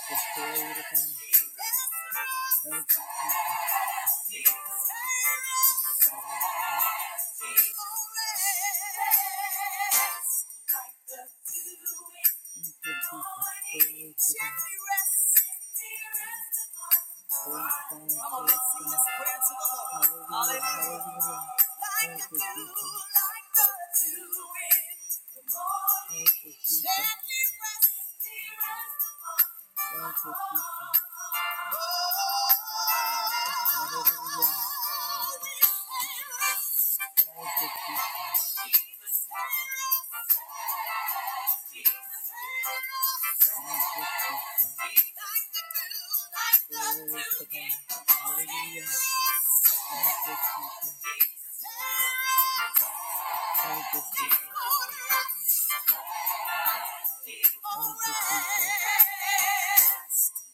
Come Thank you, Jesus. Thank you, Jesus. Thank you, Jesus. Hallelujah. Thank you, Jesus. Thank you, Jesus. Glory to God. Hallelujah. Thank you, Jesus. Thank you, Jesus. Thank you, Lord. Hallelujah.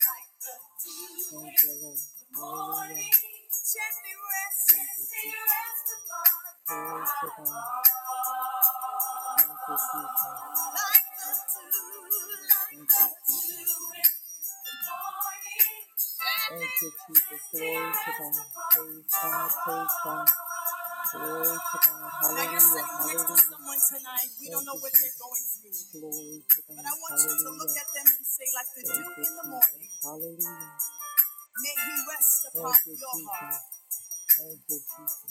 Thank you, Jesus. Glory to God. Thank you, Jesus. Thank Glory to God. Hallelujah. Glory to God. Hallelujah. Thank you, Jesus.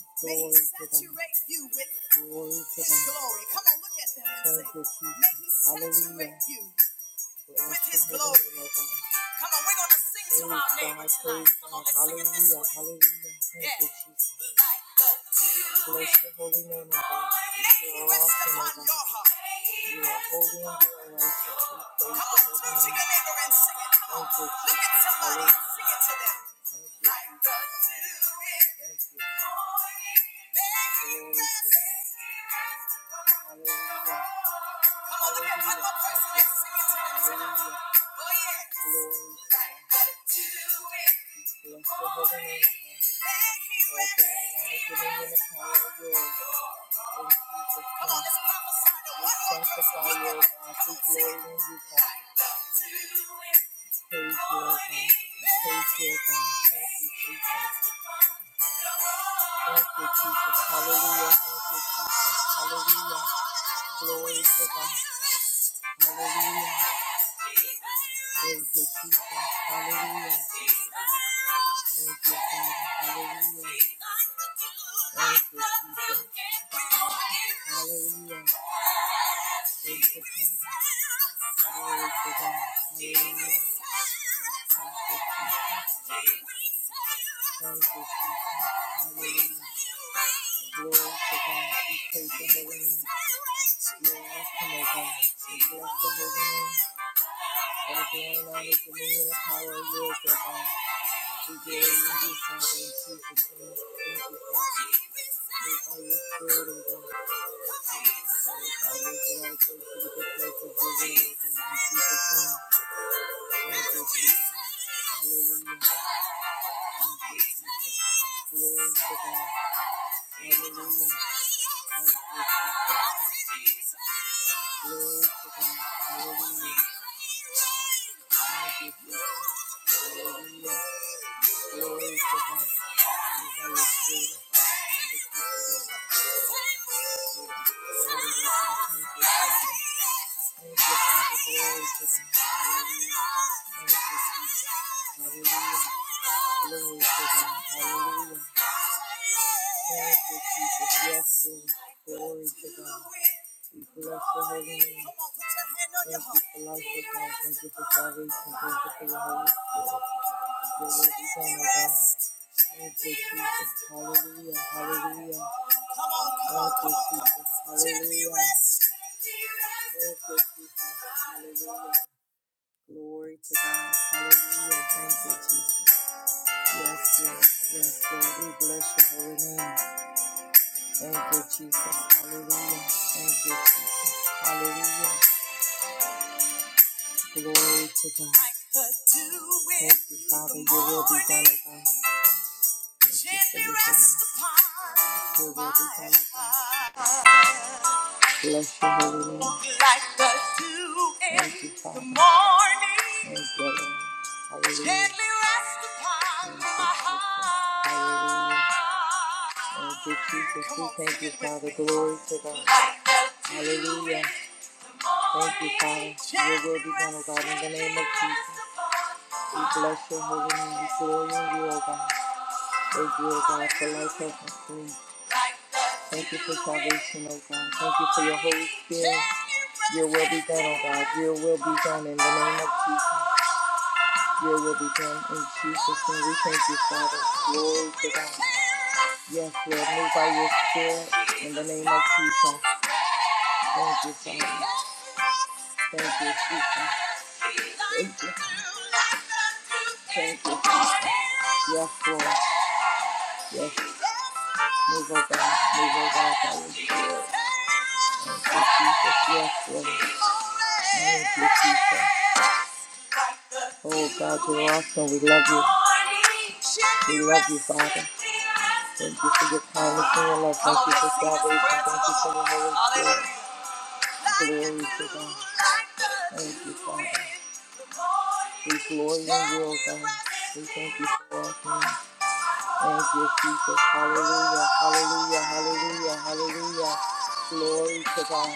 his Come Hallelujah. Thank you, Jesus. your holy name, O God. righteous. dew Come over Come on, Come on, sing it. Thank you, Jesus. Hallelujah. Thank you, Father. Hallelujah. Thank you, Jesus. Hallelujah. Thank you, Father. Glory to God. Hallelujah. Thank you, Jesus. Hallelujah. Glory to God. We praise your holy name. You are awesome, O God. We bless your holy name. That being on the dominion and power of your God. We give you this Father in Jesus' name. Thank you, Father. Move by your spirit, O God. Move by your blood, to the good place of your will, O God. In Jesus' name. Thank you, Hallelujah. Glory to God. Hallelujah. Thank you, Jesus. Glory Hallelujah. Hallelujah. Hallelujah. Thank you, Father. Glory to God. Hallelujah. Thank you, Jesus. Hallelujah. Glory to God. Hallelujah. Thank you, Jesus. Yes, Lord. Glory to God. We bless your holy name. Thank you for life, O God. Thank you for salvation. Thank you for your Holy Spirit. Your word is on, O God. Thank you, Jesus. Hallelujah. Hallelujah. Come on, come on, come on. Tip Thank you, Jesus. Hallelujah. Glory to God. Hallelujah. Thank you, Jesus. Yes, yes, Yes, Lord. We bless your holy name. Thank you, Jesus. Hallelujah. Thank you, Jesus. Hallelujah. Glory to God. Thank you, Father. the Your will be done, O God. Thank you for your Your will be done, O God. Bless your holy name. Like the dew in Thank you, Father. the morning. Thank you, Lord. Hallelujah. Gently rest upon Thank you, my heart. Hallelujah. Thank you, Jesus. Come We on, thank sing you, it with Father. me. Glory to God. Like the dew in Hallelujah. Thank you, Father. Your will be done, O God, in the name of Jesus. We bless your holy name. We glory in you, O God. Thank you, oh God, for life, health, and strength. Thank you for salvation, oh God. Thank you for your Holy Spirit. Your will be done, oh God. Your will be done in the name of Jesus. Your will be done in Jesus' name. We thank you, Father. Glory to God. Yes, Lord, move by your Spirit in the name of Jesus. Thank you, Father. Thank you, Jesus. Thank you. Thank you. Jesus. Yes, Lord. Yes, Move, oh God. Move, oh God, by your spirit. Thank you, Jesus. Yes, Lord. Thank you, Jesus. Oh God, you're awesome. We love you. We love you, Father. Thank you for your kindness and your love. Thank you for salvation. Thank you for the Holy Spirit. Glory to God. Thank you, Father. We glory in you, oh God. We thank you for all things. Thank you, Jesus. Hallelujah, hallelujah, hallelujah, hallelujah. Glory to God.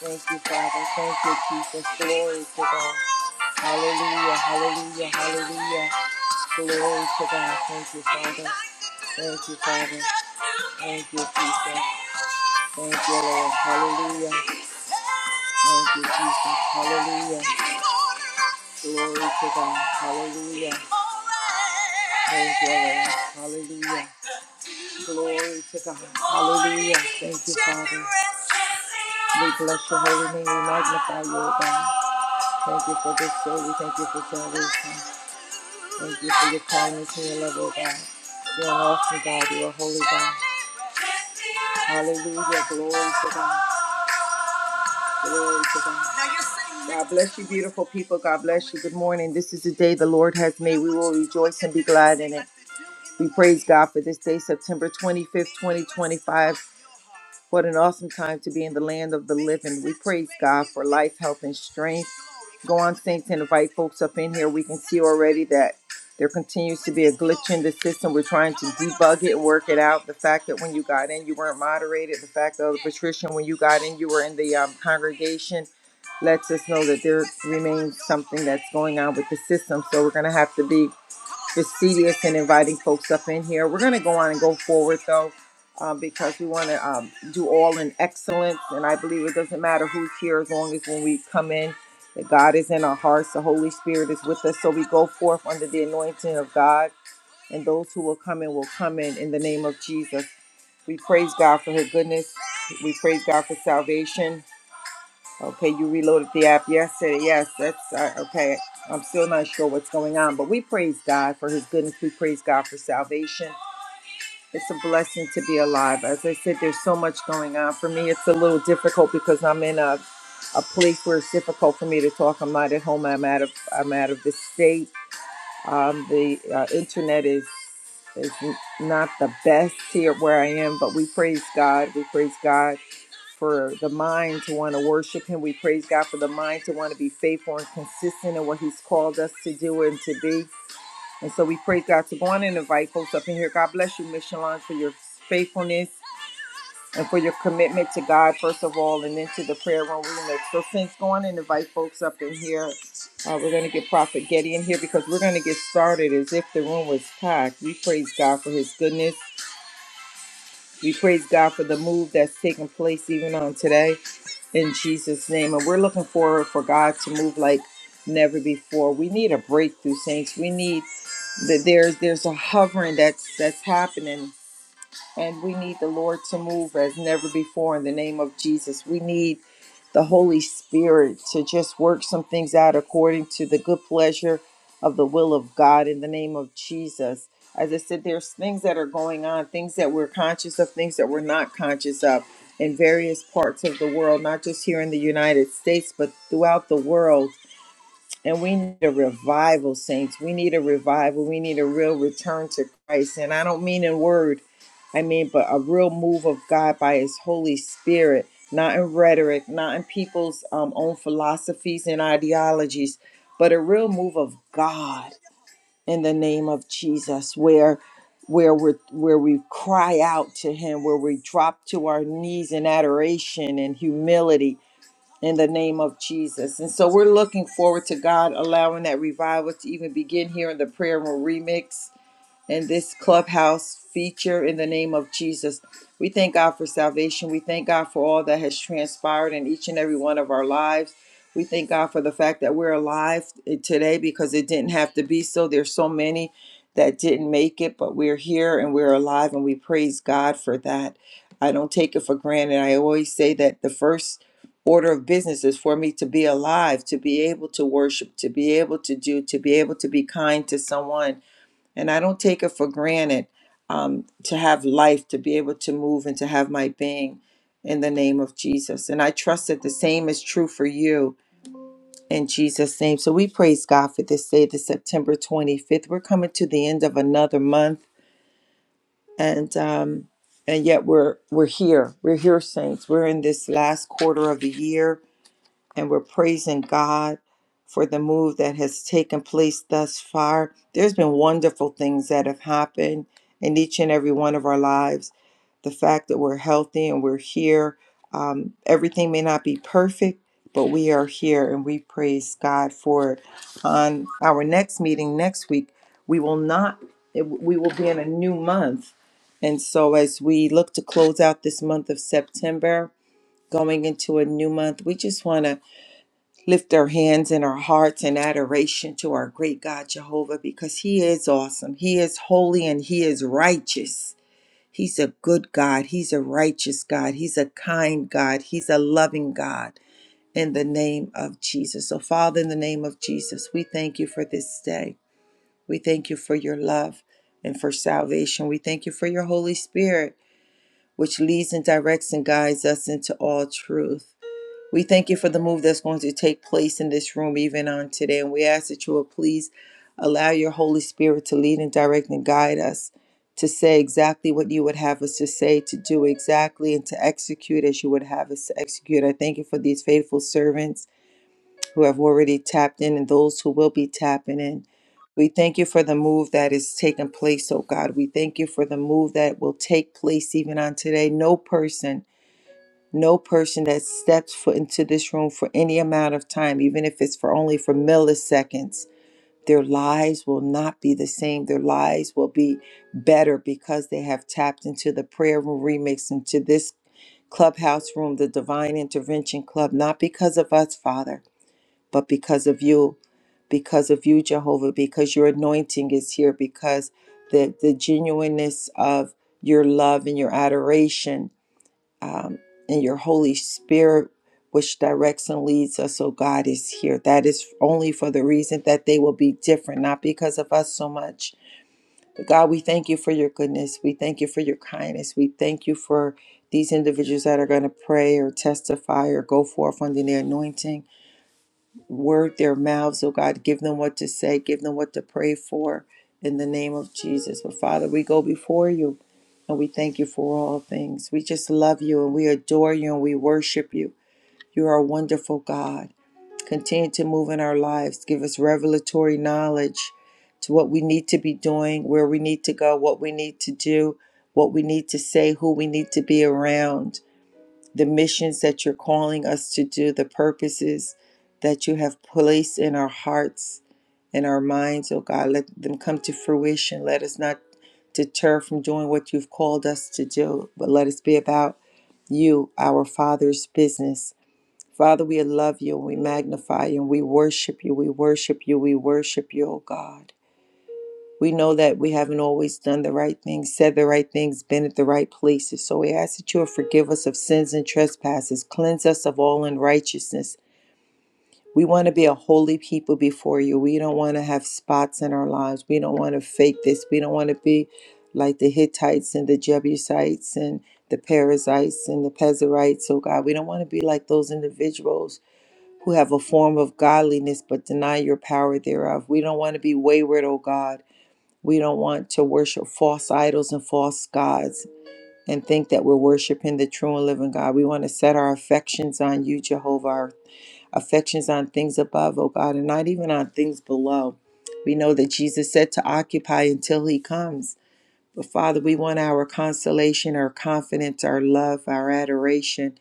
Thank you, Father. Thank you, Jesus. Glory to God. Hallelujah, hallelujah, hallelujah. Glory to God. Thank you, Father. Thank you, Father. Thank you, Jesus. Thank you, Lord. Hallelujah. Thank you, Jesus. Hallelujah. Glory to God. Hallelujah. Thank you, Lord. Hallelujah. Glory to God. Hallelujah. Thank you, Father. We bless your holy name. We magnify you, O God. Thank you for this day. We thank you for salvation. Thank you for your kindness and your love, oh God. You're an awesome God. You're a holy God. Hallelujah. Glory to God. Glory to God. God bless you, beautiful people. God bless you. Good morning. This is the day the Lord has made. We will rejoice and be glad in it. We praise God for this day, September 25th, 2025. What an awesome time to be in the land of the living. We praise God for life, health, and strength go on syncs and invite folks up in here. We can see already that there continues to be a glitch in the system. We're trying to debug it, work it out. The fact that when you got in, you weren't moderated. The fact that Patricia, when you got in, you were in the um, congregation. Lets us know that there remains something that's going on with the system. So we're going to have to be it's serious and inviting folks up in here. We're going to go on and go forward though, um, because we want to um, do all in excellence. And I believe it doesn't matter who's here as long as when we come in, that God is in our hearts, the Holy Spirit is with us. So we go forth under the anointing of God, and those who will come in will come in in the name of Jesus. We praise God for His goodness. We praise God for salvation. Okay, you reloaded the app yesterday. Yes, that's uh, okay. I'm still not sure what's going on, but we praise God for His goodness. We praise God for salvation. It's a blessing to be alive. As I said, there's so much going on. For me, it's a little difficult because I'm in a a place where it's difficult for me to talk. I'm not at home. I'm out of I'm out of the state. Um, the uh, internet is is not the best here where I am, but we praise God. We praise God for the mind to want to worship Him. We praise God for the mind to want to be faithful and consistent in what He's called us to do and to be. And so we praise God. So go on and invite folks up in here. God bless you, Mission Lawn, for your faithfulness and for your commitment to God, first of all, and then to the prayer room remix. So, Saints, go on and invite folks up in here. Uh, we're going to get Prophet Getty in here because we're going to get started as if the room was packed. We praise God for his goodness we praise God for the move that's taking place even on today in Jesus' name. And we're looking forward for God to move like never before. We need a breakthrough, saints. We need that there's there's a hovering that's that's happening and we need the Lord to move as never before in the name of Jesus. We need the Holy Spirit to just work some things out according to the good pleasure of the will of God in the name of Jesus. As I said, there's things that are going on, things that we're conscious of, things that we're not conscious of in various parts of the world, not just here in the United States, but throughout the world. And we need a revival, saints. We need a revival. We need a real return to Christ. And I don't mean in word, I mean, but a real move of God by His Holy Spirit, not in rhetoric, not in people's um, own philosophies and ideologies, but a real move of God in the name of Jesus, where where we where we cry out to him where we drop to our knees in adoration and humility in the name of Jesus. And so we're looking forward to God allowing that revival to even begin here in the prayer room remix. In this clubhouse feature in the name of Jesus. We thank God for salvation. We thank God for all that has transpired in each and every one of our lives. We thank God for the fact that we're alive today because it didn't have to be so. There's so many that didn't make it, but we're here and we're alive, and we praise God for that. I don't take it for granted. I always say that the first order of business is for me to be alive, to be able to worship, to be able to do, to be able to be kind to someone and I don't take it for granted um, to have life, to be able to move, and to have my being in the name of Jesus. And I trust that the same is true for you in Jesus' name. So we praise God for this day, the September 25th. We're coming to the end of another month. And, um, and yet we're we're here. We're here, saints. We're in this last quarter of the year and we're praising God for the move that has taken place thus far. There's been wonderful things that have happened in each and every one of our lives. The fact that we're healthy and we're here, um, everything may not be perfect, but we are here and we praise God for it. On our next meeting next week, we will not, we will be in a new month. And so as we look to close out this month of September, going into a new month, we just want to lift our hands and our hearts in adoration to our great God Jehovah because He is awesome. He is holy and He is righteous. He's a good God. He's a righteous God. He's a kind God. He's a loving God in the name of Jesus. So, Father, in the name of Jesus, we thank you for this day. We thank you for your love and for salvation. We thank you for your Holy Spirit, which leads and directs and guides us into all truth. We thank you for the move that's going to take place in this room even on today. And we ask that you will please allow your Holy Spirit to lead and direct and guide us to say exactly what you would have us to say, to do exactly, and to execute as you would have us to execute. I thank you for these faithful servants who have already tapped in and those who will be tapping in. We thank you for the move that is taking place, oh God. We thank you for the move that will take place even on today. No person no person that steps foot into this room for any amount of time, even if it's for only for milliseconds, their lives will not be the same. Their lives will be better because they have tapped into the prayer room remix, into this clubhouse room, the Divine Intervention Club, not because of us, Father, but because of you, because of you, Jehovah, because your anointing is here, because the, the genuineness of your love and your adoration um, and your Holy Spirit, which directs and leads us. So God is here. That is only for the reason that they will be different, not because of us so much. But God, we thank you for your goodness. We thank you for your kindness. We thank you for these individuals that are going to pray or testify or go forth under the anointing word their mouths, oh God. Give them what to say, give them what to pray for in the name of Jesus. But Father, we go before you and we thank you for all things. We just love you and we adore you and we worship you. You are a wonderful God. Continue to move in our lives. Give us revelatory knowledge to what we need to be doing, where we need to go, what we need to do, what we need to say, who we need to be around the missions that you're calling us to do, the purposes that you have placed in our hearts and our minds, oh God. Let them come to fruition. Let us not deter from doing what you've called us to do, but let us be about you, our Father's business. Father, we love you and we magnify you and we worship you. We worship you. We worship you, oh God. We know that we haven't always done the right things, said the right things, been at the right places. So we ask that you will forgive us of sins and trespasses, cleanse us of all unrighteousness. We want to be a holy people before you. We don't want to have spots in our lives. We don't want to fake this. We don't want to be like the Hittites and the Jebusites and the Perizzites and the Pezerites. Oh God, we don't want to be like those individuals who have a form of godliness but deny your power thereof. We don't want to be wayward, oh God. We don't want to worship false idols and false gods and think that we're worshiping the true and living God. We want to set our affections on you, Jehovah, our affections on things above, oh God, and not even on things below. We know that Jesus said to occupy until he comes. But Father, we want our consolation, our confidence, our love, our adoration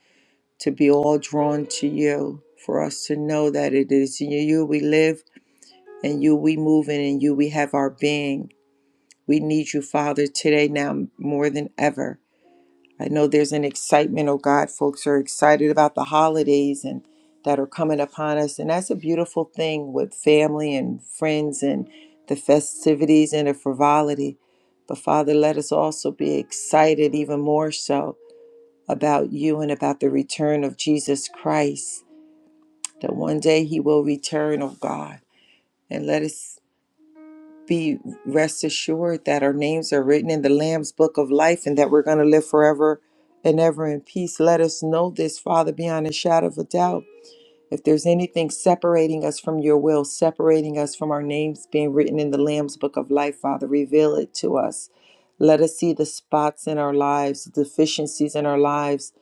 to be all drawn to you, for us to know that it is in you we live, and you we move, and in you we have our being. We need you, Father, today now more than ever. I know there's an excitement, oh God, folks are excited about the holidays and that are coming upon us. And that's a beautiful thing with family and friends and the festivities and the frivolity. But Father, let us also be excited even more so about you and about the return of Jesus Christ, that one day he will return, oh God. And let us be rest assured that our names are written in the Lamb's book of life and that we're going to live forever and ever in peace. Let us know this, Father, beyond a shadow of a doubt. If there's anything separating us from your will, separating us from our names being written in the Lamb's book of life, Father, reveal it to us. Let us see the spots in our lives, the deficiencies in our lives,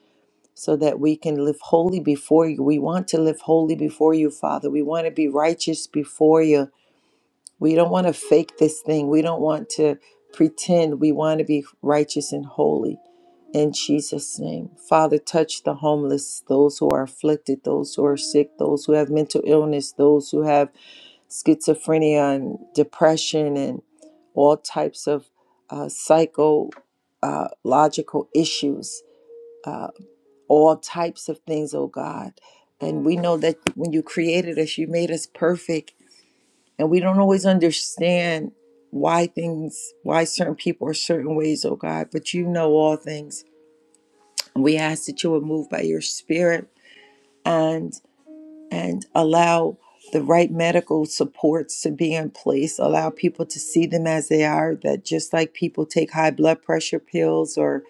so that we can live holy before you. We want to live holy before you, Father. We want to be righteous before you. We don't want to fake this thing. We don't want to pretend. We want to be righteous and holy. In Jesus' name. Father, touch the homeless, those who are afflicted, those who are sick, those who have mental illness, those who have schizophrenia and depression and all types of uh, psychological issues, all types of things, oh God. And we know that when you created us, you made us perfect and we don't always understand why things why certain people are certain ways oh god but you know all things and we ask that you would move by your spirit and and allow the right medical supports to be in place allow people to see them as they are that just like people take high blood pressure pills or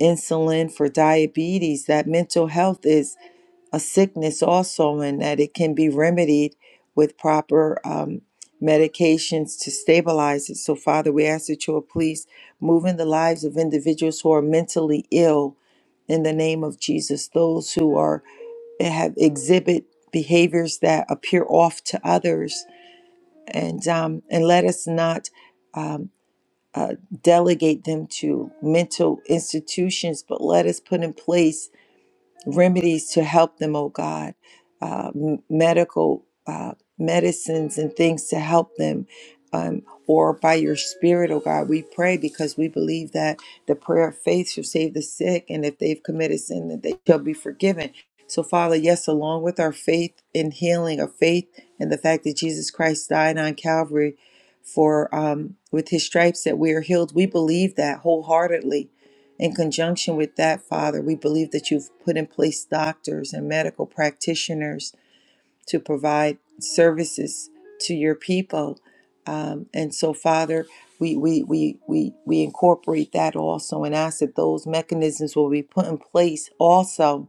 insulin for diabetes that mental health is a sickness also, and that it can be remedied with proper um, medications to stabilize it. So, Father, we ask that you will please move in the lives of individuals who are mentally ill in the name of Jesus, those who are eh, have exhibit behaviors that appear off to others, and um, and let us not. Um, uh, delegate them to mental institutions, but let us put in place remedies to help them, oh God, uh, m- medical uh, medicines and things to help them. Um, or by your spirit, oh God, we pray because we believe that the prayer of faith shall save the sick, and if they've committed sin, that they shall be forgiven. So, Father, yes, along with our faith in healing, our faith in the fact that Jesus Christ died on Calvary for um, with His stripes that we are healed, we believe that wholeheartedly in conjunction with that, Father, we believe that you've put in place doctors and medical practitioners to provide services to your people. Um, and so, Father, we, we, we, we, we incorporate that also and ask that those mechanisms will be put in place also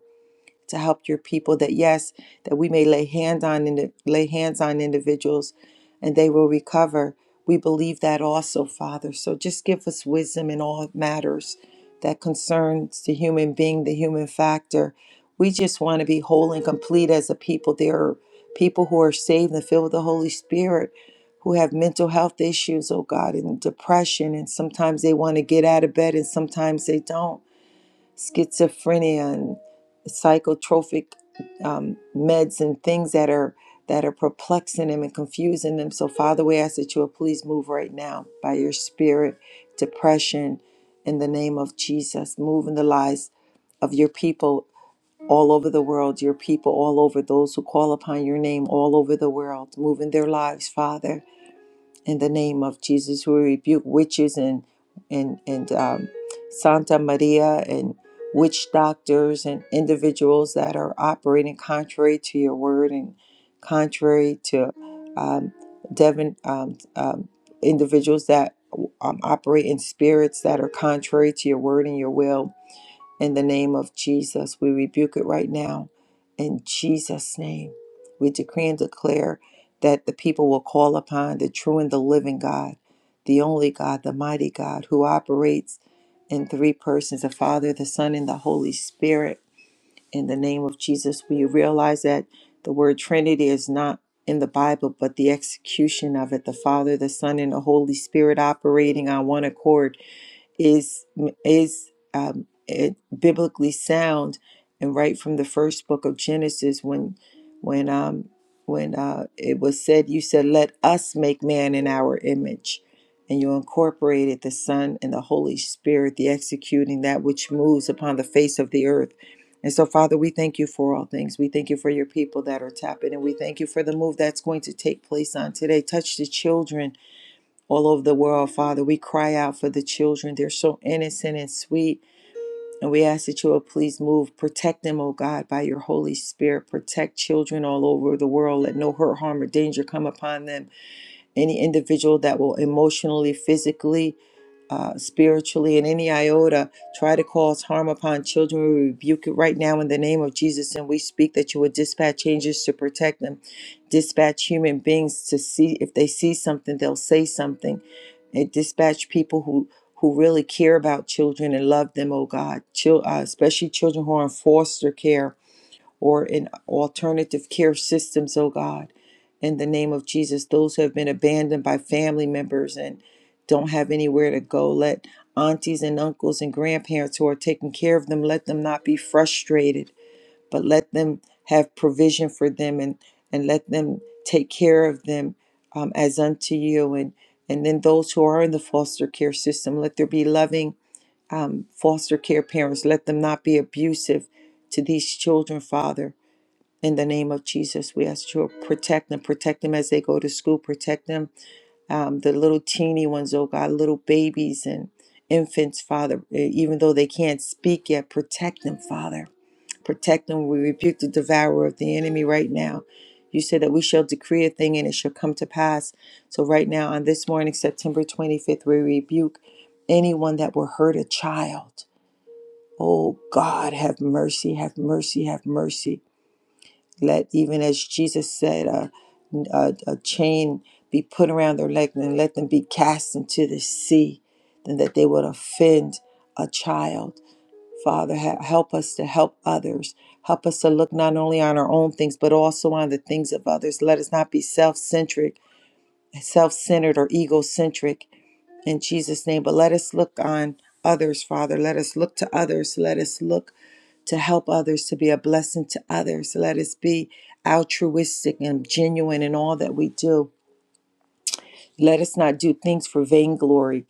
to help your people that yes that we may lay hands on and lay hands on individuals and they will recover we believe that also father so just give us wisdom in all matters that concerns the human being the human factor we just want to be whole and complete as a people there are people who are saved and filled with the holy spirit who have mental health issues oh god and depression and sometimes they want to get out of bed and sometimes they don't schizophrenia and psychotropic um, meds and things that are that are perplexing them and confusing them. So Father, we ask that you will please move right now by your spirit, depression in the name of Jesus. Move in the lives of your people all over the world, your people all over, those who call upon your name all over the world. Move in their lives, Father in the name of Jesus. We rebuke witches and and and um, Santa Maria and witch doctors and individuals that are operating contrary to your word and contrary to um, Devin um, um, individuals that um, operate in spirits that are contrary to your word and your will in the name of Jesus, we rebuke it right now. In Jesus' name, we decree and declare that the people will call upon the true and the living God, the only God, the mighty God, who operates in three persons the Father, the Son, and the Holy Spirit. In the name of Jesus, we realize that the word Trinity is not in the Bible, but the execution of it the Father, the Son, and the Holy Spirit operating on one accord is is um, it biblically sound and right from the first book of Genesis when when um when uh, it was said you said let us make man in our image and you incorporated the son and the holy spirit the executing that which moves upon the face of the earth and so father we thank you for all things we thank you for your people that are tapping and we thank you for the move that's going to take place on today touch the children all over the world, Father. We cry out for the children. They're so innocent and sweet. And we ask that you will please move, protect them, oh God, by your Holy Spirit. Protect children all over the world. Let no hurt, harm, or danger come upon them. Any individual that will emotionally, physically, uh, spiritually in any iota try to cause harm upon children. We rebuke it right now in the name of Jesus, and we speak that you would dispatch angels to protect them, dispatch human beings to see if they see something, they'll say something, and dispatch people who who really care about children and love them. Oh God, Chil- uh, especially children who are in foster care or in alternative care systems, oh God. In the name of Jesus, those who have been abandoned by family members and don't have anywhere to go, let aunties and uncles and grandparents who are taking care of them, let them not be frustrated, but let them have provision for them and, and let them take care of them um, as unto you. And, and then those who are in the foster care system, let there be loving um, foster care parents. Let them not be abusive to these children, Father in the name of Jesus. We ask you to protect them, protect them as they go to school, protect them, um, the little teeny ones, oh God, little babies and infants, Father, e- even though they can't speak yet, protect them, Father. Protect them. We rebuke the devourer of the enemy right now. You said that we shall decree a thing and it shall come to pass. So, right now, on this morning, September 25th, we rebuke anyone that will hurt a child. Oh God, have mercy, have mercy, have mercy. Let even as Jesus said, a, a, a chain be put around their leg and let them be cast into the sea, and that they would offend a child. Father, ha- help us to help others. Help us to look not only on our own things, but also on the things of others. Let us not be self centric, self centered, or egocentric in Jesus' name. But let us look on others, Father. Let us look to others. Let us look to help others, to be a blessing to others. Let us be altruistic and genuine in all that we do. Let us not do things for vainglory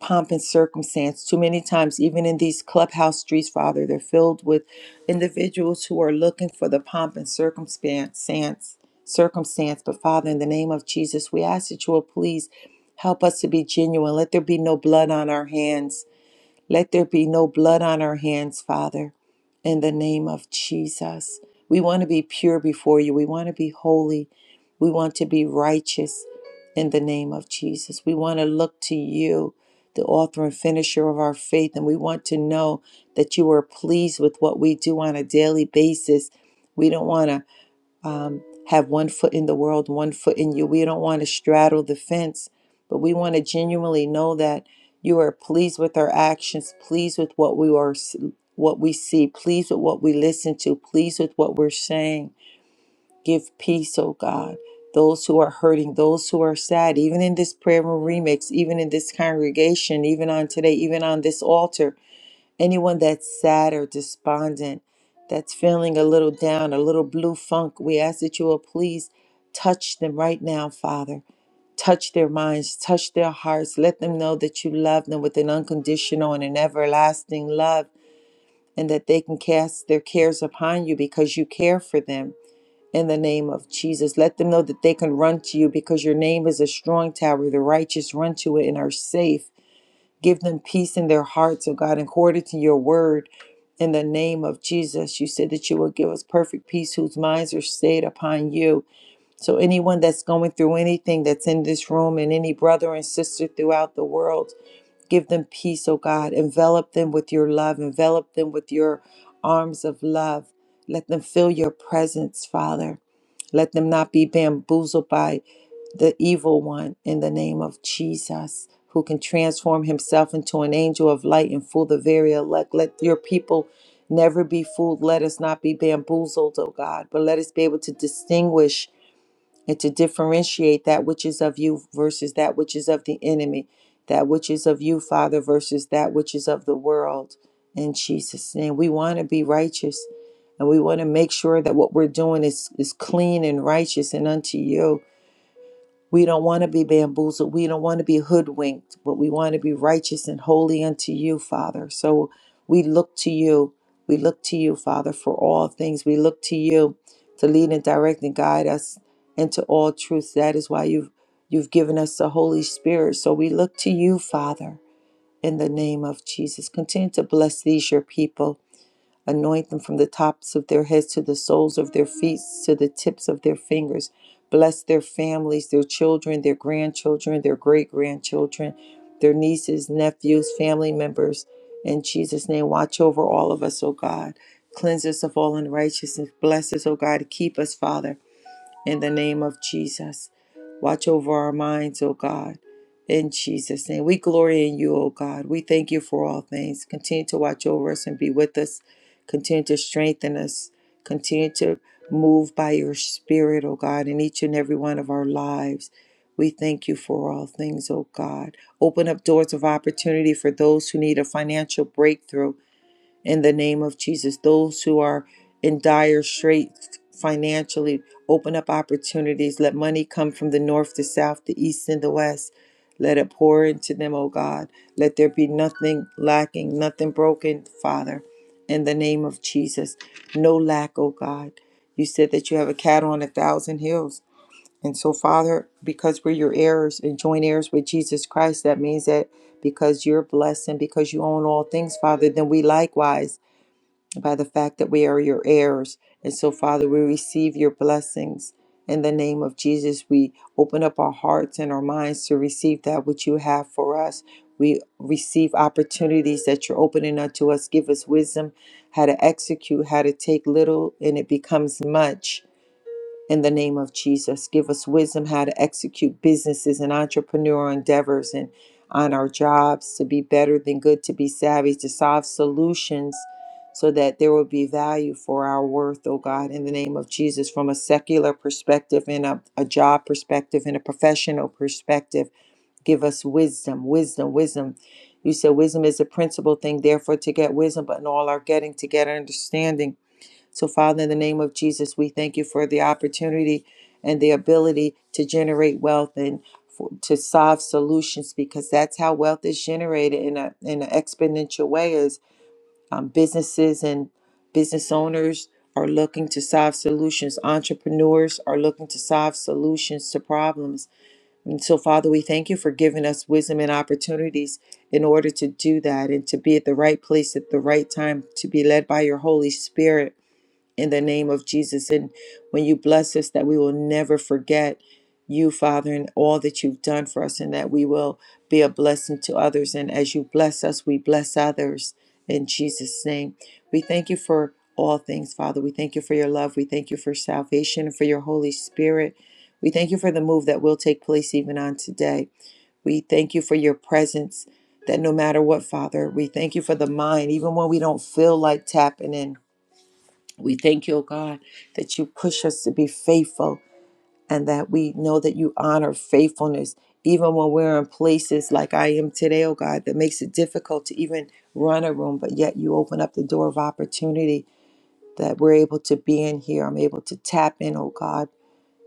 pomp and circumstance. Too many times, even in these clubhouse streets, Father, they're filled with individuals who are looking for the pomp and circumstance. Circumstance, but Father, in the name of Jesus, we ask that you will please help us to be genuine. Let there be no blood on our hands. Let there be no blood on our hands, Father, in the name of Jesus. We want to be pure before you. We want to be holy. We want to be righteous in the name of Jesus. We want to look to you, the author and finisher of our faith, and we want to know that you are pleased with what we do on a daily basis. We don't want to um, have one foot in the world, one foot in you. We don't want to straddle the fence, but we want to genuinely know that you are pleased with our actions, pleased with what we are, what we see, pleased with what we listen to, pleased with what we're saying. Give peace, oh God. Those who are hurting, those who are sad, even in this prayer room remix, even in this congregation, even on today, even on this altar, Anyone that's sad or despondent, that's feeling a little down, a little blue funk, we ask that you will please touch them right now, Father. Touch their minds, touch their hearts. Let them know that you love them with an unconditional and an everlasting love, and that they can cast their cares upon you because you care for them. In the name of Jesus, let them know that they can run to you because your name is a strong tower. The righteous run to it and are safe. Give them peace in their hearts, oh God, according to your word. In the name of Jesus, you said that you will give us perfect peace whose minds are stayed upon you. So, anyone that's going through anything that's in this room and any brother and sister throughout the world, give them peace, oh God. Envelop them with your love, envelop them with your arms of love. Let them feel your presence, Father. Let them not be bamboozled by the evil one in the name of Jesus, who can transform himself into an angel of light and fool the very elect. Let your people never be fooled. Let us not be bamboozled, oh God, but let us be able to distinguish and to differentiate that which is of you versus that which is of the enemy, that which is of you, Father, versus that which is of the world. In Jesus' name, we want to be righteous and we want to make sure that what we're doing is, is clean and righteous and unto you. We don't want to be bamboozled. We don't want to be hoodwinked, but we want to be righteous and holy unto you, Father. So we look to you. We look to you, Father, for all things. We look to you to lead and direct and guide us into all truth. That is why you've you've given us the Holy Spirit. So we look to you, Father, in the name of Jesus. Continue to bless these your people. Anoint them from the tops of their heads to the soles of their feet, to the tips of their fingers. Bless their families, their children, their grandchildren, their great grandchildren, their nieces, nephews, family members. In Jesus' name, watch over all of us, O God. Cleanse us of all unrighteousness. Bless us, O God. Keep us, Father in the name of Jesus. Watch over our minds, O God, in Jesus' name. We glory in you, O God. We thank you for all things. Continue to watch over us and be with us. Continue to strengthen us. Continue to move by your Spirit, O God, in each and every one of our lives. We thank you for all things, O God. Open up doors of opportunity for those who need a financial breakthrough in the name of Jesus. Those who are in dire straits financially, open up opportunities. Let money come from the north, the south, the east, and the west. Let it pour into them, O God. Let there be nothing lacking, nothing broken, Father, in the name of Jesus. No lack, O God. You said that you have a cattle on a thousand hills. And so, Father, because we're your heirs and joint heirs with Jesus Christ, that means that because you're blessed and because you own all things, Father, then we likewise by the fact that we are your heirs. And so, Father, we receive your blessings. In the name of Jesus, we open up our hearts and our minds to receive that which you have for us. We receive opportunities that you're opening unto us. Give us wisdom how to execute, how to take little, and it becomes much in the name of Jesus. Give us wisdom how to execute businesses and entrepreneurial endeavors and on our jobs to be better than good, to be savvy, to solve solutions so that there will be value for our worth, oh God, in the name of Jesus, from a secular perspective and a, a job perspective and a professional perspective. Give us wisdom, wisdom, wisdom. You said wisdom is a principal thing, therefore, to get wisdom, but in all our getting, to get understanding so, Father, in the name of Jesus, we thank you for the opportunity and the ability to generate wealth and for, to solve solutions because that's how wealth is generated in a in an exponential way. Is um, businesses and business owners are looking to solve solutions. Entrepreneurs are looking to solve solutions to problems. And so, Father, we thank you for giving us wisdom and opportunities in order to do that and to be at the right place at the right time, to be led by your Holy Spirit in the name of Jesus. And when you bless us, that we will never forget you, Father, and all that you've done for us, and that we will be a blessing to others. And as you bless us, we bless others in Jesus' name. We thank you for all things, Father. We thank you for your love. We thank you for salvation and for your Holy Spirit. We thank you for the move that will take place even on today. We thank you for your presence that no matter what, Father, we thank you for the mind, even when we don't feel like tapping in. We thank you, O God, that you push us to be faithful and that we know that you honor faithfulness even when we're in places like I am today, O God, that makes it difficult to even run a room, but yet you open up the door of opportunity that we're able to be in here. I'm able to tap in, O God,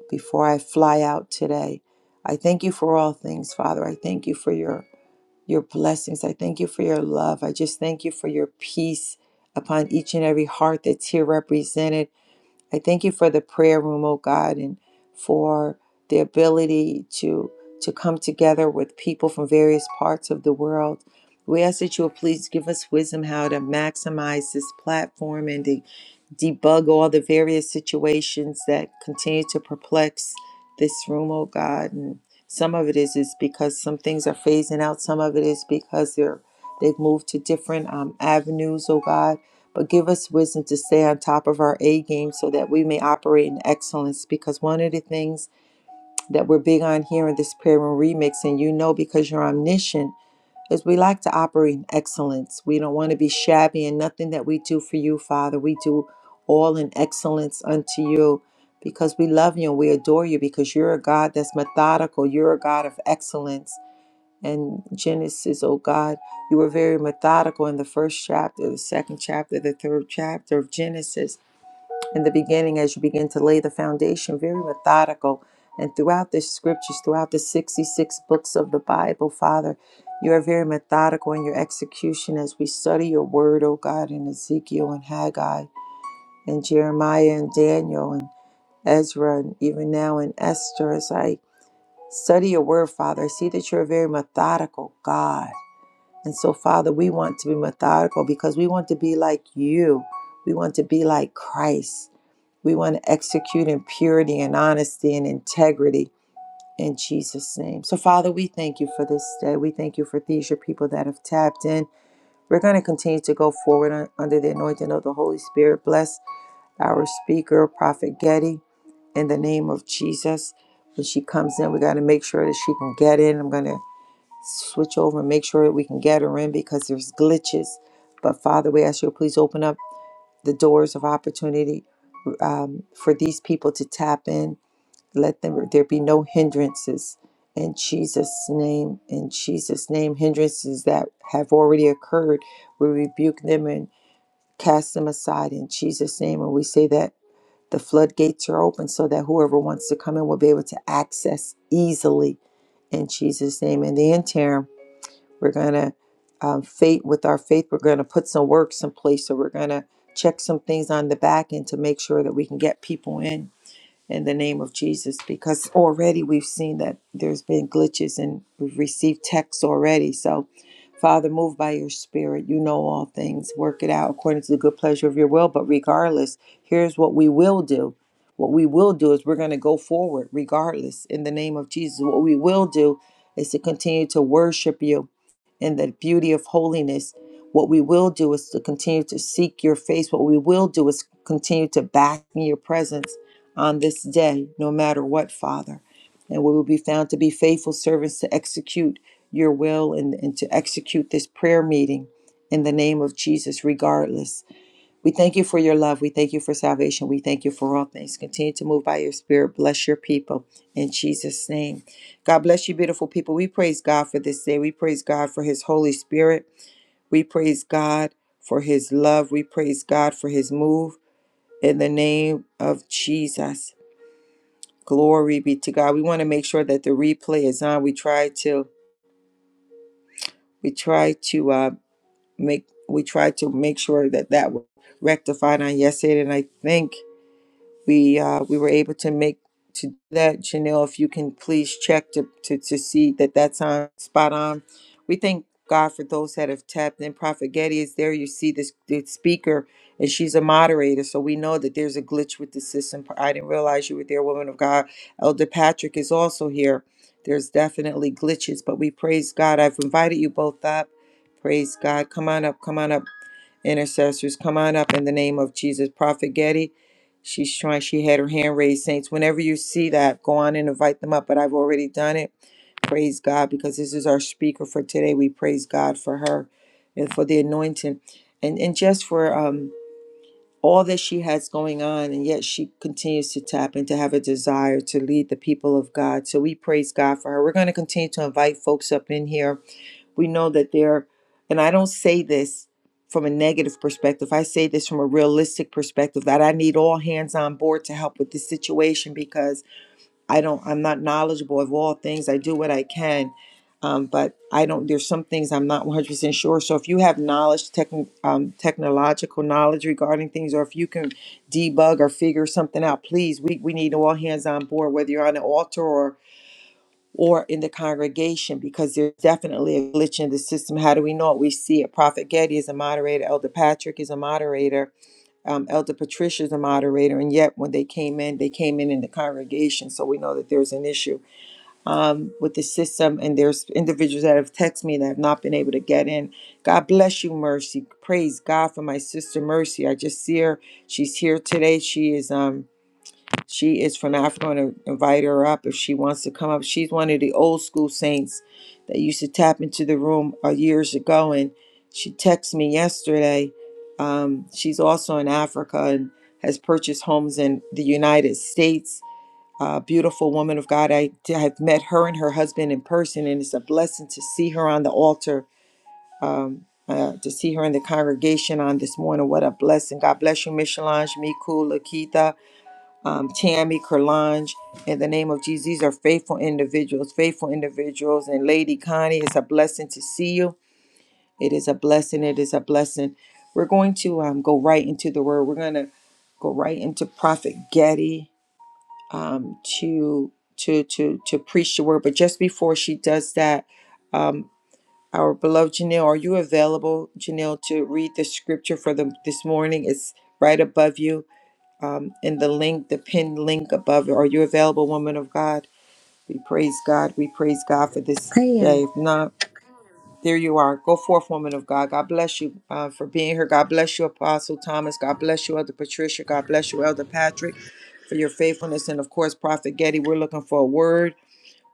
before I fly out today. I thank you for all things, Father. I thank you for your your blessings. I thank you for your love. I just thank you for your peace upon each and every heart that's here represented. I thank you for the prayer room, oh God, and for the ability to to come together with people from various parts of the world. We ask that you will please give us wisdom how to maximize this platform and to debug all the various situations that continue to perplex this room, oh God. And some of it is is because some things are phasing out. Some of it is because they're they've moved to different um, avenues, oh God but give us wisdom to stay on top of our A game so that we may operate in excellence. Because one of the things that we're big on here in this prayer room remix, and you know because you're omniscient, is we like to operate in excellence. We don't want to be shabby and nothing that we do for you, Father. We do all in excellence unto you because we love you and we adore you because you're a God that's methodical. You're a God of excellence and Genesis, oh God. You were very methodical in the first chapter, the second chapter, the third chapter of Genesis. In the beginning, as you begin to lay the foundation, very methodical. And throughout the scriptures, throughout the 66 books of the Bible, Father, you are very methodical in your execution as we study your word, oh God, in Ezekiel and Haggai and Jeremiah and Daniel and Ezra and even now in Esther. As I study your word, Father, I see that you're a very methodical God and so, Father, we want to be methodical because we want to be like you. We want to be like Christ. We want to execute in purity and honesty and integrity in Jesus' name. So, Father, we thank you for this day. We thank you for these, your people that have tapped in. We're going to continue to go forward under the anointing of the Holy Spirit. Bless our speaker, Prophet Getty, in the name of Jesus. When she comes in, we got to make sure that she can get in. I'm going to switch over and make sure we can get her in because there's glitches. But Father, we ask you to please open up the doors of opportunity um, for these people to tap in. Let them there be no hindrances in Jesus' name. In Jesus' name, hindrances that have already occurred, we rebuke them and cast them aside in Jesus' name. And we say that the floodgates are open so that whoever wants to come in will be able to access easily in Jesus' name. In the interim. We're going to um, faith with our faith. We're going to put some works in place. So we're going to check some things on the back end to make sure that we can get people in in the name of Jesus because already we've seen that there's been glitches and we've received texts already. So, Father, move by your spirit. You know all things. Work it out according to the good pleasure of your will. But regardless, here's what we will do. What we will do is we're going to go forward regardless in the name of Jesus. What we will do is to continue to worship you in the beauty of holiness. What we will do is to continue to seek your face. What we will do is continue to bask in your presence on this day, no matter what, Father. And we will be found to be faithful servants to execute your will and, and to execute this prayer meeting in the name of Jesus, regardless. We thank you for your love. We thank you for salvation. We thank you for all things. Continue to move by your spirit. Bless your people in Jesus' name. God bless you, beautiful people. We praise God for this day. We praise God for his Holy Spirit. We praise God for his love. We praise God for his move in the name of Jesus. Glory be to God. We want to make sure that the replay is on. We try to we try to uh make we try to make sure that that was rectified on yesterday and I think we uh, we were able to make to do that Janelle if you can please check to, to to see that that's on spot on we thank God for those that have tapped in Prophet Getty is there you see this this speaker and she's a moderator so we know that there's a glitch with the system I didn't realize you were there woman of God Elder Patrick is also here there's definitely glitches but we praise God I've invited you both up praise God come on up come on up Intercessors, come on up in the name of Jesus. Prophet Getty, she's trying, she had her hand raised. Saints, whenever you see that, go on and invite them up. But I've already done it. Praise God, because this is our speaker for today. We praise God for her and for the anointing and, and just for um, all that she has going on. And yet she continues to tap and to have a desire to lead the people of God. So we praise God for her. We're going to continue to invite folks up in here we know that there, and I don't say this from a negative perspective, I say this from a realistic perspective that I need all hands on board to help with this situation because I don't, I'm not knowledgeable of all things. I do what I can. Um, but I don't. There's some things I'm not 100% sure. So if you have knowledge, tech, um, technological knowledge regarding things, or if you can debug or figure something out, please, we, we need all hands on board. Whether you're on an altar or or in the congregation because there's definitely a glitch in the system. How do we know it? We see it. Prophet Getty is a moderator, Elder Patrick is a moderator, um, Elder Patricia is a moderator, and yet when they came in, they came in in the congregation. So we know that there's an issue with the system, and there's individuals that have texted me that have not been able to get in. God bless you, Mercy. Praise God for my sister Mercy. I just see her. She's here today. She is. um she is from Africa. I'm going to invite her up if she wants to come up. She's one of the old school saints that used to tap into the room uh, years ago. And she texted me yesterday. Um, she's also in Africa and has purchased homes in the United States. Uh, beautiful woman of God. I d- have met her and her husband in person, and it's a blessing to see her on the altar, uh, to see her in the congregation on this morning. What a blessing. God bless you, Michelange, Miku, Lakita um, Tammy, Kerlange, in the name of Jesus. These are faithful individuals, faithful individuals. And Lady Connie, it's a blessing to see you. It is a blessing. It is a blessing. We're going to um, go right into the word. We're going to go right into Prophet Getty um, to to to to preach the word. But just before she does that, um, our beloved Janelle, are you available, Janelle, to read the scripture for them this morning? It's right above you um, in the link, the pinned link above. Are you available, woman of God? We praise God. We praise God for this I day. am. If not, there you are. Go forth, woman of God. God bless you uh, for being here. God bless you, Apostle Thomas. God bless you, Elder Patricia. God bless you, Elder Patrick, for your faithfulness. And of course, Prophet Getty, we're looking for a word.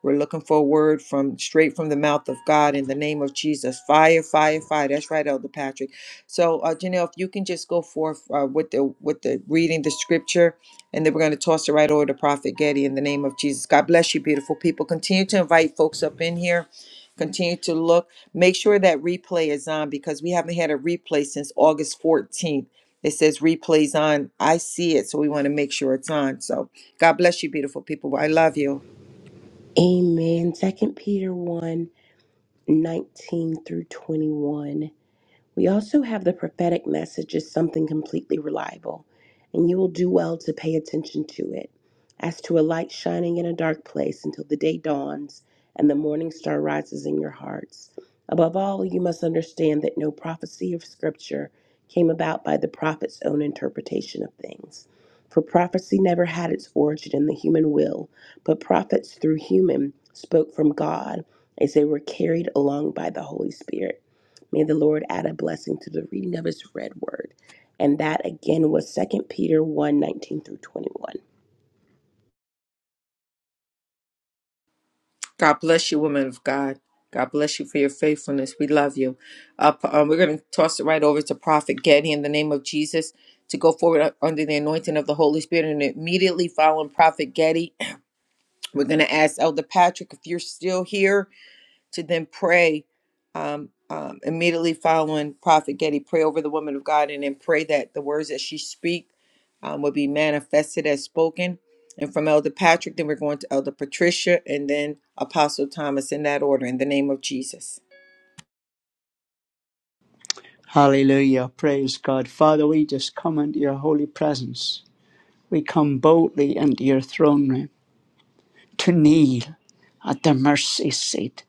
We're looking for a word from straight from the mouth of God in the name of Jesus. Fire, fire, fire. That's right, Elder Patrick. So, uh, Janelle, if you can just go forth uh, with the with the reading the scripture, and then we're going to toss it right over to Prophet Getty in the name of Jesus. God bless you, beautiful people. Continue to invite folks up in here. Continue to look. Make sure that replay is on because we haven't had a replay since August 14th. It says replays on. I see it, so we want to make sure it's on. So, God bless you, beautiful people. I love you. Amen. Second Peter one 19 through 21. We also have the prophetic message as something completely reliable, and you will do well to pay attention to it, as to a light shining in a dark place until the day dawns and the morning star rises in your hearts. Above all, you must understand that no prophecy of Scripture came about by the prophet's own interpretation of things. For prophecy never had its origin in the human will, but prophets through human spoke from God as they were carried along by the Holy Spirit. May the Lord add a blessing to the reading of his read word. And that again was Second Peter one nineteen through 21. God bless you, woman of God. God bless you for your faithfulness. We love you. Uh, p- uh, we're going to toss it right over to Prophet Getty in the name of Jesus to go forward u- under the anointing of the Holy Spirit. And immediately following Prophet Getty, we're going to ask Elder Patrick if you're still here to then pray um, um, immediately following Prophet Getty, pray over the woman of God, and then pray that the words that she speak um, will be manifested as spoken. And from Elder Patrick, then we're going to Elder Patricia, and then Apostle Thomas in that order, in the name of Jesus. Hallelujah. Praise God. Father, we just come into your holy presence. We come boldly into your throne room to kneel at the mercy seat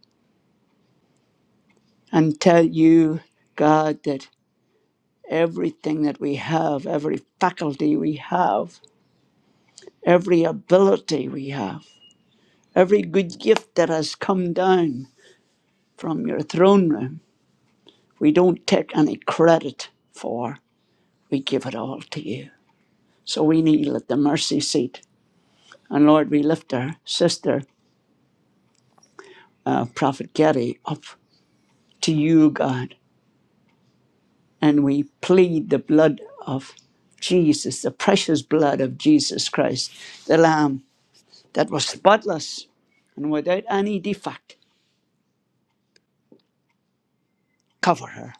and tell you, God, that everything that we have, every faculty we have, every ability we have, every good gift that has come down from your throne room, we don't take any credit for. We give it all to you. So we kneel at the mercy seat And Lord, we lift our sister, uh, Prophet Getty, up to you, God. And we plead the blood of Jesus, the precious blood of Jesus Christ, the Lamb that was spotless and without any defect. Cover her.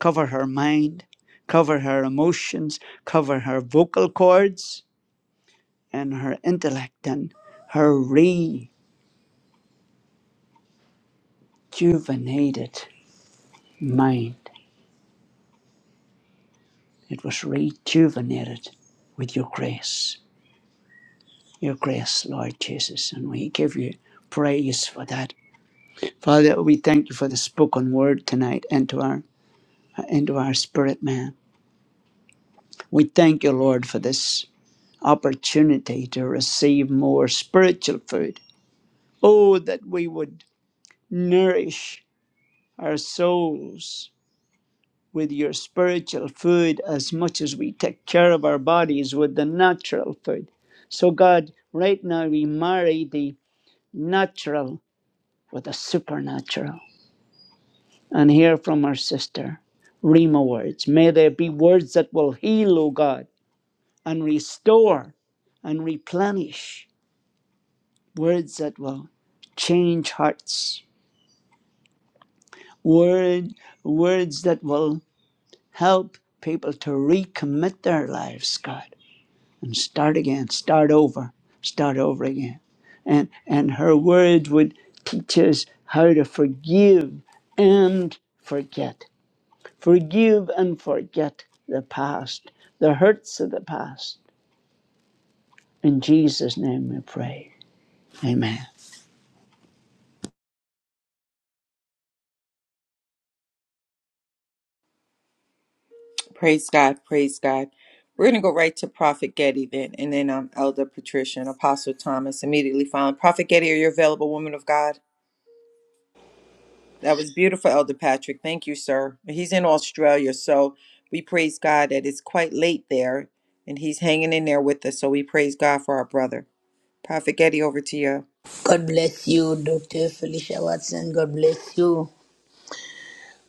Cover her mind. Cover her emotions. Cover her vocal cords and her intellect and her rejuvenated mind. It was rejuvenated with your grace your grace, Lord Jesus, and we give you praise for that. Father, we thank you for the spoken word tonight into our into our spirit, man. We thank you, Lord, for this opportunity to receive more spiritual food. Oh, that we would nourish our souls with your spiritual food as much as we take care of our bodies with the natural food. So, God, right now we marry the natural with the supernatural. and hear from our sister. Rima words. May there be words that will heal, O God, and restore and replenish. Words that will change hearts. Word, words that will help people to recommit their lives, God, and start again, start over, start over again. And and her words would teach us how to forgive and forget Forgive and forget the past, the hurts of the past. In Jesus' name we pray. Amen. Praise God, praise God. We're going to go right to Prophet Getty then, and then um, Elder Patricia and Apostle Thomas immediately following. Prophet Getty, are you available, woman of God? That was beautiful, Elder Patrick. Thank you, sir. He's in Australia, so we praise God that it's quite late there and he's hanging in there with us. So we praise God for our brother. Prophet Getty, over to you. God bless you, Dr. Felicia Watson. God bless you.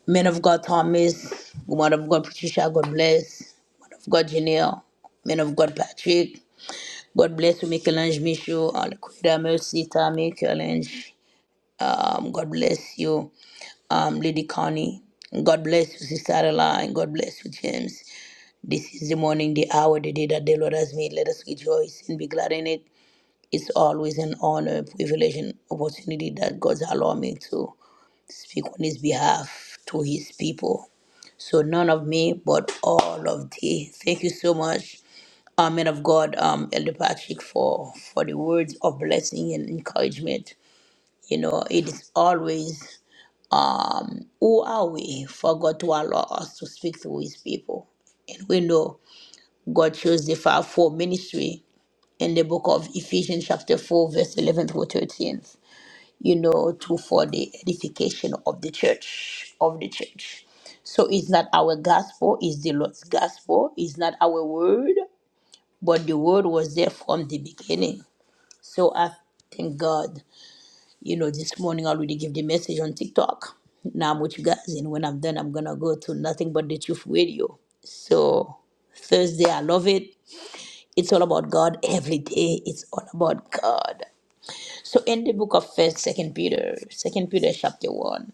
Men of God, Thomas. Woman of God, Patricia. God bless. Woman of God, Janelle. Men of God, Patrick. God bless you, Michelange Michaud. Alaquida Mercy, Tammy, Michelange. Um, God bless you, um, Lady Connie. God bless you, Sister Adeline. God bless you, James. This is the morning, the hour, the day that the Lord has made. Let us rejoice and be glad in it. It's always an honor, privilege, and opportunity that God's allowed me to. speak on his behalf to his people. So none of me, but all of thee. Thank you so much, um, man of God, um, Elder Patrick, for for the words of blessing and encouragement. You know, it is always um, who are we for God to allow us to speak through His people, and we know God chose the fivefold ministry in the book of Ephesians, chapter four, verse eleven through thirteen you know, to for the edification of the church, of the church. So it's not our gospel, it's the Lord's gospel, it's not our word, but the word was there from the beginning. So I thank God, you know, this morning I already give the message on TikTok. Now I'm with you guys, and when I'm done, I'm gonna go to nothing but the truth radio. So Thursday, I love it. It's all about God every day. It's all about God. So in the book of First, Second Peter, Second Peter chapter one.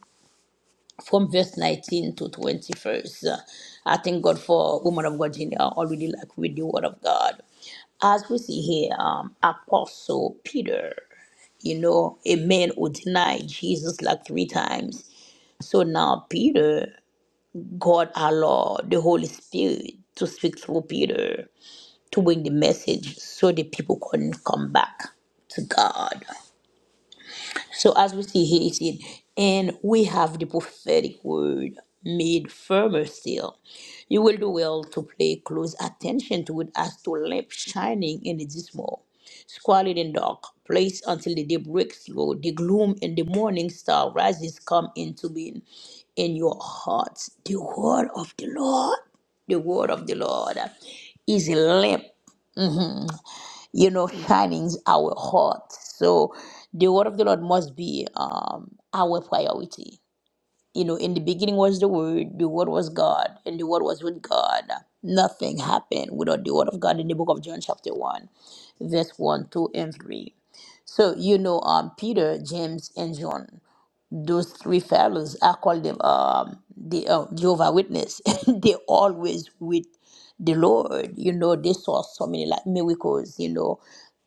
from verse 19 to 21st. Uh, I thank God for woman of God, Gina, already like with the word of God. As we see here, um, Apostle Peter, you know, a man who denied Jesus like three times. So now Peter, God our Lord, the Holy Spirit to speak through Peter to bring the message so the people couldn't come back to God. So as we see here, it said, and we have the prophetic word made firmer still. You will do well to pay close attention to it as to a lamp shining in the dismal, squalid and dark place until the day breaks through, the gloom and the morning star rises come into being in your hearts. The word of the Lord, the word of the Lord is a lamp you know, shining our heart. So the word of the Lord must be um, our priority. You know, in the beginning was the word, the word was God, and the word was with God. Nothing happened without the word of God in the book of John, chapter 1, verse 1, 2, and 3. So, you know, um, Peter, James, and John those three fellows, I call them um, the uh, Jehovah Witness. they always with the Lord. You know, they saw so many like miracles. You know,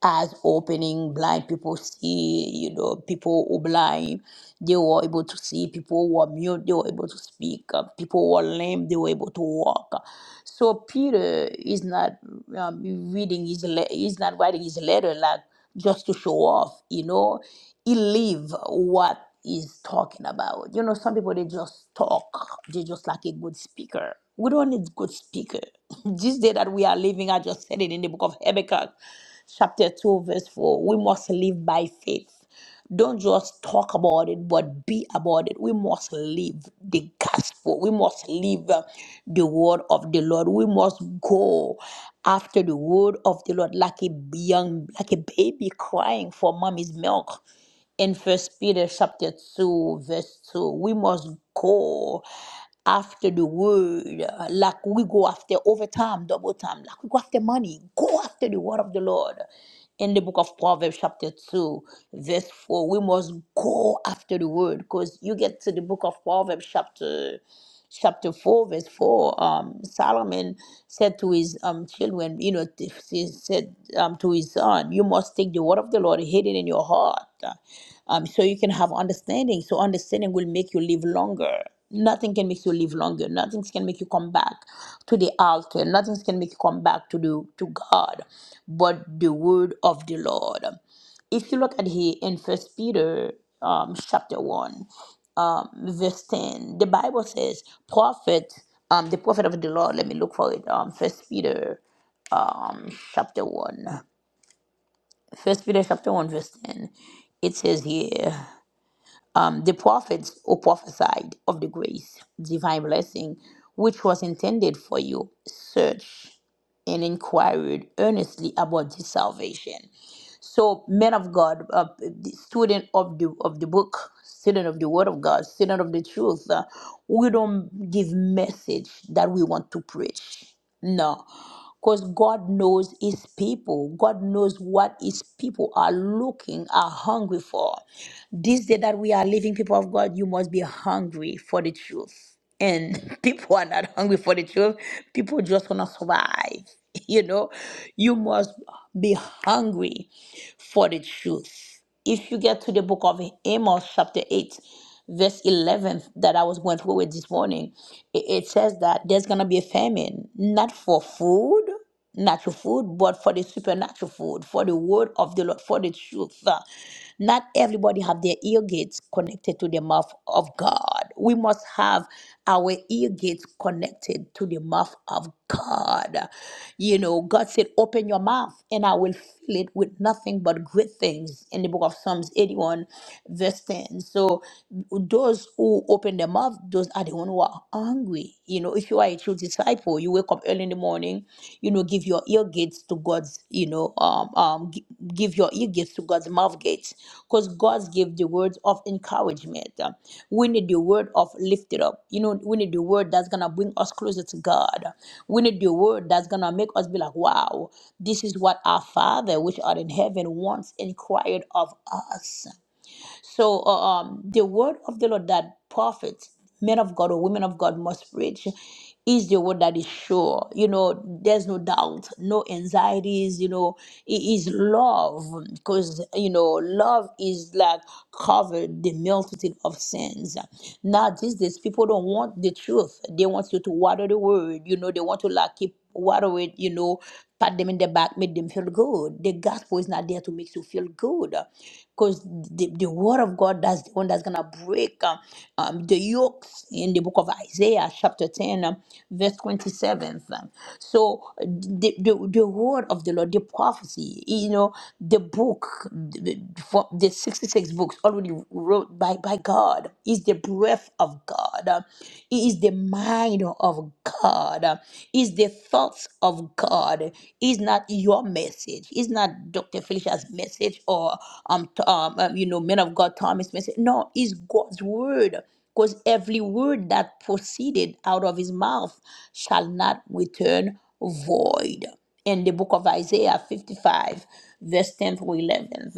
eyes opening, blind people see. You know, people who blind, they were able to see. People who were mute, they were able to speak. Uh, people who were lame, they were able to walk. So Peter is not um, reading his le- he's not writing his letter like just to show off, you know, he live what he's talking about. You know, some people they just talk, they just like a good speaker. We don't need good speaker. this day that we are living, I just said it in the book of Habakkuk, chapter 2, verse 4. We must live by faith. Don't just talk about it, but be about it. We must live the gospel. We must live uh, the word of the Lord. We must go after the word of the Lord like a young, like a baby crying for mommy's milk in first peter chapter 2 verse 2 we must go after the word uh, like we go after overtime double time like we go after money go after the word of the lord in the book of proverbs chapter 2 verse 4 we must go after the word because you get to the book of proverbs chapter chapter 4, verse 4, um, Solomon said to his um, children, you know, t- he said um, to his son, You must take the word of the Lord, hid it in your heart, uh, um, so you can have understanding. So, understanding will make you live longer. Nothing can make you live longer. Nothing can make you come back to the altar. Nothing can make you come back to the to God, but the word of the Lord if you look at here in first peter um, chapter 1 um, verse 10 the bible says prophet um, the prophet of the lord let me look for it um, first peter um, chapter 1 first peter chapter 1 verse 10 it says here um, the prophets who prophesied of the grace, divine blessing, which was intended for you, search and inquired earnestly about this salvation. So, men of God, uh, the student of the of the book, student of the Word of God, student of the truth, uh, we don't give message that we want to preach. No, because God knows His people. God knows what His people are looking, are hungry for. This day that we are living, people of God, you must be hungry for the truth. And people are not hungry for the truth. People just want to survive. You know, you must be hungry for the truth if you get to the book of Amos, chapter 8, verse 11, that I was going through with this morning, it, it says that there's going to be a famine, not for food, natural food, but for the supernatural food, for the word of the Lord, for the truth. Uh, Not everybody have their ear gates connected to the mouth of God. We must have have our ear gates connected to the mouth of God. You know, God said, Open your mouth and I will fill it with nothing but great things in the book of Psalms 81, verse 10. So, those who open their mouth, those are the ones who are hungry. You know, if you are a true disciple, you wake up early in the morning, you know, give your ear your gates to God's, you know, um, um, gi- give your ear gates to God's mouth gates, because God's give the words of encouragement. Um, We need the word of lifted up. You know, we need the word that's gonna bring us closer to God. We need the word that's gonna make us be like, wow, this is what our Father, which art in heaven, wants and inquired of us. So uh, um, the word of the Lord that prophets, men of God or women of God must preach is the word that is sure. You know, there's no doubt, no anxieties, you know, it is love because, you know, love is like covered the multitude of sins. Now, these days, people don't want the truth. They want you to water the word, you know, they want to like keep water it, you know, pat them in the back, make them feel good. The gospel is not there to make you feel good. Because the, the word of God, that's the one that's going to break um, um, the yokes in the book of Isaiah, chapter 10, um, verse 27. um. So the, the, the word of the Lord, the prophecy, you know, the book, the, the 66 six books already wrote by, by God. Is the breath of God. He is the mind of God. Is the thoughts of God. Is not your message. Is not Dr. Felicia's message or um, t- um um, you know men of God Thomas message. No, is God's word. Because every word that proceeded out of his mouth shall not return void in the book of Isaiah 55, verse 10 through 11.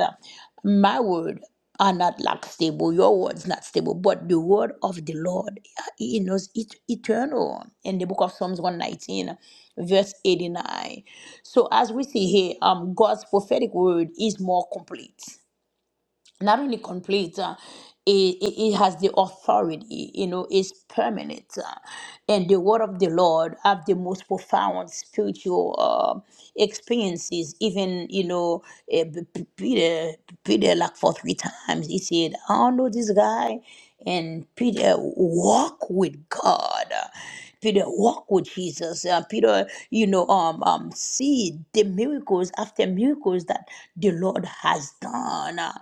My word are not like stable. Your word's not stable, but the word of the Lord, you know, is et- eternal. In the book of Psalms 119, verse 89. So as we see here, um, God's prophetic word is more complete not only complete, uh, it, it, it has the authority, you know, it's permanent. uh, and the word of the Lord have the most profound spiritual uh, experiences. Even, you know, eh, P- P- Peter, Peter, like for three times, he said, I don't know this guy. And Peter walk with God. Peter walk with Jesus. Uh, Peter, you know, um, um, see the miracles after miracles that the Lord has done. Uh,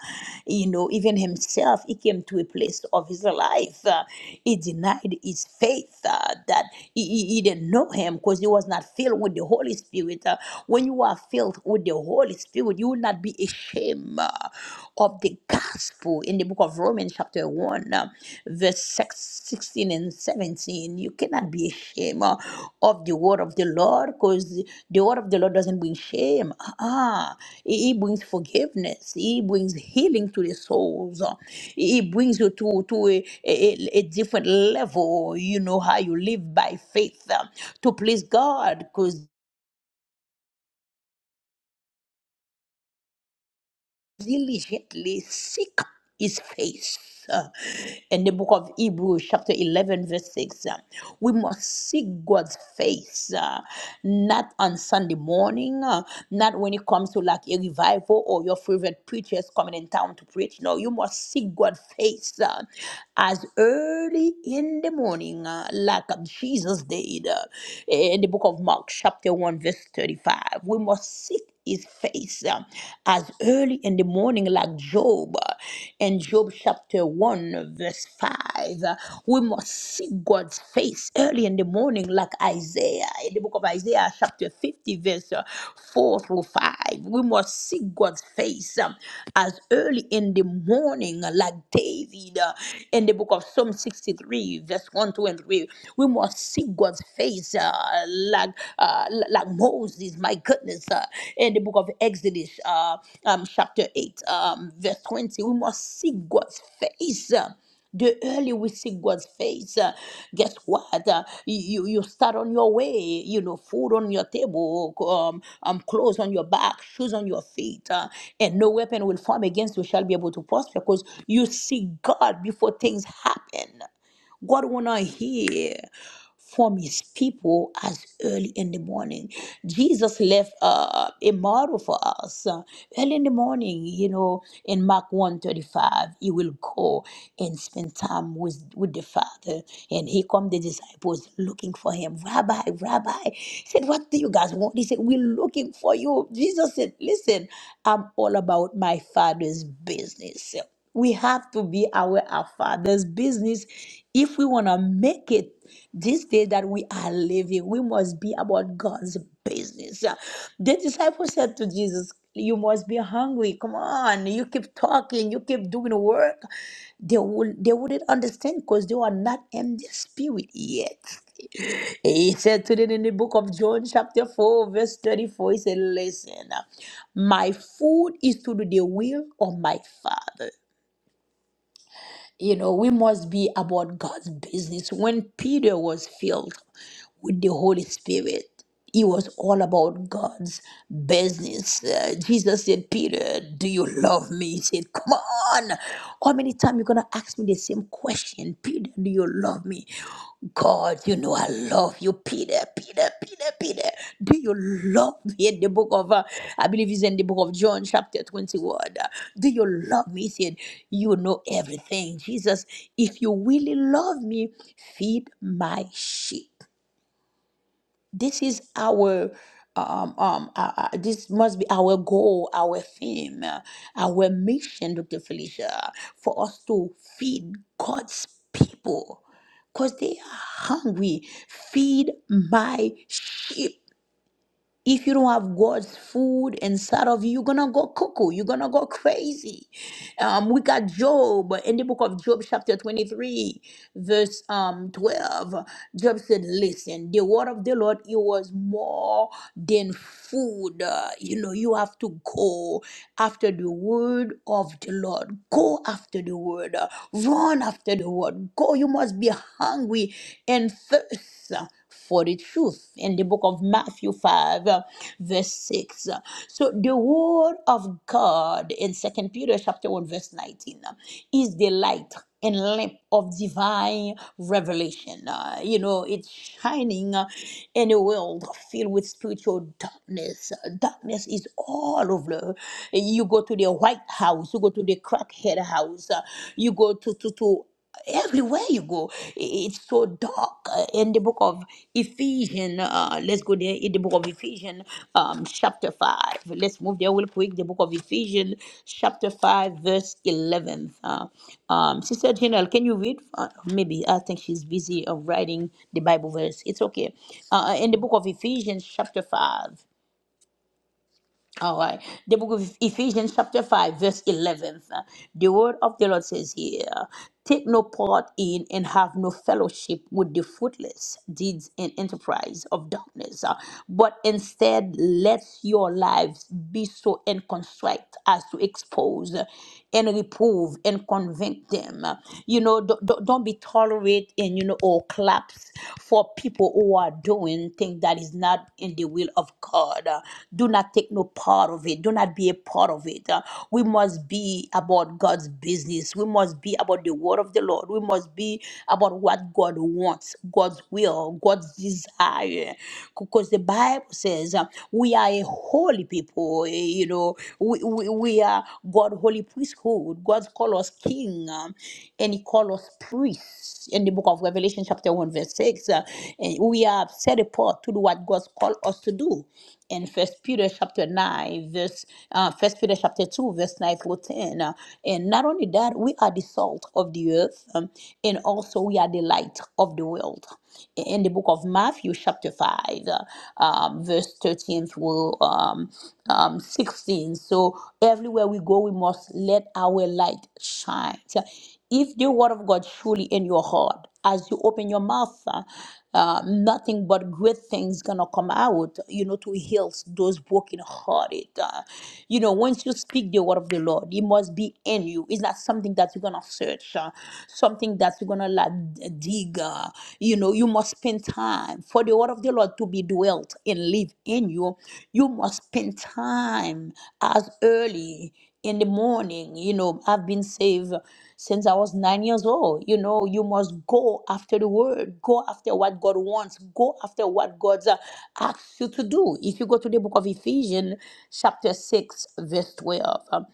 you know, even himself, he came to a place of his life. Uh, he denied his faith uh, that he, he, he didn't know him because he was not filled with the Holy Spirit. Uh, when you are filled with the Holy Spirit, you will not be ashamed. Uh, of the gospel in the book of Romans, chapter 1, uh, verse 6, 16 and 17. You cannot be ashamed uh, of the word of the Lord because the the word of the Lord doesn't bring shame. Ah, it brings forgiveness, it brings healing to the souls, uh, it brings you to, to a, a, a different level. You know how you live by faith uh, to please God because diligently seek his face. Uh, In the book of Hebrews, chapter 11, verse 6, uh, we must seek God's face, uh, not on Sunday morning, uh, not when it comes to like a revival or your favorite preachers coming in town to preach. No, you must seek God's face uh, as early in the morning, uh, like Jesus did uh, in the book of Mark, chapter 1, verse 35. We must seek his face uh, as early in the morning, like Job. uh, In Job chapter 1, verse 5, uh, we must seek God's face early in the morning, like Isaiah. In the book of Isaiah, chapter 50, verse uh, 4 through 5, we must seek God's face um, as early in the morning, like David. uh, In the book of Psalm 63, verse 1, 2, and 3, we must seek God's face. uh, uh, like uh, like Moses, my goodness, uh, in the book of Exodus, uh, um, chapter 8, um, verse 20. We must see God's face. uh, The early we see God's face, uh, guess what? Uh, you you start on your way. You know, food on your table, um, um, clothes on your back, shoes on your feet, uh, and no weapon will form against you shall be able to prosper. Because you see God before things happen. God wanna hear from his people as early in the morning. Jesus left uh, a model for us. uh, early in the morning, you know, in Mark 135, he will go and spend time with, with the Father. And here come the disciples looking for him. Rabbi, Rabbi. He said, What do you guys want? He said, We're looking for you. Jesus said, Listen, I'm all about my father's business. We have to be aware of Father's business if we want to make it this day that we are living. We must be about God's business. The disciples said to Jesus, You must be hungry. Come on. You keep talking, you keep doing work. They, will, they wouldn't understand because they were not in the spirit yet. He said to them in the book of John, chapter 4, verse 34, he said, Listen, my food is to do the will of my Father you know, we must be about God's business. When Peter was filled with the Holy Spirit, he was all about God's business. Uh, Jesus said, Peter, do you love me? He said, Come on. How many times you going to ask me the same question? Peter, do you love love me? God, you know I love you, Peter, Peter, Peter, Peter. Do you love me? In the book of, uh, I believe it's in the book of John, chapter 21. uh, Do you love me? He said, You know everything. Jesus, if you really love me, feed my sheep this is our um, um, uh, uh, this must be our goal, our theme, uh, our mission, Dr. Felicia, for us to feed God's people because they are hungry. Feed my sheep. If you don't have God's food inside of you, you're gonna go cuckoo. You're gonna go crazy. Um, we got Job in the book of Job, chapter 23, verse um 12. Job said, Listen, the word of the Lord, it was more than food. Uh, you know, you have to go after the word of the Lord. Go after the word. Uh, Run after the word. Go. You must be hungry and thirst for the truth in the book of Matthew 5, uh, verse 6. So the word of God in Second Peter chapter 1, verse 19 uh, is the light and lamp of divine revelation. Uh, you know, it's shining uh, in a world filled with spiritual darkness. Uh, Darkness is all over. You go to the White House, you go to the crackhead house, uh, you go to, to, to everywhere you go i- it's so dark Uh, in the book of ephesians uh, let's go there in the book of ephesians um, chapter 5 let's move there real quick the book of ephesians chapter 5 verse 11 uh, um, sister general can you read uh, maybe i think she's busy of writing the bible verse it's okay uh, in the book of ephesians chapter 5 all right. The book of Ephesians, chapter 5, verse 11. The word of the Lord says here Take no part in and have no fellowship with the fruitless deeds and enterprise of darkness, uh, but instead let your lives be so inconstruct as to expose and reprove and convict them. You know, don't, don't don't be tolerate and, you know, or collapse for people who are doing things that is not in the will of God. Uh, Do not take no part of it. Do not be a part of it. Uh, We must be about God's business. We must be about the word of the Lord. We must be about what God wants, God's will, God's desire. Because the Bible says uh, we are a holy people, eh, you know, we, we, we are God's holy priesthood, God call us king um, and he call us priests in the book of Revelation, chapter 1, verse 6. uh, and we are set apart to do what God called us to do. In First Peter chapter 9, verse uh, First Peter chapter 2, verse 9 through 10. uh, and not only that, we are the salt of the earth, um, and also we are the light of the world in the book of Matthew, chapter 5, uh, um, verse 13 13 through um, um, 16. So everywhere we go, we must let our light shine. So If the word of God truly in your heart, as you open your mouth, uh, uh, nothing but great things gonna come out. You know to heal those broken hearted. Uh, you know once you speak the word of the Lord, it must be in you. It's not something that you're gonna search, uh, something that you're gonna like digger. You know, you must spend time for the word of the Lord to be dwelt and live in you. You must spend time as early in the morning. You know, I've been saved since I was nine years old. You know, you must go after the word, go after what God wants, go after what God uh, asks you to do. If you go to the book of Ephesians, chapter 6, verse 12, um,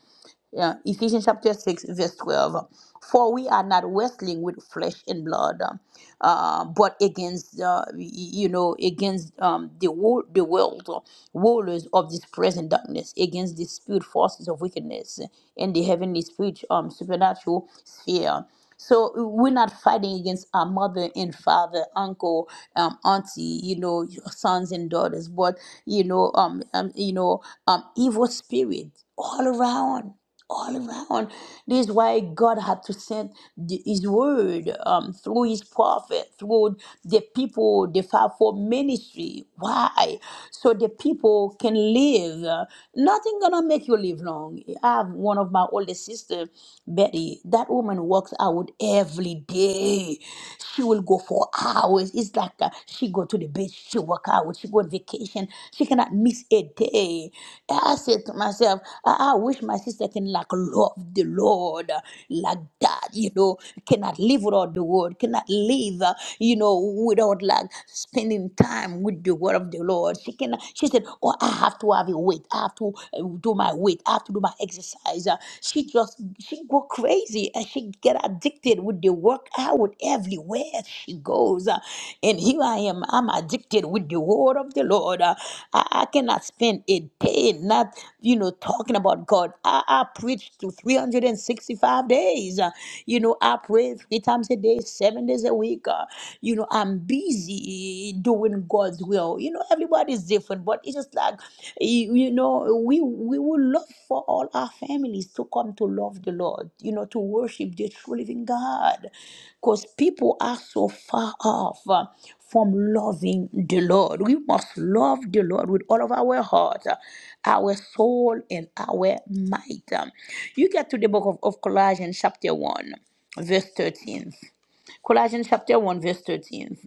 uh, Ephesians chapter 6, verse 12. For we are not wrestling with flesh and blood, um, uh, but against, uh, y- you know, against um, the, wo- the world, uh, rulers of this present darkness, against the spirit forces of wickedness in the heavenly spirit, um, supernatural sphere. So uh, we're not fighting against our mother and father, uncle, um, auntie, you know, sons and daughters, but you know, um, um you know, um, evil spirit all around all around. This is why God had to send the, His word um, through His prophet, through the people, the fivefold ministry. Why? So the people can live. Uh, Nothing gonna make you live long. I have one of my oldest sister, Betty. That woman works out every day. She will go for hours. It's like uh, she go to the beach. She work out. She go on vacation. She cannot miss a day. And I said to myself, I, I wish my sister can like love the Lord uh, like that. You know, cannot live without the word. Cannot live, uh, you know, without like spending time with the word of the Lord. She can. She said, "Oh, I have to have a weight. I have to uh, do my weight. I have to do my exercise." Uh, She just she go crazy she uh, she get addicted with the workout everywhere she goes. Uh, and here I am, I'm addicted with the word of the Lord. Uh, I, I cannot spend a day not, you know, talking about God. I, I preach to 365 days. Uh, you know, I pray three times a day, seven days a week. Uh, you know, I'm busy doing God's will. You know, everybody's different, but it's just it's just like you, you know, we we would love for all our families to come to love the Lord, you know, to worship the true living God. Because people are so far off uh, from loving the Lord. We must love the Lord with all of our heart, uh, our soul, and our might. Um, You get to the book of, of Colossians, chapter 1, verse 13. Colossians chapter 1, verse 13.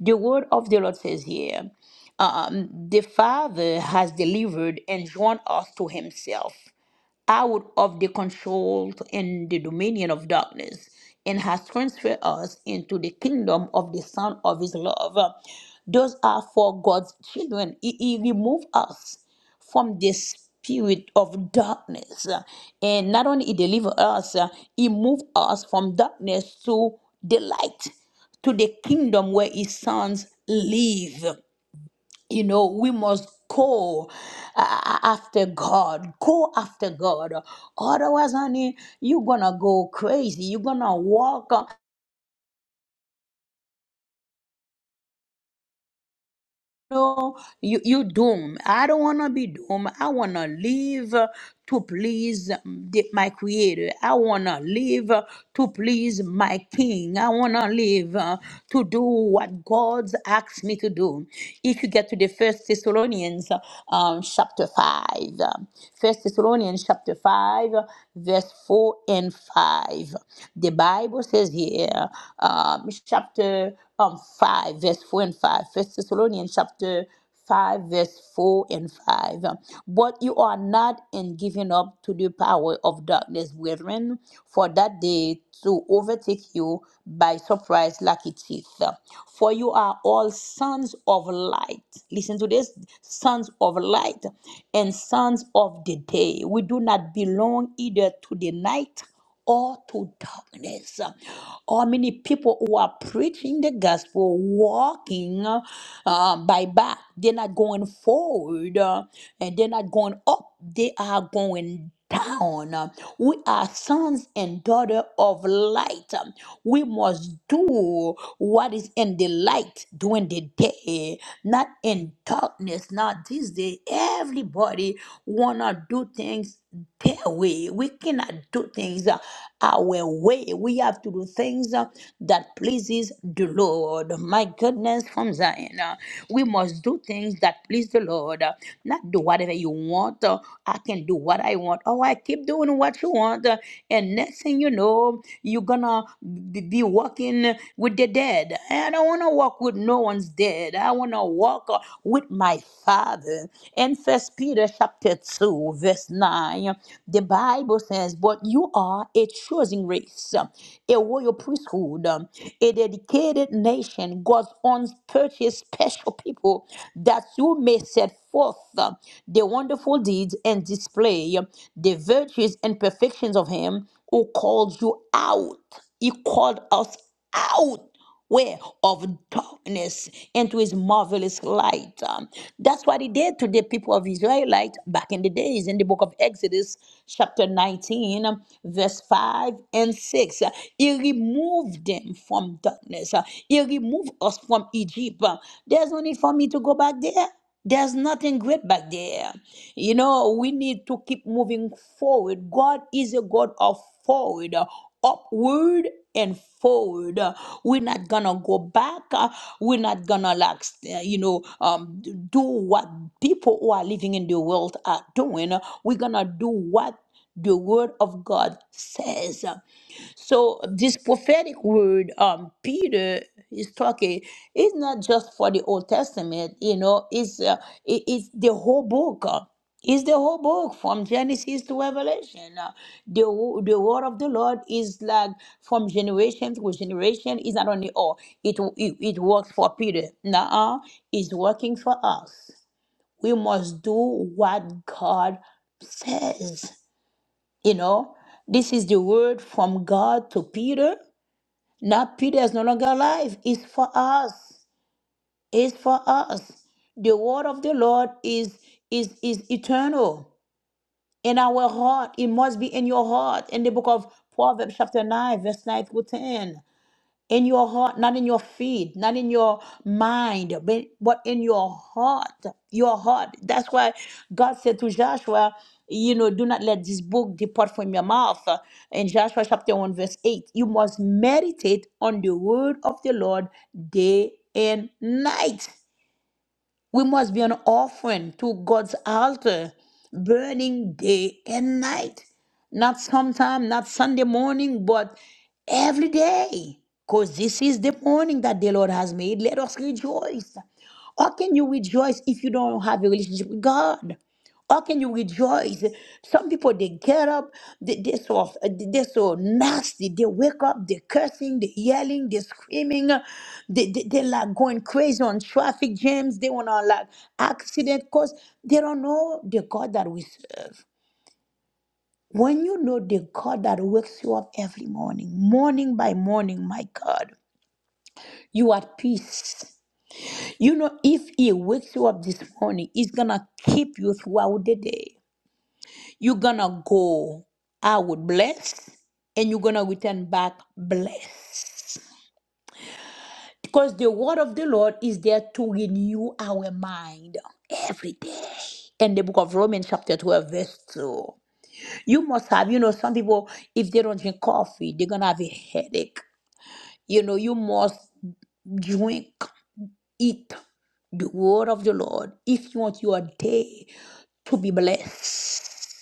The word of the Lord says here, um, the Father has delivered and drawn us to Himself out of the control and the dominion of darkness and has transferred us into the kingdom of the Son of His love. Those are for God's children. He, he removed us from the spirit of darkness. And not only he delivered us, uh, he moved us from darkness to the light, to the kingdom where his sons live you know we must go uh, after god go after god otherwise honey you're gonna go crazy you're gonna walk no, you, you doom. I don't want to be doomed. I want to live uh, to please um, the- my creator. I want to live uh, to please my king. I want to live uh, to do what God's asked me to do. If you get to the first Thessalonians uh, um, chapter 5, um, first Thessalonians chapter 5, uh, verse 4 and 5, the Bible says here, um, chapter um, 5, verse 4 and 5. First Thessalonians chapter 5 verse 4 and 5 but you are not in giving up to the power of darkness brethren for that day to overtake you by surprise like a thief for you are all sons of light listen to this sons of light and sons of the day we do not belong either to the night or to darkness. How many people who are preaching the gospel, walking uh, by back, they're not going forward uh, and they're not going up, they are going down. We are sons and daughters of light. We must do what is in the light during the day, not in darkness. Now, this day, everybody wanna do things their way. We cannot do things uh, our way. We have to do things uh, that pleases the Lord. My goodness, from Zion, uh, we must do things that please the Lord. uh, Not do whatever you want. uh, I can do what I want. Oh, I keep doing what you want, uh, and next thing you know, you're gonna be be walking with the dead. I don't wanna walk with no no one's dead. I want to walk uh, with my Father. In First Peter chapter 2, verse 9, the Bible says, But you are a chosen race, a royal priesthood, a dedicated nation, God's own purchased special people, that you may set forth uh, the wonderful deeds and display the virtues and perfections of Him who called you out. He called us out way of darkness into his marvelous light. Um, that's what he did to the people of Israelite back in the days in the book of Exodus, chapter 19, um, verse 5 and 6. Uh, He removed them from darkness. Uh, He removed us from Egypt. Uh, There's no need for me to go back there. There's nothing great back there. You know, we need to keep moving forward. God is a God of forward, uh, upward and forward. Uh, We're not gonna go back. Uh, We're not gonna like, s- uh, you know, um, d- do what people who are living in the world are doing. Uh, We're gonna do what the word of God says. So this prophetic word, um, Peter is talking. It's not just for the Old Testament, you know. It's uh, it- it's the whole book. uh, It's the whole book from Genesis to Revelation. Uh, the wo- the word of the Lord is like from generation to generation. It's not only all. It it, it works for Peter. Nah, it's working for us. We must do what God says. You know, this is the word from God to Peter. Now Peter is no longer alive. It's for us. It's for us. The word of the Lord is is is eternal in our heart. It must be in your heart. In the book of Proverbs, chapter 9, verse 9 to 10 in your heart, not in your feet, not in your mind, but but in your heart. Your heart. That's why God said to Joshua, you know, do not let this book depart from your mouth. In Joshua chapter 1, verse 8, you must meditate on the word of the Lord day and night. We must be an offering to God's altar, burning day and night. Not sometime, not Sunday morning, but every day. Because this is the morning that the Lord has made. Let us rejoice. How can you rejoice if you don't have a relationship with God? How can you rejoice? Some people they get up, they, they so they so nasty. They wake up, they cursing, they yelling, they screaming, they, they they like going crazy on traffic jams. They wanna like accident cause they don't know the God that we serve. When you know the God that wakes you up every morning, morning by morning, my God, you are at peace. You know, if He wakes you up this morning, He's gonna keep you throughout the day. You're gonna go out blessed and you're gonna return back blessed. Because the word of the Lord is there to renew our mind every day. In the book of Romans, chapter 12, verse 2. You must have, you know, some people, if they don't drink coffee, they're gonna have a headache. You know, you must drink, eat the word of the Lord if you want your day to be blessed.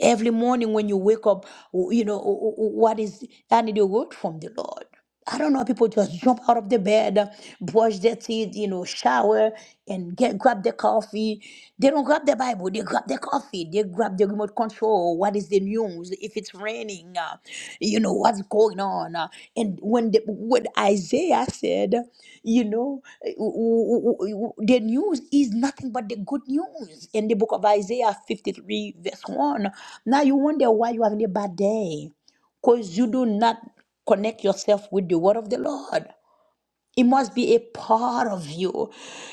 Every morning when you wake up, w- you know, w- w- what is, I need a word from the Lord. I don't know, people just jump out of the bed, brush their teeth, you know, shower, and get grab their coffee. They don't grab the Bible, they grab their coffee, they grab the remote control. What is the news? news, if it's raining, uh, you know, what's going on. uh, and when, the, when Isaiah said, you know, eh, w- w- w- the news is nothing but the good news in the book of Isaiah 53, verse 1. Now you wonder why you're having a bad day because you do not connect yourself with the word of the Lord. It must be a part of you.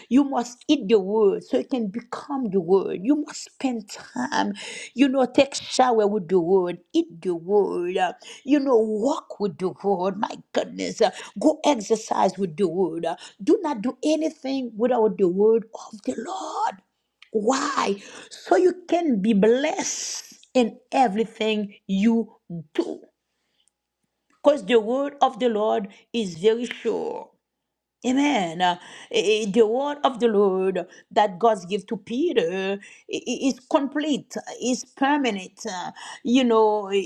You must eat the word so it can become the word. You must spend time, you know, take shower with the word, eat the word, uh, you know, walk with the word. My goodness, uh, go exercise with the word. Uh, Do not do anything without the word of the Lord. Why? So you can be blessed in everything you do. Because the word of the Lord is very sure. Amen. Uh, eh, eh, The word of the Lord that God gives to Peter i- i- is complete, is permanent. Uh, You know, y-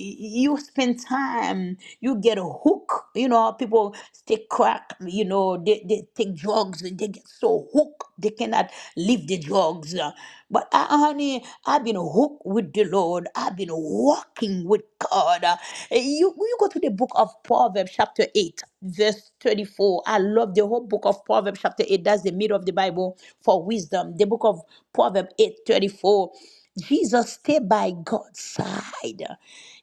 you spend time, you get a hook. You know, how people take crack, you know, they, they take drugs, and they get so hooked, they cannot leave the drugs. Uh, but uh, honey, I've been hooked with the Lord. I've been walking with God. Uh, You, you go to the book of Proverbs, chapter 8, verse 34. I love the whole book of Proverbs, chapter 8. That's the middle of the Bible for wisdom. The book of Proverbs 8 34. Jesus, stay by God's side.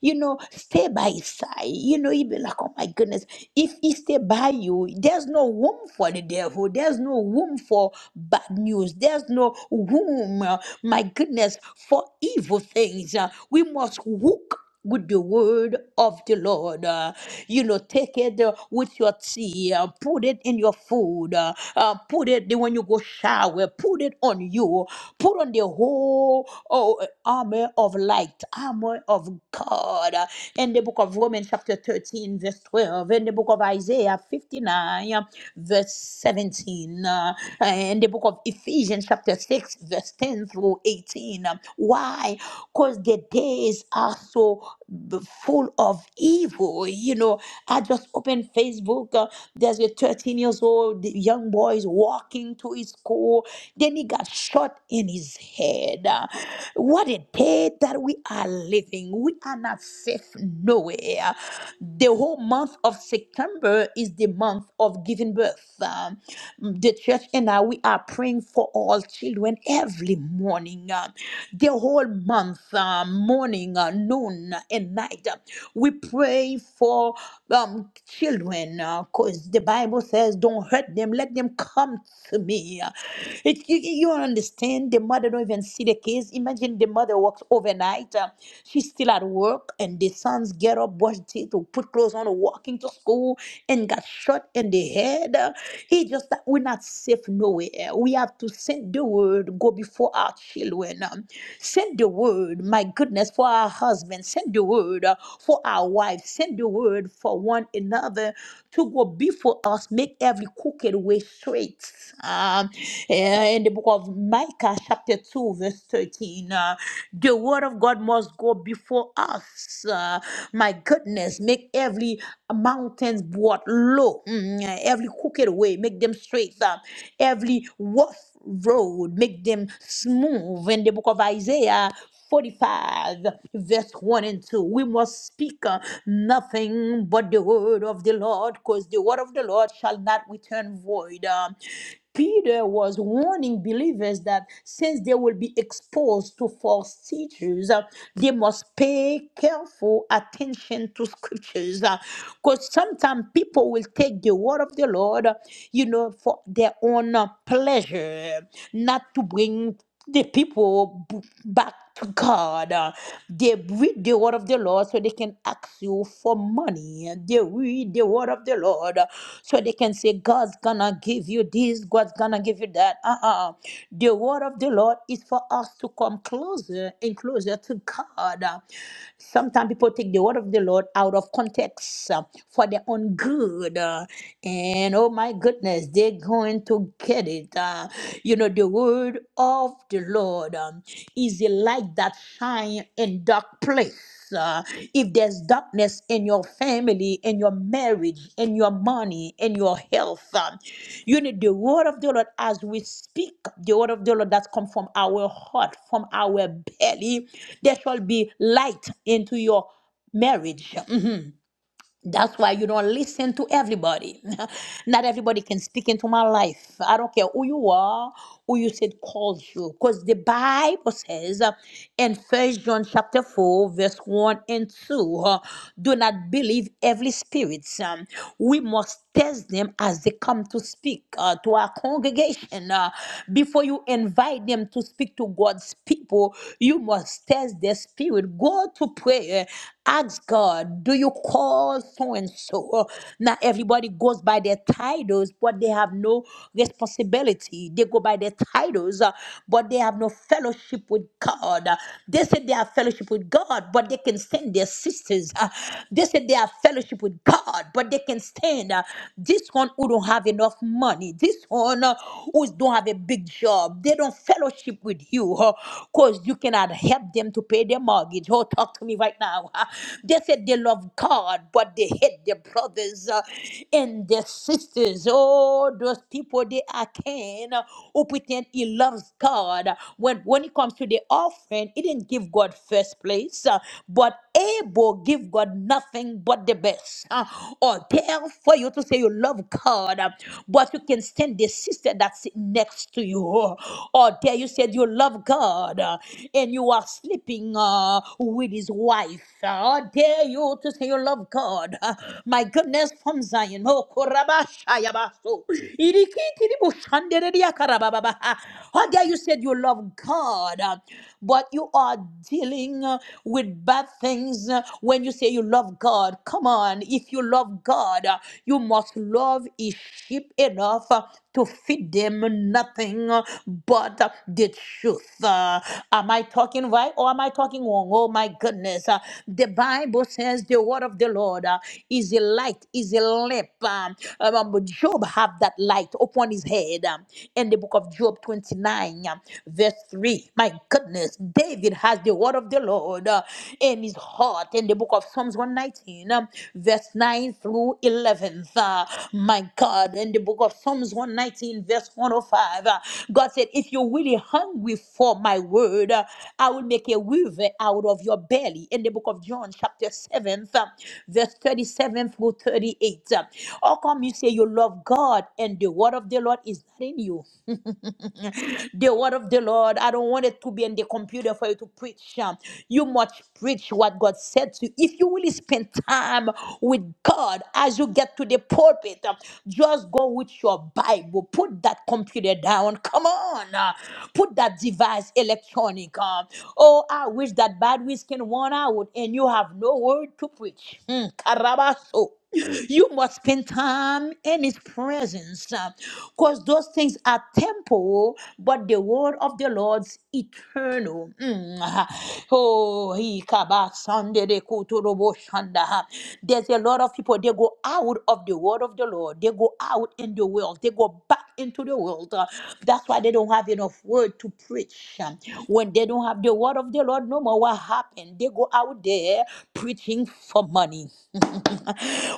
You know, stay by his side. You know, you be like, oh my goodness, if he stay by you, there's no room for the devil. There's no room for bad news. There's no room, uh, my goodness, for evil things. Uh, We must walk with the word of the Lord. uh, you know, take it uh, with your tea, uh, put it in your food, uh, uh, put it the- when you go shower, put it on you, put on the whole oh, uh, armor of light, armor of God. uh, in the book of Romans, chapter 13, verse 12, in the book of Isaiah 59, uh, verse 17, uh, in the book of Ephesians, chapter 6, verse 10 through 18. um, Why? Because the day days are so b- full of evil. You know, I just opened Facebook. uh, there's a 13 years old young boy is walking to his school. Then he got shot in his head. Uh, What a day that we are living. We are not safe nowhere. The whole month of September is the month of giving birth. Um, the church and I, we are praying for all children every morning. Um, the whole month month, uh, morning, uh, noon, uh, and night. Uh, We pray for um, children because the Bible says, Don't hurt them, let them come to me. Uh, It, you, you don't understand, the mother don't even see the kids. Imagine the mother works overnight, uh, she's still at work, and the sons get up, brush teeth, or put clothes on, or walking to school, and got shot in the head. Uh, He just, we're not safe nowhere. We have to send the word, go before our children. Send the word, my goodness, for our husbands. Send the word uh, for our wives. Send the word for one another to go before us. Make every crooked way straight. Um, eh, in the book of Micah, chapter 2, verse 13, uh, the word of God must go before us. Uh, my goodness, make every mountains brought low, Mm, every crooked way, make them straight. Uh, every rough road, make them smooth in the book of Isaiah 45, verse 1 and 2. We must speak uh, nothing but the word of the Lord, because the word of the Lord shall not return void. Um, Peter was warning believers that since they will be exposed to false teachers, uh, they must pay careful attention to scriptures. Because sometimes people will take the word of the Lord, uh, you know, for their own uh, pleasure, not to bring the people b- back to God. Uh, They read the word of the Lord so they can ask you for money. They read the word of the Lord uh, so they can say, God's gonna give you this, God's gonna give you that. Uh uh The word of the Lord is for us to come closer and closer to God. Uh, Sometimes people take the word of the Lord out of context uh, for their own good. uh, And oh my goodness goodness, they're going to get it. Uh, you know, the word of the Lord um, is a light that shine in dark place. Uh, if there's darkness in your family, in your marriage, in your money, in your health, um, you need the word of the Lord as we speak, the word of the Lord that comes from our heart, from our belly. There shall be light into your marriage. That's why you don't listen to everybody. Not everybody can speak into my life. I don't care who you are, who you said calls you. Because the Bible says uh, in First John chapter 4, verse 1 and 2, uh, do not believe every spirit. Um, we must test them as they come to speak uh, to our congregation. Uh, before you invite them to speak to God's people, you must test their spirit. Go to prayer. Ask God, do you call so and so? Now everybody goes by their titles, but they have no responsibility. They go by their titles, uh, but they have no fellowship with God. Uh, They say they have fellowship with God, but they can send their sisters. uh, They say they have fellowship with God, but they can stand uh, this one who don't have enough money, this one uh, who don't have a big job, job. They don't fellowship with you because you cannot help them to pay their mortgage. Oh, talk to me right now. huh? They said they love God, but they hate their brothers uh, and their sisters. Oh, those people, they are can uh, who pretend he loves God. When, when it comes to the offering, he didn't give God first place, uh, but Abel give God nothing but the best. uh, or dare for you to say you love God. God, um, but you can stand the sister that's next to you. Or there you said you love God uh, and you are sleeping uh, with his wife. Or dare you to say you love God. Uh, My goodness, from Zion. Oh, korabashayabaso. Irikitirimushandereriakarababa. Or dare you said you love God, uh, but you are dealing uh, with bad things uh, when you say you love love God, come on, if you love God, uh, you must love His sheep enough uh, to feed them nothing uh, but uh, the truth. Uh, Am I talking right or am I talking wrong? Oh my goodness. Uh, The Bible says the word of the Lord uh, is a light, is a lamp. Um, um, um, Job have that light upon his head um, in the book of Job 29, um, verse 3. My goodness, they. David has the word of the Lord uh, in his heart in the book of Psalms 119, um, verse 9 through 11. Uh, my God, in the book of Psalms 119, verse 105, uh, God said, If you're really hungry for my word, uh, I will make a river out of your belly. In the book of John, chapter 7, uh, verse 37 through 38. Uh, How come you say you love God and the word of the Lord is not in you? the word of the Lord. I don't want it to be in the computer for you to preach. Um, You must preach what God said to you. If you really spend time with God as you get to the pulpit, um, just go with your Bible. Put that computer down. Come on. uh, Put that device electronic. um, Oh, I wish that bad whiskey can run out and you have no word to preach. Hmm, Karabaso. You must spend time in his presence because those things are temporal, but the word of the Lord's eternal. Mm. Oh, he kaba sande de kuto robo shanda. there's a lot of people, they go out of the word of the Lord, they go out in the world, they go back into the world. Uh, That's why they don't have enough word to preach. Um, When they don't have the word of the Lord no more, what happened? They go out there preaching for for money.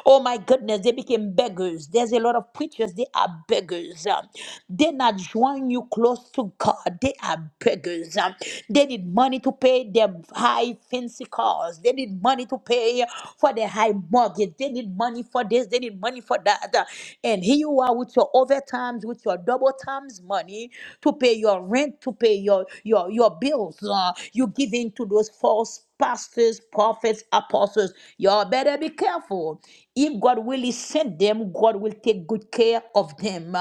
oh my goodness, they became beggars. There's a lot of preachers, they are beggars. Um, They're not drawing you close to God, they are beggars. Um, They need money to pay their high fancy cars, they need money to pay for their high mortgage, they need money for this, they need money for that. Uh, And here you are with your overtimes, with your double times money to pay your rent, to pay your, your, your bills. Uh, you give in to those false pastors, prophets, apostles. Y'all better be careful. If God really sent them, God will take good care of them.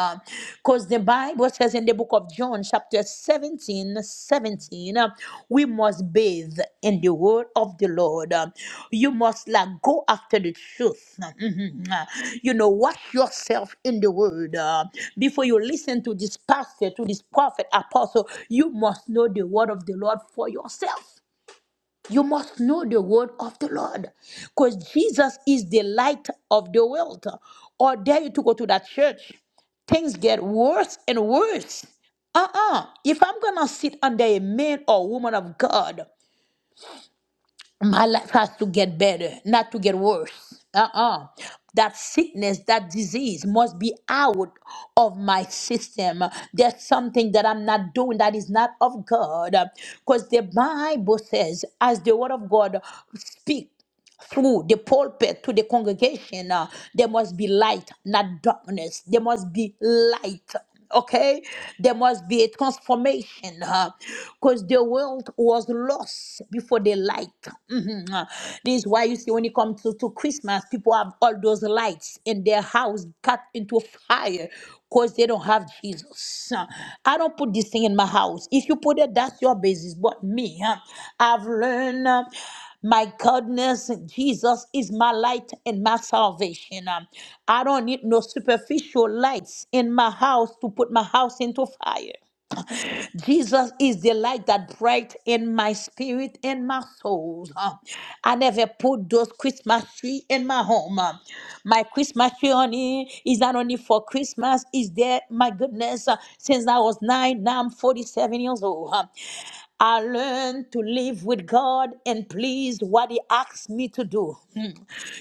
Because the Bible says in the book of John, chapter 17, 17, uh, we must bathe in the word of the Lord. Uh, You must like go after the truth. Uh, Mhm. Uh, You know, wash yourself in the word. uh, Before you listen to this pastor, to this prophet, apostle, you must know the word of the Lord for yourself. You must know the word of the Lord because Jesus is the light of the world. Or dare you to go to that church, things get worse and worse. Uh uh If I'm going to sit under a man or woman of God, my life has to get better, not to get worse. Uh-uh. That sickness, that disease must be out of my system. There's something that I'm not doing that is not of God. Because the Bible says, as the word of God speak through the pulpit to the congregation, uh, there must be light, not darkness. There must be light. Okay, there must be a transformation because the world was lost before the light. Mhm, uh. This is why you see when you come to, to Christmas, people have all those lights in their house cut into fire because they don't have Jesus. Uh, I don't put this thing in my house. If you put it, that's your business. But me, uh, I've learned. uh, my goodness, Jesus is my light and my salvation. Um, I don't need no superficial lights in my house to put my house into fire. Jesus is the light that bright in my spirit and my soul. Um, I never put those Christmas tree in my home. Um, My Christmas tree only is not only for Christmas, is there, my goodness, uh, since I was nine, now I'm 47 years old. Um, I learned to live with God and pleased what He asked me to do.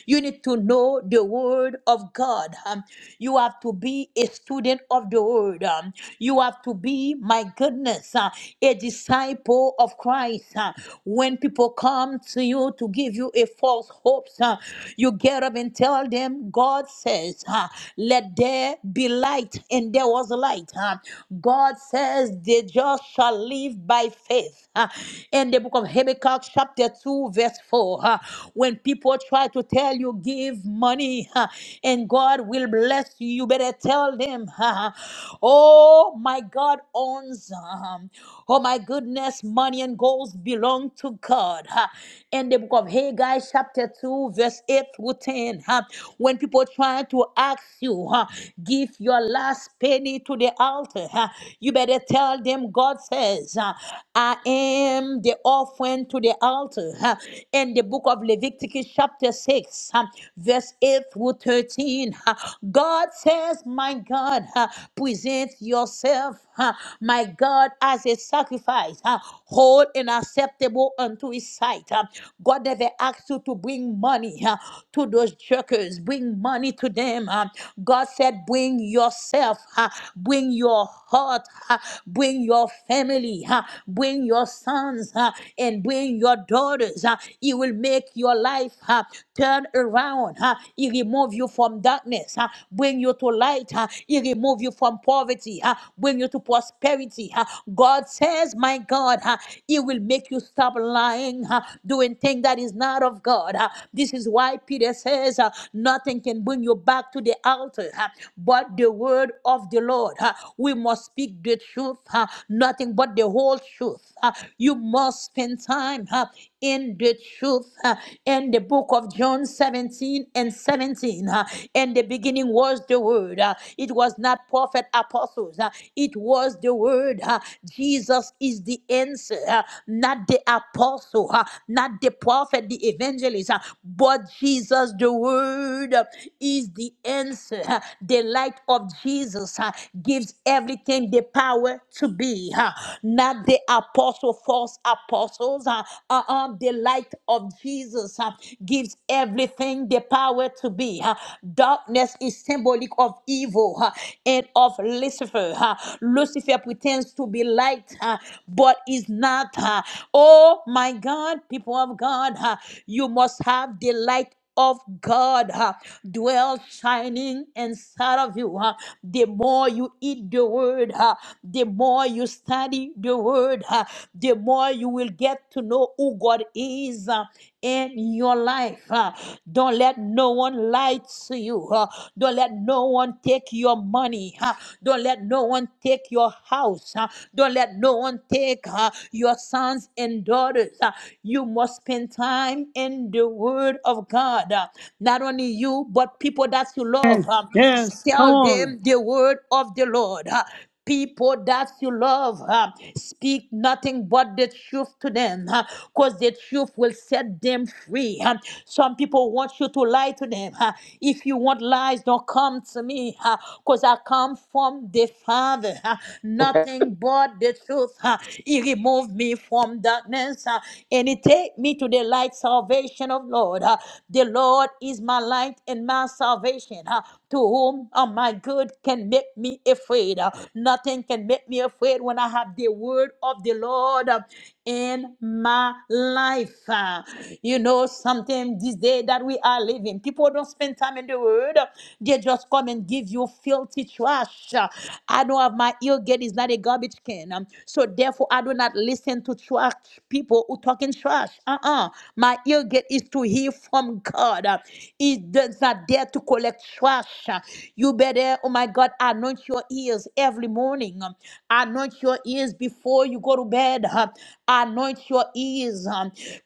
You need to know the word of God. Um, you have to be a student of the word. Um, you have to be, my goodness, uh, a disciple of Christ. Uh, when people come to you to give you a false hope, uh, you get up and tell them, God says, uh, let there be light, and there was light. Uh, God says, "The just shall live by faith. Uh, in the book of Habakkuk, chapter 2, verse 4, uh, when people try about to tell you, give money huh, and God will bless you. You better tell them, huh, huh. oh my God owns, um, oh my goodness, money and goals belong to God. huh. In the book of Haggai, chapter 2, verse 8 through 10, huh, when people try to ask you, huh, give your last penny to the altar, huh, you better tell them, God says, huh, I am the offering to the altar. huh. In the book of Leviticus, Matthew chapter 6, um, verse 8 through 13. uh, God says, My God, uh, present yourself, uh, my God, as a sacrifice, uh, whole and acceptable unto his sight. uh. God never asked you to bring money uh, to those jerkers, bring money to them. uh. God said, Bring yourself, uh, bring your heart, uh, bring your family, uh, bring your sons, uh, and bring your daughters. uh, He will make your your life, huh? turn around. Huh? He remove you from darkness, huh? bring you to light. Huh? He remove you from poverty, huh? bring you to prosperity. Huh? God says, my God, huh? He will make you stop lying, huh? doing things that is not of God. huh? This is why Peter says, uh, nothing can bring you back to the altar, huh? but the word of the Lord. huh? We must speak the truth, huh? nothing but the whole truth. huh? You must spend time. huh? in the truth. Uh, In the book of John 17 and 17, uh, in the beginning was the word. Uh, It was not prophet apostles. Uh, It was the word. Uh, Jesus is the answer, uh, not the apostle, uh, not the prophet, the evangelist, uh, but Jesus, the word, uh, is the answer. Uh, The light of Jesus uh, gives everything the power to be, uh, not the apostle, false apostles. uh, uh, uh, the light of Jesus uh, gives everything the power to be. uh. darkness is symbolic of evil uh, and of Lucifer. uh. Lucifer pretends to be light, uh, but is not. uh. oh my God, people of God, uh, you must have the light of God uh, dwells shining inside of you. uh. The more you eat the word, uh, the more you study the word, uh, the more you will get to know who God is uh, in your life. uh. Don't let no one lie to you. uh. Don't let no one take your money. uh. Don't let no one take your house. uh. Don't let no one take uh, your sons and daughters. uh. You you must spend time in the Word of God. Uh, Not only you, but people that you love. um, Yes, come Tell on. them the Word of the Lord. Uh, people that you love. huh, Speak nothing but the truth to them, because the truth will set them free. huh. Some people want you to lie to them. huh. If you want lies, don't come to me, because I come from the Father. huh. Okay. Nothing but the truth. huh. He removed me from darkness uh, and He take me to the light salvation of Lord. Uh, The Lord is my light and my salvation. uh, To whom am I good can make me afraid. Uh, Nothing can make me afraid when I have the word of the Lord uh, in my life. Uh, You know, sometimes this day that we are living, people don't spend time in the word. They just come and give you filthy trash. Uh, I corner of my ear gate is not a garbage can. Um, so therefore, I do not listen to trash people who talking trash. Uh-uh. My ear gate is to hear from God. Uh, He does not dare to collect trash. Uh, You better, oh my God, anoint your ears every morning. Um, Anoint your ears before you go to bed. Uh, Anoint your ears.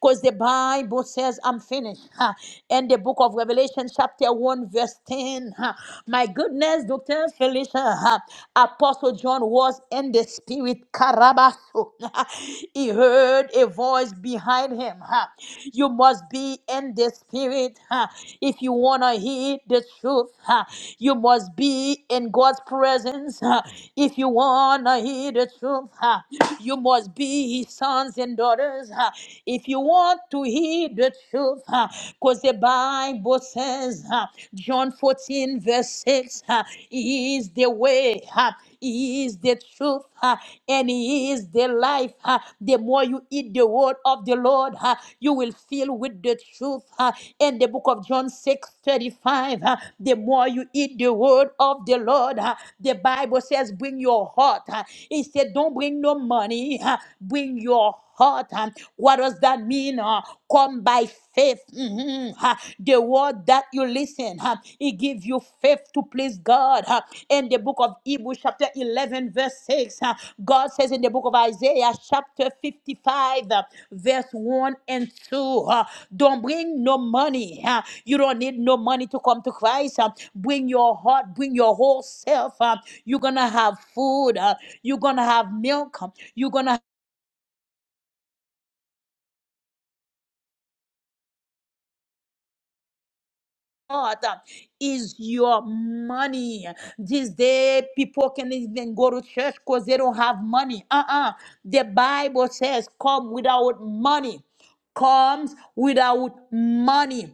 Because the Bible says, I'm finished. Uh, And the book of Revelation, chapter 1, verse 10. Huh? My goodness, Dr. Felicia, uh, Apostle John was in the spirit. Karabaso. he heard a voice behind him. uh, You must be in the spirit uh, if you want to hear the truth. uh, You must be in God's presence uh, if you want to hear the truth. uh, You must be his sons and daughters uh, if you want to hear the truth. Because Bible says, uh, John 14, verse 6, uh, He is the way, uh, He is the truth, uh, and He is the life. uh, The more you eat the word of the Lord, uh, you will fill with the truth. uh, In the book of John 6 35, uh, the more you eat the word of the Lord, uh, the Bible says, bring your heart. uh, He said, don't bring no money, uh, bring your heart. Um, What does that mean? Uh, Come by faith. Mhm. Uh, The word that you listen, uh, it gives you faith to please God. Uh, In the book of Hebrews, chapter 11, verse 6, uh, God says in the book of Isaiah, chapter 55, uh, verse 1 and 2, uh, don't bring no money. uh, You don't need no money to come to Christ. uh, Bring your heart, bring your whole self. uh, You're going to have food. uh, You're going to have milk. um, You're going to God uh, is your money. These day people can even go to church because they don't have money. Uh-uh. The Bible says, come without money. Comes without money.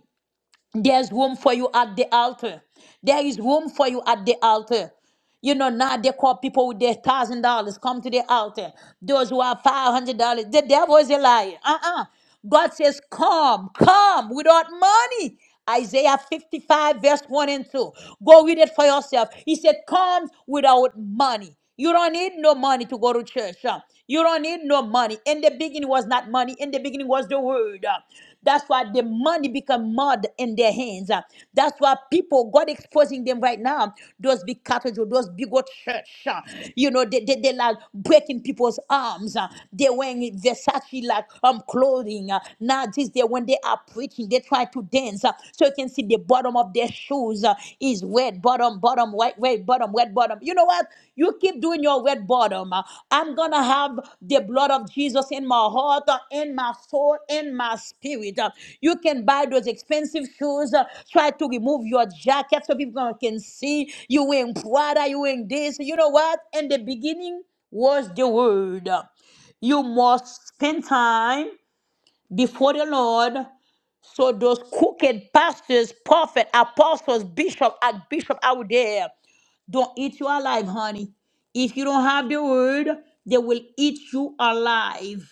There's room for you at the altar. There is room for you at the altar. You know, now they call people with their thousand dollars come to the altar. Those who have five hundred dollars, the devil is a liar. Uh uh God says, Come, come without money. Isaiah 55, verse 1 and 2. Go read it for yourself. He said, Come without money. You don't need no money to go to church. uh. You don't need no money. In the beginning was not money. In the beginning was the word. uh. That's why the money become mud in their hands. uh. That's why people, God exposing them right now, those big cathedral, those big old church. uh, You know, they, they, they like breaking people's arms. uh. They wearing Versace like um clothing. uh. Now this they when they are preaching, they try to dance. uh. So you can see the bottom of their shoes uh, is wet, bottom, bottom, white, red, bottom, wet, bottom. You know what? You keep doing your wet bottom. Uh, I'm going to have the blood of Jesus in my heart, uh, in my soul, in my spirit. Uh, You can buy those expensive shoes. uh, Try to remove your jacket so people can see you wearing Prada, you wearing this. You know what? In the beginning was the word. You must spend time before the Lord so those crooked pastors, prophet, apostles, bishop, and bishop out there, don't eat you alive, honey. If you don't have the word, they will eat you alive.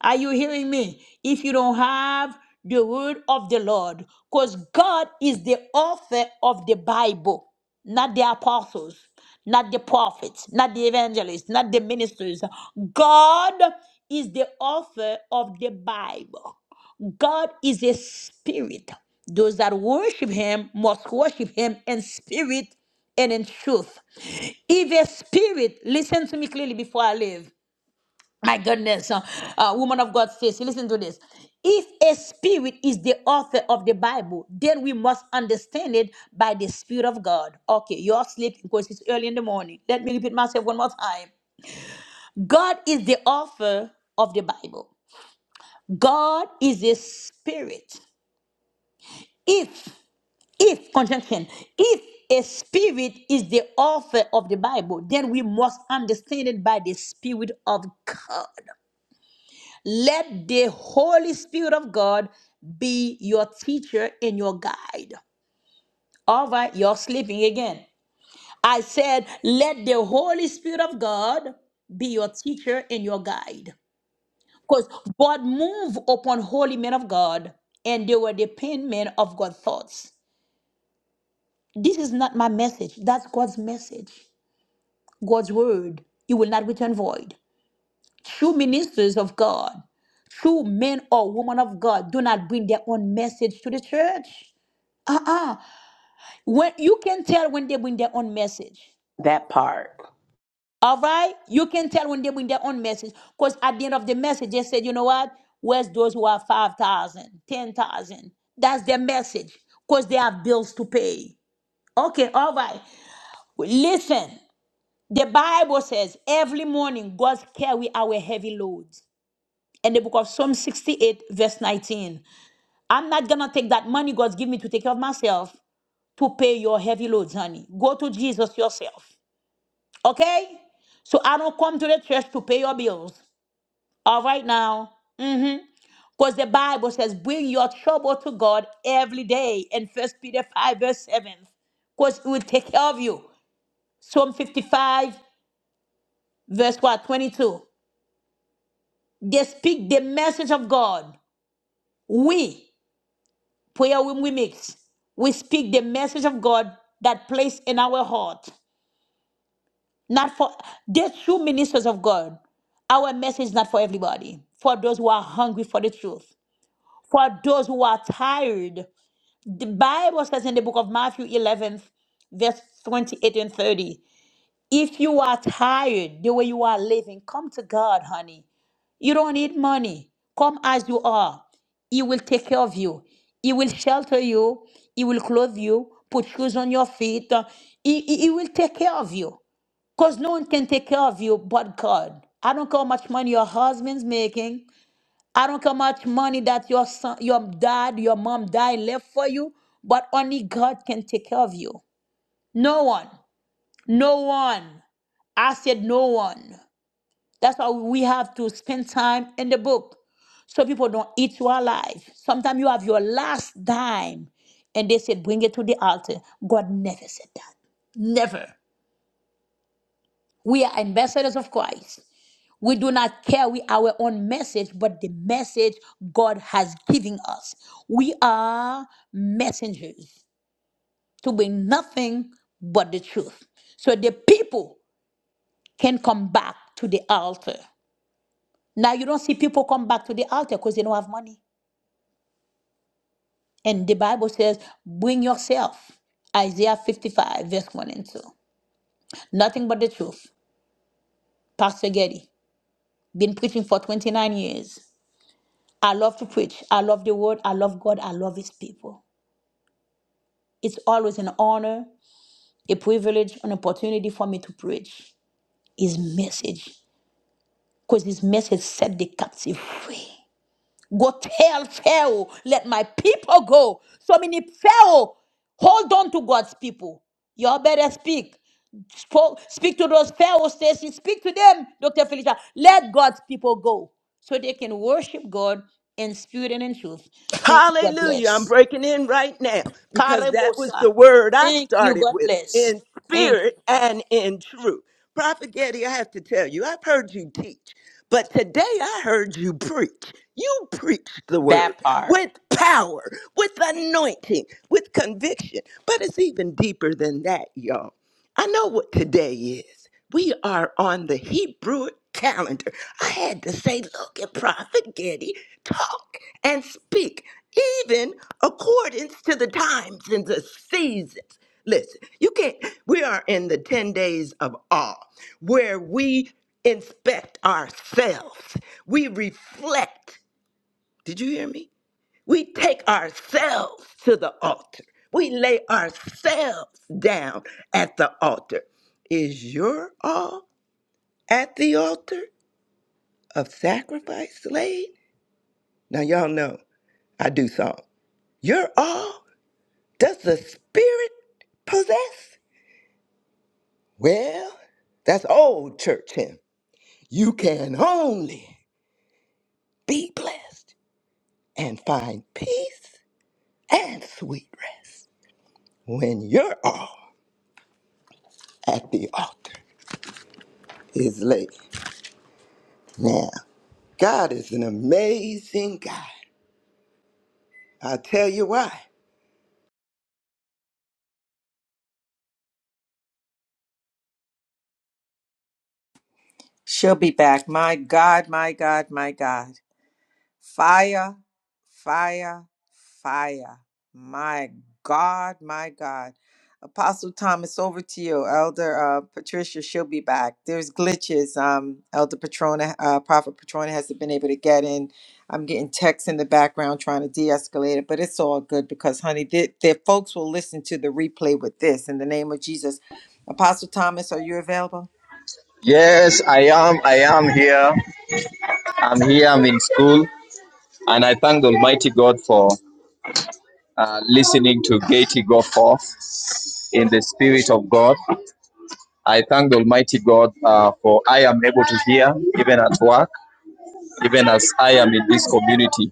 Are you hearing me? If you don't have the word of the Lord, because God is the author of the Bible, not the apostles, not the prophets, not the evangelists, not the ministers. God is the author of the Bible. God is a spirit. Those that worship him must worship him in spirit and in truth. If a spirit, listen to me clearly before I leave. My goodness, uh, uh, woman of God, face. Listen to this. If a spirit is the author of the Bible, then we must understand it by the Spirit of God. Okay, you're sleeping because it's early in the morning. Let me repeat myself one more time. God is the author of the Bible. God is a spirit. If, if, conjunction, if a spirit is the author of the Bible, then we must understand it by the Spirit of God. Let the Holy Spirit of God be your teacher and your guide. All right, you're sleeping again. I said, let the Holy Spirit of God be your teacher and your guide. Because God move upon holy men of God, and they were the pen men of God's thoughts. This is not my message. That's God's message, God's word. It will not return void. True ministers of God, true men or women of God do not bring their own message to the church. Uh-uh. When you can tell when they bring their own message. That part. All right? You can tell when they bring their own message. Because at the end of the message, they said, you know what? Where's those who have 5,000, 10,000, That's their message. Because they have bills to pay. Okay, all right. Listen, the Bible says every morning God carry our heavy loads. in the book of Psalm 68, verse 19. I'm not gonna take that money God's given me to take care of myself to pay your heavy loads, honey. Go to Jesus yourself. Okay? So I don't come to the church to pay your bills. All right now. Because the Bible says, bring your trouble to God every day in First Peter 5, verse 7. Because he will take care of you. Psalm 55, verse what? 22. They speak the message of God. We, prayer when we mix, we speak the message of God that placed in our heart. Not for the true ministers of God. Our message is not for everybody. For those who are hungry for the truth. For those who are tired. The Bible says in the book of Matthew 11, verse 28 and 30. If you are tired the way you are living, come to God, honey. You don't need money. Come as you are. He will take care of you. He will shelter you. He will clothe you, put shoes on your feet. He, he, he will take care of you. Because no one can take care of you but God. I don't care how much money your husband's making. I don't care how much money that your son, your dad, your mom died left for you, but only God can take care of you. No one. No one. I said no one. That's why we have to spend time in the book so people don't eat you alive. Sometimes you have your last dime and they said, bring it to the altar. God never said that. Never. We are ambassadors of Christ. We do not carry our own message, but the message God has given us. We are messengers to bring nothing but the truth. So the people can come back to the altar. Now, you don't see people come back to the altar because they don't have money. And the Bible says, bring yourself. Isaiah 55, verse 1 and 2. Nothing but the truth. Pastor Getty, been preaching for 29 years. I love to preach. I love the word. I love God. I love his people. It's always an honor, a privilege, an opportunity for me to preach his message because his message set the captive free. Go tell Pharaoh, let my people go. So many Pharaoh hold on to God's people. Y'all better speak. Spoke, speak to those Pharaoh Stacy. Speak to them, Dr. Felicia. Let God's people go so they can worship God in spirit and in truth. Thank you. God Hallelujah. I'm bless. breaking in right now because that was the Karebosa. word I Thank you. started God with bless. in Thank spirit you. and in truth. Prophet Getty, I have to tell you, I've heard you teach. But today I heard you preach. You preached the word That part. with power, with anointing, with conviction. But it's even deeper than that, y'all. I know what today is. We are on the Hebrew calendar. I had to say, look at Prophet Getty talk and speak, even according to the times and the seasons. Listen, you can't, we are in the 10 days of awe where we inspect ourselves. We reflect. Did you hear me? We take ourselves to the altar. We lay ourselves down at the altar. Is your all at the altar of sacrifice laid? Now, y'all know I do song. Your all does the Spirit possess? Well, that's old church hymn. You can only be blessed and find peace and sweet rest when your all at the altar is laid. Now, God is an amazing God. I tell you why. She'll be back. My God, my God, my God. Fire, fire, fire. My God, my God. Apostle Thomas, over to you. Elder uh, Patricia, she'll be back. There's glitches. Um, Elder Patrona, uh, Prophet Patrona hasn't been able to get in. I'm getting texts in the background trying to de escalate it, but it's all good because, honey, the, the folks will listen to the replay with this in the name of Jesus. Apostle Thomas, are you available? Yes, I am. I am here. I'm here. I'm in school, and I thank the Almighty God for uh, listening to Gaiety go forth in the Spirit of God. I thank the Almighty God uh, for I am able to hear even at work, even as I am in this community.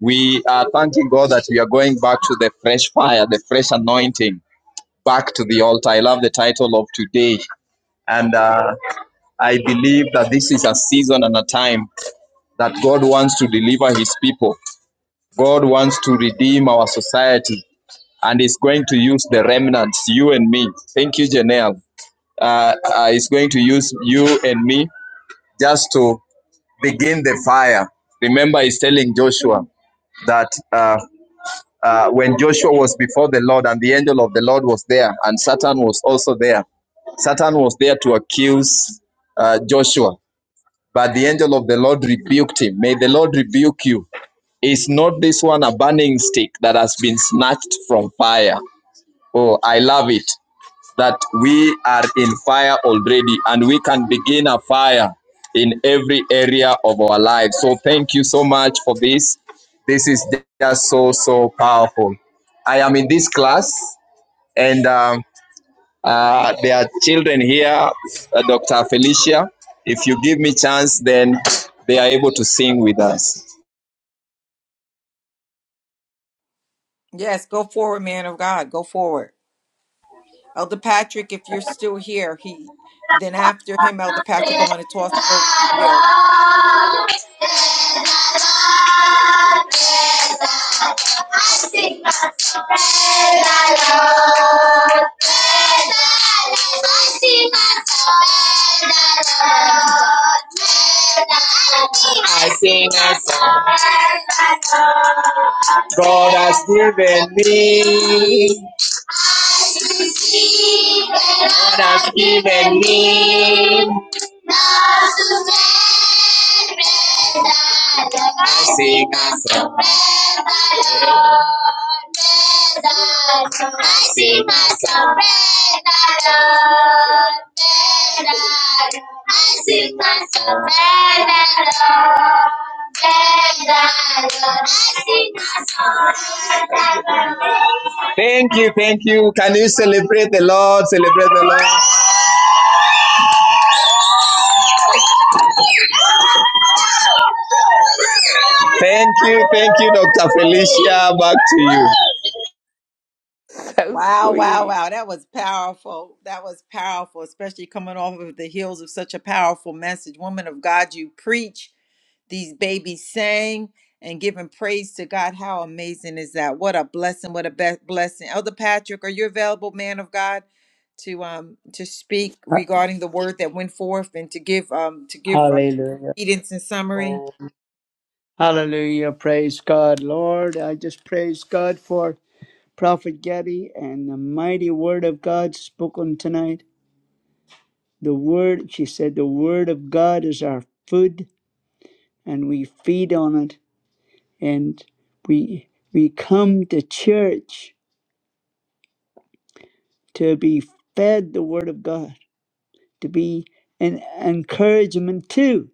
We are thanking God that we are going back to the fresh fire, the fresh anointing, back to the altar. I love the title of today, and uh, I believe that this is a season and a time that God wants to deliver his people. God wants to redeem our society and is going to use the remnants, you and me. Thank you, Janelle. Uh, uh, he's going to use you and me just to begin the fire. Remember, he's telling Joshua that uh, uh, when Joshua was before the Lord and the angel of the Lord was there and Satan was also there, Satan was there to accuse uh, Joshua, but the angel of the Lord rebuked him. May the Lord rebuke you Is not this one a burning stick that has been snatched from fire? Oh, I love it that we are in fire already and we can begin a fire in every area of our lives. So, thank you so much for this. This is just so, so powerful. I am in this class, and um, uh, there are children here, uh, Dr. Felicia. If you give me chance, then they are able to sing with us. Yes, go forward, man of God. Go forward. Elder Patrick, if you're still here, he then after him, Elder Patrick, I want to toss it over to you. I sing a song. God has given me God has given me blessing as a master, as a master, Thank you, thank you. Can you celebrate the Lord? Celebrate the Lord. Thank you, thank you, Dr. Felicia. Back to you. So Wow, wow, sweet. wow. That was powerful. That was powerful, especially coming off of the heels of such a powerful message. Woman of God, you preach. These babies sang and giving praise to God. How amazing is that? What a blessing. What a be- blessing. Elder Patrick, are you available, man of God? to um to speak Ha- regarding the word that went forth and to give um to give uh, Hallelujah. credence and summary Hallelujah. Praise God, Lord. I just praise God for Prophet Getty and the mighty word of God spoken tonight. The word, she said, the word of God is our food and we feed on it and we we come to church to be fed the Word of God, to be an encouragement to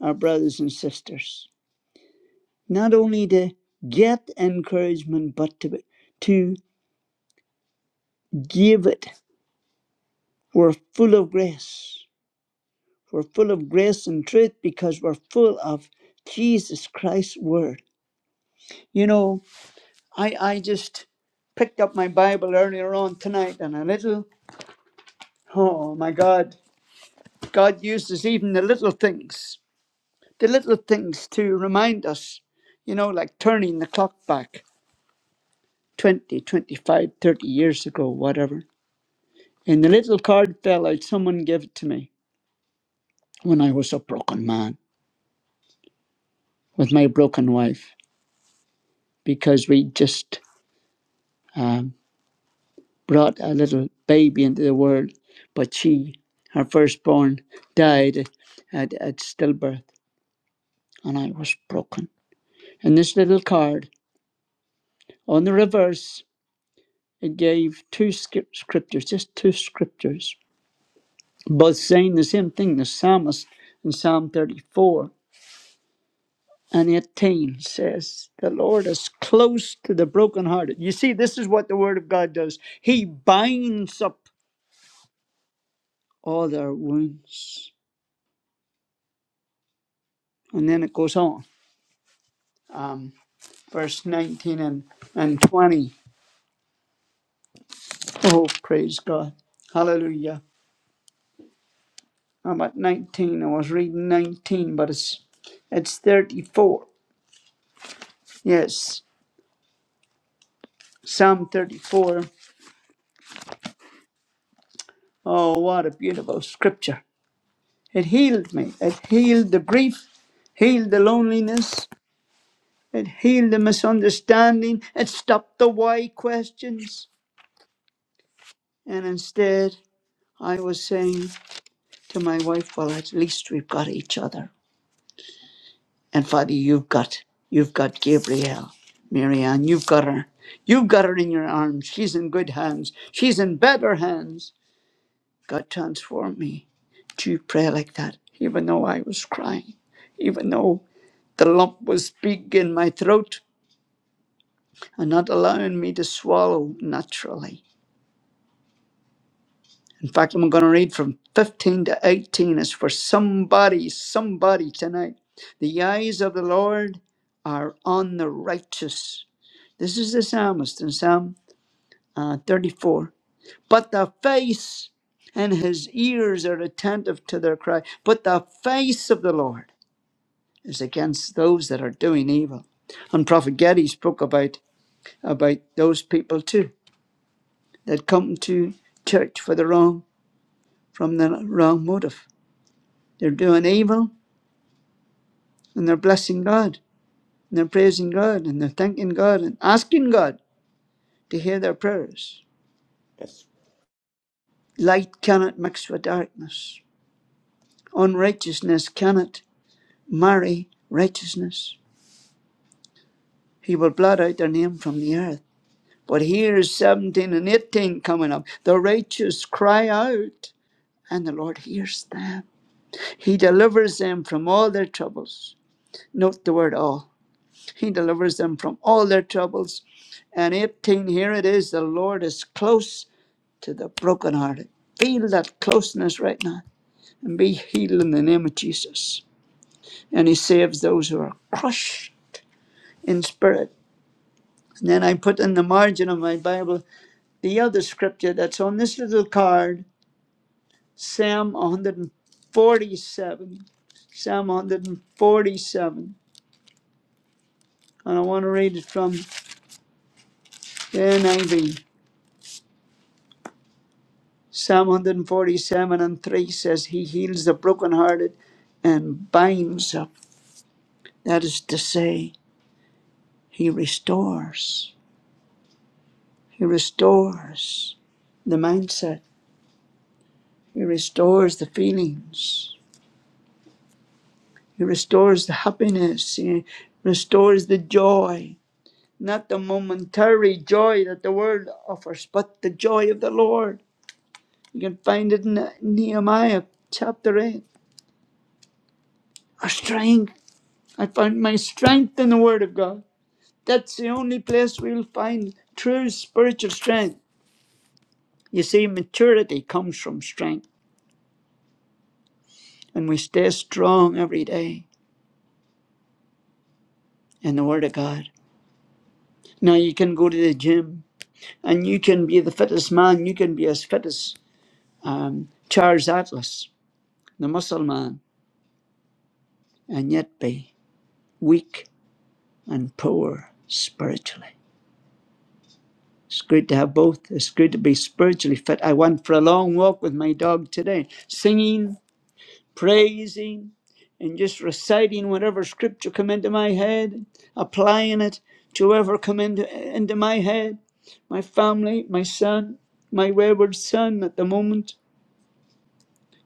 our brothers and sisters. Not only to get encouragement, but to, to give it. We're full of grace. We're full of grace and truth because we're full of Jesus Christ's Word. You know, I, I just picked up my Bible earlier on tonight and a little, oh my God, God uses even the little things the little things to remind us, you know, like turning the clock back 20, 25, thirty years ago, whatever. And the little card fell out. Someone gave it to me when I was a broken man with my broken wife because we just um, brought a little baby into the world. But she, her firstborn, died at, at stillbirth and I was broken. And this little card on the reverse, it gave two scrip- scriptures, just two scriptures but saying the same thing the psalmist in Psalm 34 and 18 says, The Lord is close to the brokenhearted. You see, this is what the Word of God does. He binds up all their wounds. And then it goes on, um, verse 19 and, and 20. Oh, praise God. Hallelujah. I'm at 19. I was reading 19, but it's it's 34. Yes, Psalm 34. Oh, what a beautiful scripture. It healed me. It healed the grief, healed the loneliness, it healed the misunderstanding, it stopped the why questions. And instead, I was saying to my wife, Well, at least we've got each other. And Father, you've got you've got Gabrielle, Marianne, you've got her. You've got her in your arms. She's in good hands. She's in better hands. God transform me to pray like that, even though I was crying, even though The lump was big in my throat and not allowing me to swallow naturally. In fact, I'm going to read from 15 to 18. It's for somebody, somebody tonight. The eyes of the Lord are on the righteous. This is the psalmist in Psalm uh, 34. But the face and his ears are attentive to their cry. But the face of the Lord is against those that are doing evil. And Prophet Getty spoke about. about those people too that come to church for the wrong from the wrong motive. They're doing evil and they're blessing God and they're praising God and they're thanking God and asking God to hear their prayers. Light cannot mix with darkness. Unrighteousness cannot marry righteousness. He will blot out their name from the earth. But here's 17 and 18 coming up. The righteous cry out, and the Lord hears them. He delivers them from all their troubles. Note the word all. He delivers them from all their troubles. And 18, here it is the Lord is close to the brokenhearted. Feel that closeness right now and be healed in the name of Jesus. And He saves those who are crushed in spirit. And then I put in the margin of my Bible the other scripture that's on this little card Psalm 147. Psalm 147. And I want to read it from the NIV. Psalm 147 and 3 says, He heals the brokenhearted and binds up. That is to say, He restores. He restores the mindset. He restores the feelings. He restores the happiness. He restores the joy. Not the momentary joy that the world offers, but the joy of the Lord. You can find it in Nehemiah chapter 8. Our strength. I find my strength in the Word of God. That's the only place we'll find true spiritual strength. You see, maturity comes from strength, and we stay strong every day in the Word of God. Now, you can go to the gym and you can be the fittest man, you can be as fit as um, Charles Atlas, the muscle man, and yet be weak and poor spiritually. It's good to have both. It's good to be spiritually fit. I went for a long walk with my dog today, singing praising and just reciting whatever scripture come into my head, applying it to whatever come into, into my head. My family, my son, my wayward son at the moment.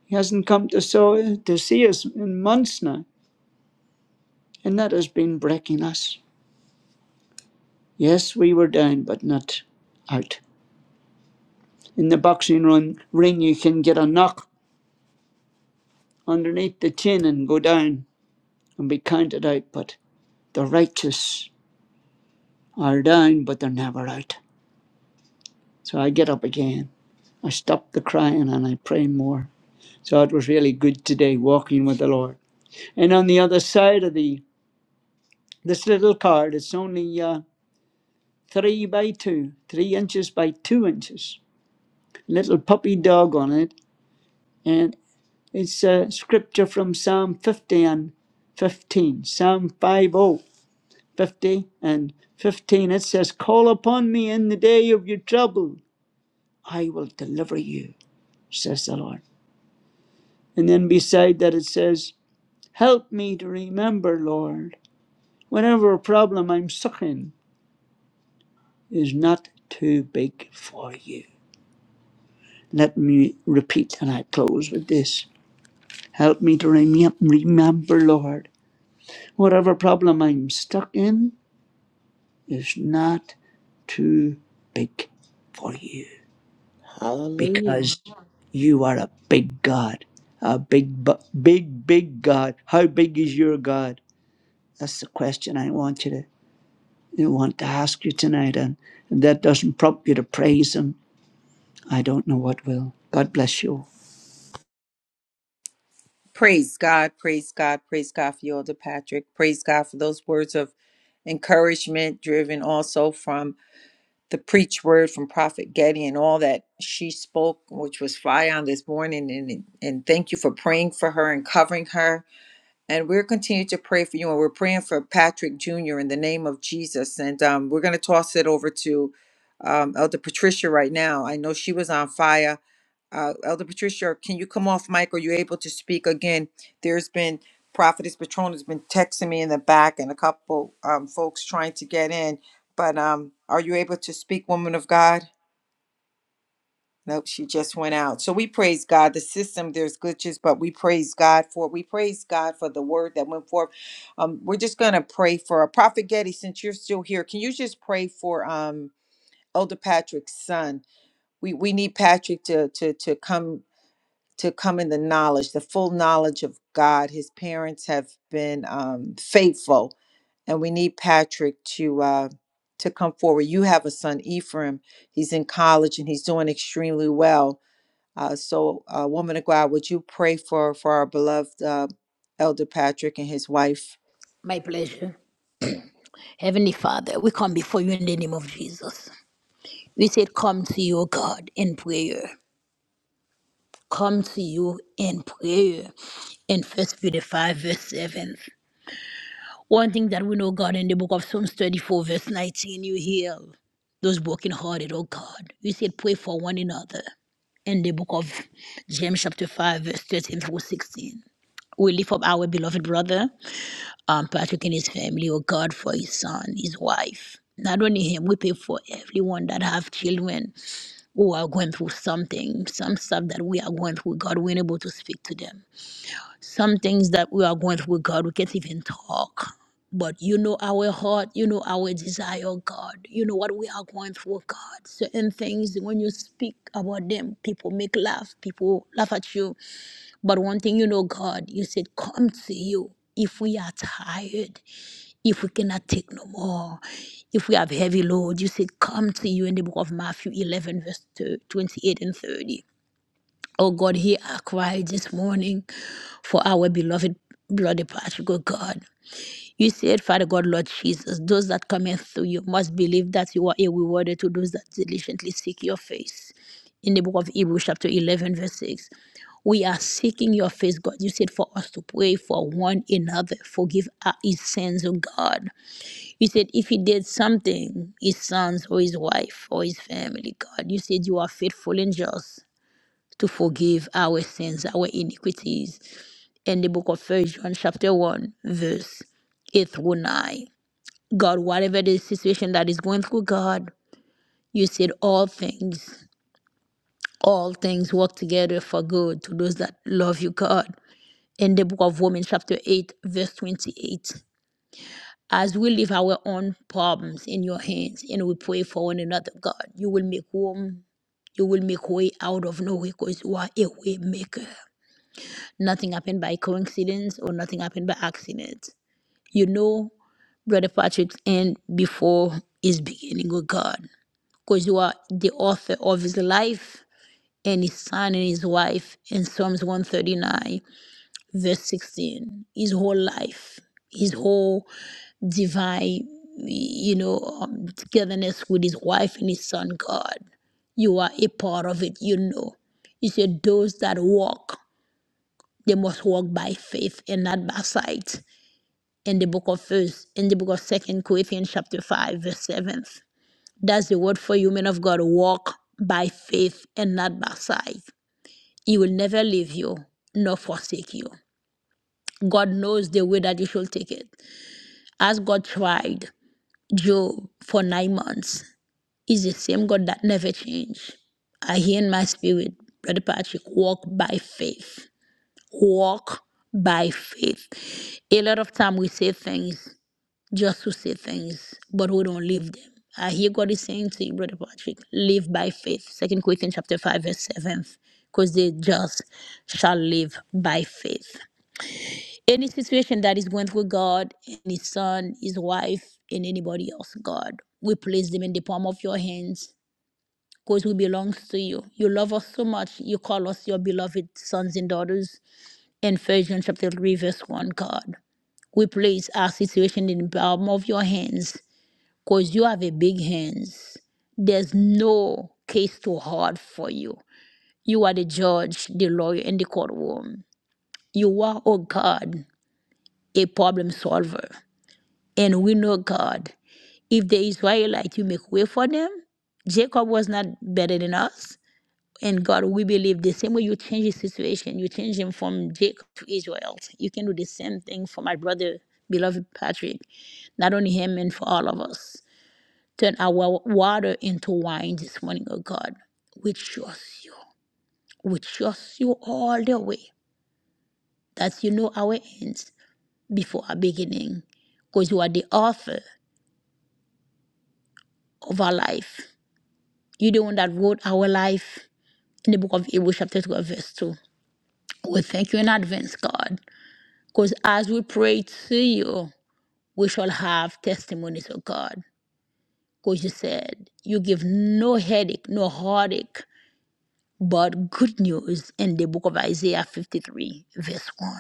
He hasn't come to saw to see us in months now. And that has been breaking us. Yes, we were down, but not out. In the boxing run, ring, you can get a knock underneath the chin and go down and be counted out. But the righteous are down, but they're never out. So I get up again. I stopped the crying and I pray more. So it was really good today walking with the Lord. And on the other side of the this little card, it's only uh, three by two, three inches by two inches. Little puppy dog on it, and it's a scripture from Psalm 50 and 15, Psalm five oh 50 and 15. It says, "Call upon me in the day of your trouble; I will deliver you," says the Lord. And then beside that it says, Help me to remember, Lord, whatever problem I'm stuck in is not too big for you. Let me repeat and I close with this. Help me to remem- remember, Lord, whatever problem I'm stuck in is not too big for you Hallelujah. because you are a big God, a big, bu- big, big God. How big is your God? That's the question I want you to we want to ask you tonight, and if that doesn't prompt you to praise Him, I don't know what will. God bless you. Praise God, praise God, praise God for you, Elder Patrick. Praise God for those words of encouragement, driven also from the preach word from Prophet Getty and all that she spoke, which was fire on this morning. And, and thank you for praying for her and covering her and we're continuing to pray for you and we're praying for patrick jr in the name of jesus and um, we're going to toss it over to um, elder patricia right now i know she was on fire uh, elder patricia can you come off mic are you able to speak again there's been prophetess patron has been texting me in the back and a couple um, folks trying to get in but um, are you able to speak woman of god Nope, she just went out. So we praise God. The system, there's glitches, but we praise God for it. We praise God for the word that went forth. Um, we're just gonna pray for a prophet Getty, since you're still here. Can you just pray for um Elder Patrick's son? We we need Patrick to to to come to come in the knowledge, the full knowledge of God. His parents have been um faithful, and we need Patrick to uh to come forward. You have a son, Ephraim. He's in college and he's doing extremely well uh, so, uh, woman of God, would you pray for for our beloved uh, Elder Patrick and his wife? My pleasure. Heavenly Father, we come before you in the name of Jesus. We said, Come to you, God, in prayer. Come to you in prayer. In First Peter 5, verse 7. One thing that we know, God, in the book of Psalms 34, verse 19, you heal those brokenhearted, oh God. You said, Pray for one another. In the book of James, chapter 5, verse 13 through 16. We lift up our beloved brother. um, Patrick and his family, or God, for his son, his wife. Not only him, we pray for everyone that have children who are going through something, some stuff that we are going through, God, we're able to speak to them. Some things that we are going through, God, we can't even talk. But you know our heart, you know our desire, God. You know what we are going through, God. Certain things, when you speak about them, people make laugh, people laugh at you. But one thing you know, God, you said, come to you if we are tired if we cannot take no more, if we have heavy load, you say, Come to you in the book of Matthew 11, verse 28 and 30. Oh God, hear our cry this morning for our beloved bloody Patrick, oh God. You said, Father God, Lord Jesus, those that cometh through you must believe that you are a rewarder to those that diligently seek your face. In the book of Hebrews, chapter 11, verse 6. We are seeking your face, God. You said for us to pray for one another. Forgive our sins, oh God you said if he did something, his sons or his wife or his family, God, you said you are faithful and just to forgive our sins, our iniquities. In the book of First John, chapter 1, verse 8 through 9. God, whatever the situation that is going through, God, you said all things, all things work together for good to those that love you, God. In the book of Romans, chapter 8, verse 28. As we leave our own problems in your hands and we pray for one another, God, you will make room. You will make way out of no way because you are a way maker. Nothing happened by coincidence or nothing happened by accident. You know, Brother Patrick's end before his beginning with God because you are the author of his life and his son and his wife in Psalms 139, verse 16. His whole life, his whole divine, you know, um, togetherness with his wife and his son, God. You are a part of it, you know. You said those that walk, they must walk by faith and not by sight. In the book of First, in the book of Second Corinthians, chapter five, verse seventh. That's the word for you, men of God. Walk by faith and not by sight. He will never leave you nor forsake you. God knows the way that you should take it. As God tried Job for nine months, is the same God that never changed. I hear in my spirit, Brother Patrick, walk by faith. Walk by faith. A lot of time we say things just to say things, but we don't live them. I hear God is saying to you, Brother Patrick, live by faith. Second Corinthians chapter 5, verse 7. Because they just shall live by faith. Any situation that is going through God and his son, his wife, and anybody else, God, we place them in the palm of your hands because we belong to you. You love us so much. You call us your beloved sons and daughters in Ephesians chapter 3, verse 1, God. We place our situation in the palm of your hands because you have a big hands. There's no case too hard for you. You are the judge, the lawyer, and the courtroom. You are, oh God, a problem solver. And we know, God, if the Israelites, you make way for them, Jacob was not better than us. And God, we believe the same way you change his situation, you change him from Jacob to Israel. You can do the same thing for my brother, beloved Patrick, not only him and for all of us. Turn our water into wine this morning, oh God. We trust you. We trust you all the way that you know our ends before our beginning because you are the author of our life. You're the one that wrote our life in the book of Hebrews, chapter 12, verse 2. We thank you in advance, God, Because as we pray to you, we shall have testimonies of God. Because you said you give no headache, no heartache, but good news in the book of Isaiah 53, verse 1.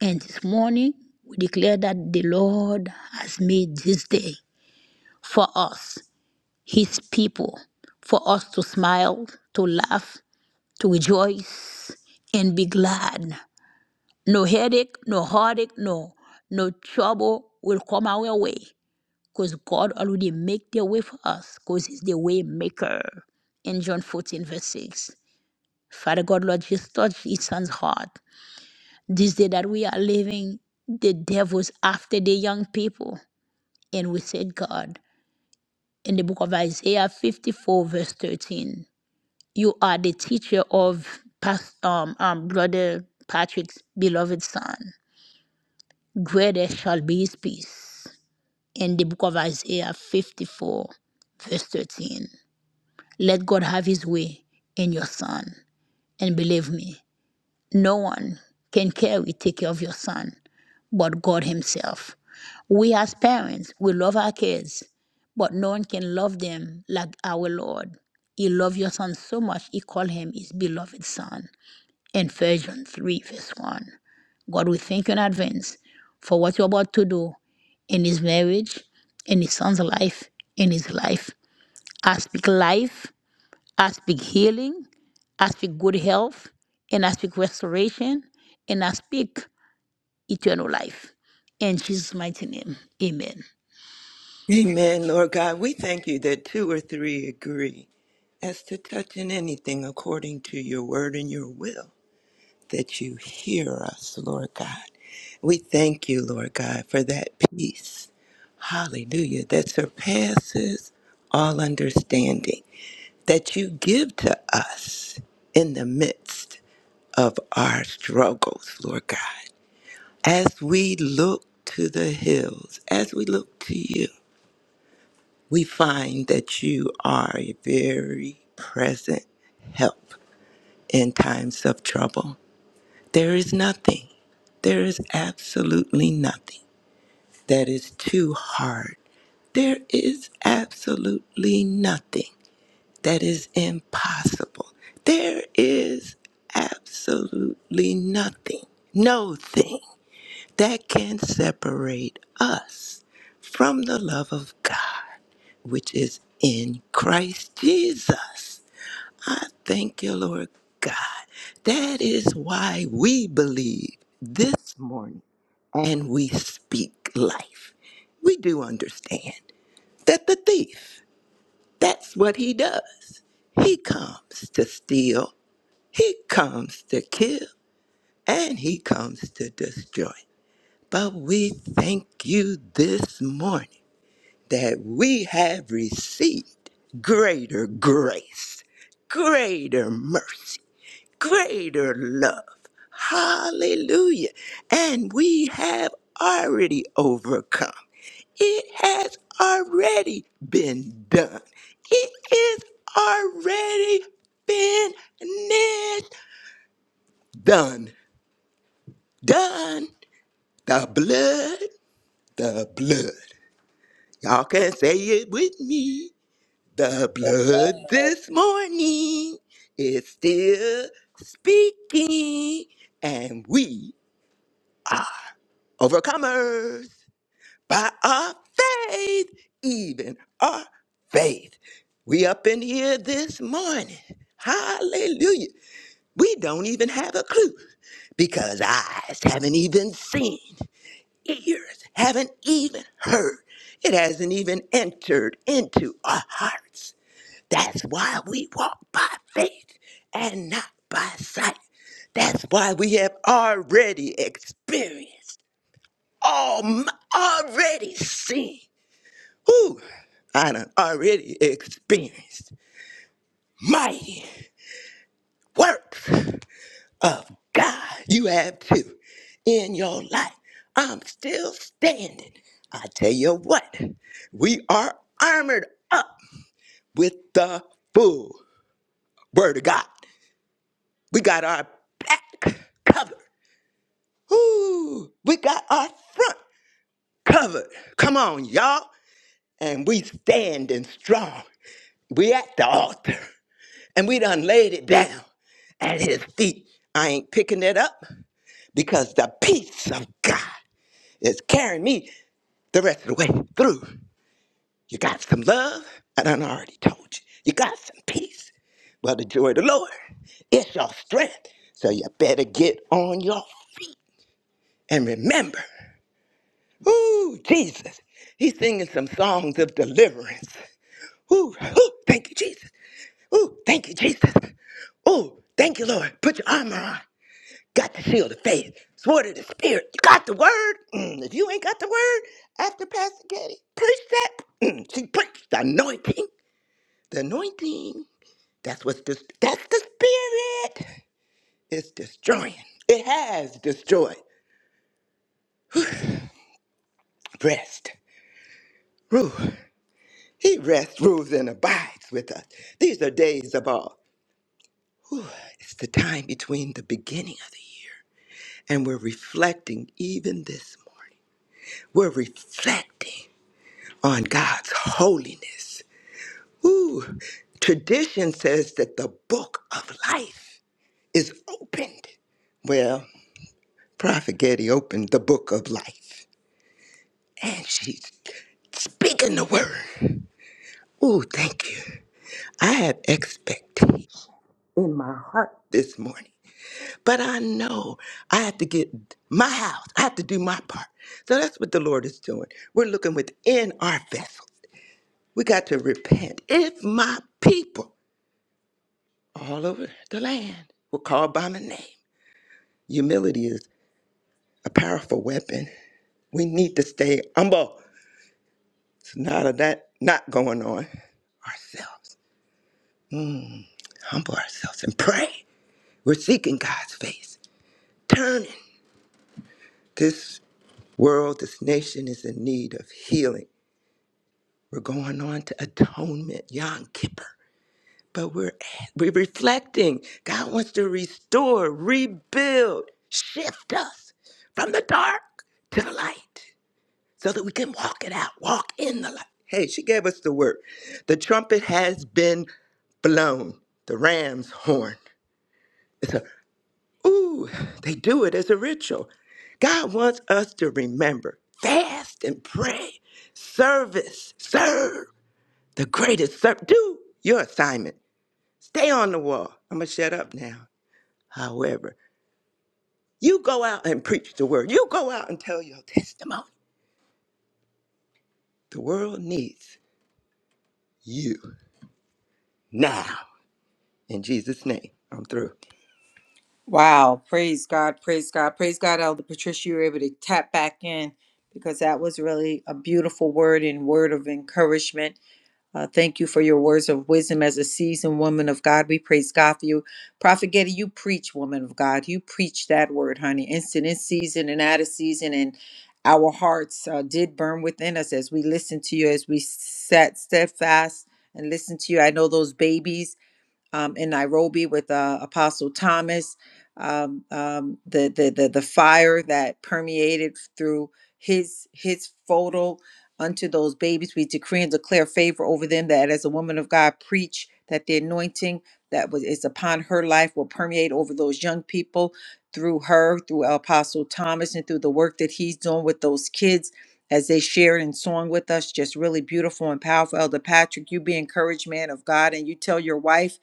And this morning, we declare that the Lord has made this day for us, his people, for us to smile, to laugh, to rejoice, and be glad. No headache, no heartache, no no trouble will come our way. because God already make the way for us because he's the way maker. In John 14 verse 6. Father God, Lord, just touch his son's heart. This day that we are living, the devil's after the young people. And we said, God, in the book of Isaiah 54 verse 13, you are the teacher of past, um, um, brother Patrick's beloved son. Greater shall be his peace. In the book of Isaiah 54 verse 13. Let God have his way in your son. And believe me, no one can carry, take care of your son but God himself. We as parents, we love our kids, but no one can love them like our Lord. He loved your son so much, he called him his beloved son. In 1 John 3, verse 1. God, we thank you in advance for what you're about to do in his marriage, in his son's life, in his life. I speak life I speak healing, I speak good health, and I speak restoration, and I speak eternal life. In Jesus' mighty name, amen. Amen, Lord God. We thank you that two or three agree as to touching anything according to your word and your will. that you hear us, Lord God. We thank you, Lord God, for that peace. Hallelujah. That surpasses all understanding that you give to us in the midst of our struggles, Lord God. As we look to the hills, as we look to you, we find that you are a very present help in times of trouble. There is nothing, there is absolutely nothing that is too hard. There is absolutely nothing that is impossible. There is absolutely nothing, no thing that can separate us from the love of God, which is in Christ Jesus. I thank you, Lord God. That is why we believe this morning and we speak life. We do understand that the thief, that's what he does. He comes to steal, he comes to kill, and he comes to destroy. But we thank you this morning that we have received greater grace, greater mercy greater love. Hallelujah. And we have already overcome. It has already been done. It is already been finished. Done. Done. The blood, the blood. Y'all can say it with me. The The blood blood. this morning is still speaking, and we overcomers by our faith, even our faith. We up in here this morning. Hallelujah. We don't even have a clue because eyes haven't even seen, ears haven't even heard. It hasn't even entered into our hearts. That's why we walk by faith and not by sight. That's why we have already experienced. Alm already seen. Who I done already experienced mighty works of God. You have too in your life. I'm still standing. I tell you what, we are armored up with the full word of God. We got our back covered. Ooh, we got our front covered. Come on, y'all. And we standing strong. We at the altar and we done laid it down at his feet. I ain't picking it up because the peace of God is carrying me the rest of the way through. You got some love, and I done already told you. You got some peace. Well, the joy of the Lord is your strength. So you better get on your feet and remember, ooh, Jesus, he's singing some songs of deliverance. Ooh, ooh, thank you, Jesus. Ooh, thank you, Jesus. Ooh, thank you, Lord. Put your armor on. Got the shield of faith, sword of the spirit. You got the word. Mm, if you ain't got the word, after Pastor Katie, preach that. Mm, she preached the anointing. The anointing. That's what's this. That's the spirit. It's destroying. It has destroyed. Rest. Rule. He rests, rules, and abides with us. These are days of awe. Whew, it's the time between the beginning of the year and we're reflecting even this morning. We're reflecting on God's holiness. Ooh, tradition says that the book of life is opened. Well, Prophet Getty opened the book of life and she's speaking the word. Ooh, thank you. I have expectation in my heart this morning But I know I have to get my house. I have to do my part. So that's what the Lord is doing. We're looking within our vessels. We got to repent. If my people all over the land were called by my name, humility is a powerful weapon. We need to stay humble. It's not of that not going on ourselves. Humble ourselves and pray. We're seeking God's face. Turning. This world, this nation is in need of healing We're going on to atonement, Yom Kippur. But we're we're reflecting. God wants to restore, rebuild, shift us from the dark to the light so that we can walk it out, walk in the light. Hey, she gave us the word. The trumpet has been blown, the ram's horn. It's a, ooh, they do it as a ritual. God wants us to remember, fast and pray, service, serve. The greatest servant, do your assignment. Stay on the wall. I'm going to shut up now. However, you go out and preach the word. You go out and tell your testimony. The world needs you now. In Jesus' name, I'm through. Wow! Praise God! Praise God! Praise God, Elder Patricia, you were able to tap back in because that was really a beautiful word and word of encouragement Uh, thank you for your words of wisdom as a seasoned woman of God. We praise God for you. Prophet Getty, you preach, woman of God. You preach that word, honey. Instant in season and out of season. And our hearts uh, did burn within us as we listened to you, as we sat steadfast and listened to you. I know those babies um, in Nairobi with uh, Apostle Thomas, um, um, the, the the the fire that permeated through his his photo unto those babies. We decree and declare favor over them that as a woman of God preach that the anointing that was is upon her life will permeate over those young people through her, through Apostle Thomas, and through the work that he's doing with those kids. As they shared in song with us, just really beautiful and powerful. Elder Patrick, you be encouraged, man of God, and you tell your wife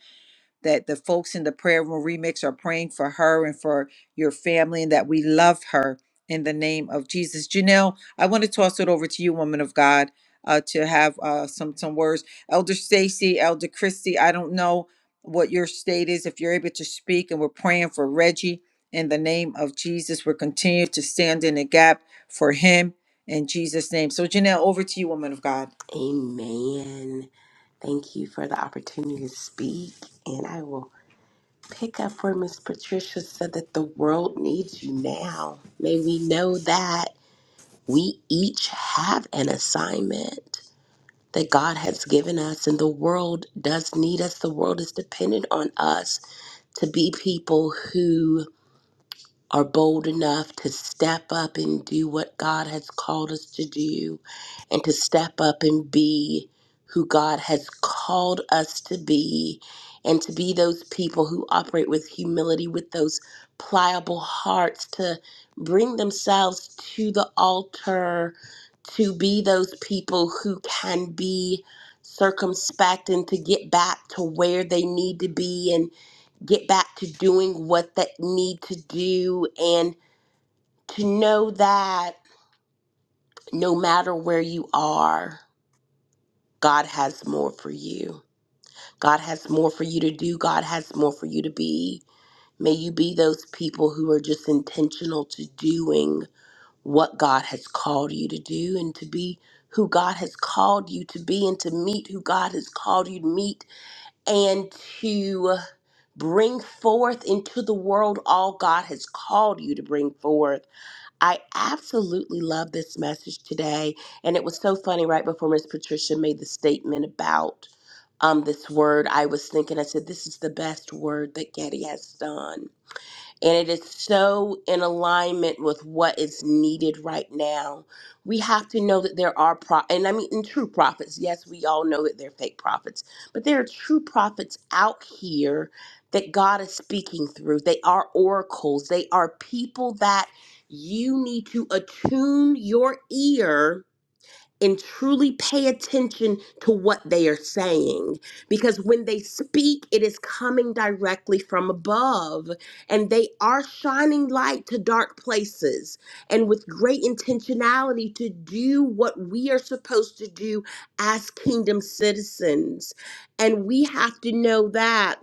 that the folks in the prayer room remix are praying for her and for your family and that we love her in the name of Jesus. Janelle, I want to toss it over to you, woman of God, uh, to have uh, some some words. Elder Stacy, Elder Christy, I don't know what your state is if you're able to speak, and we're praying for Reggie in the name of Jesus. We're continuing to stand in the gap for him in Jesus' name. So, Janelle, over to you, woman of God. Amen. Thank you for the opportunity to speak. And I will pick up where Miss Patricia said that the world needs you now. May we know that we each have an assignment. that God has given us, and the world does need us. The world is dependent on us to be people who are bold enough to step up and do what God has called us to do and to step up and be who God has called us to be and to be those people who operate with humility, with those pliable hearts, to bring themselves to the altar, to be those people who can be circumspect and to get back to where they need to be and get back to doing what they need to do and to know that no matter where you are, God has more for you. God has more for you to do. God has more for you to be. May you be those people who are just intentional to doing what God has called you to do and to be who God has called you to be and to meet who God has called you to meet and to Bring forth into the world all God has called you to bring forth. I absolutely love this message today. And it was so funny right before Miss Patricia made the statement about um, this word. I was thinking, I said, this is the best word that Getty has done and it is so in alignment with what is needed right now. We have to know that there are pro and I mean and true prophets. Yes, we all know that they're fake prophets, but there are true prophets out here that God is speaking through. They are oracles. They are people that you need to attune your ear and truly pay attention to what they are saying. Because when they speak, it is coming directly from above, and they are shining light to dark places, and with great intentionality to do what we are supposed to do as kingdom citizens. And we have to know that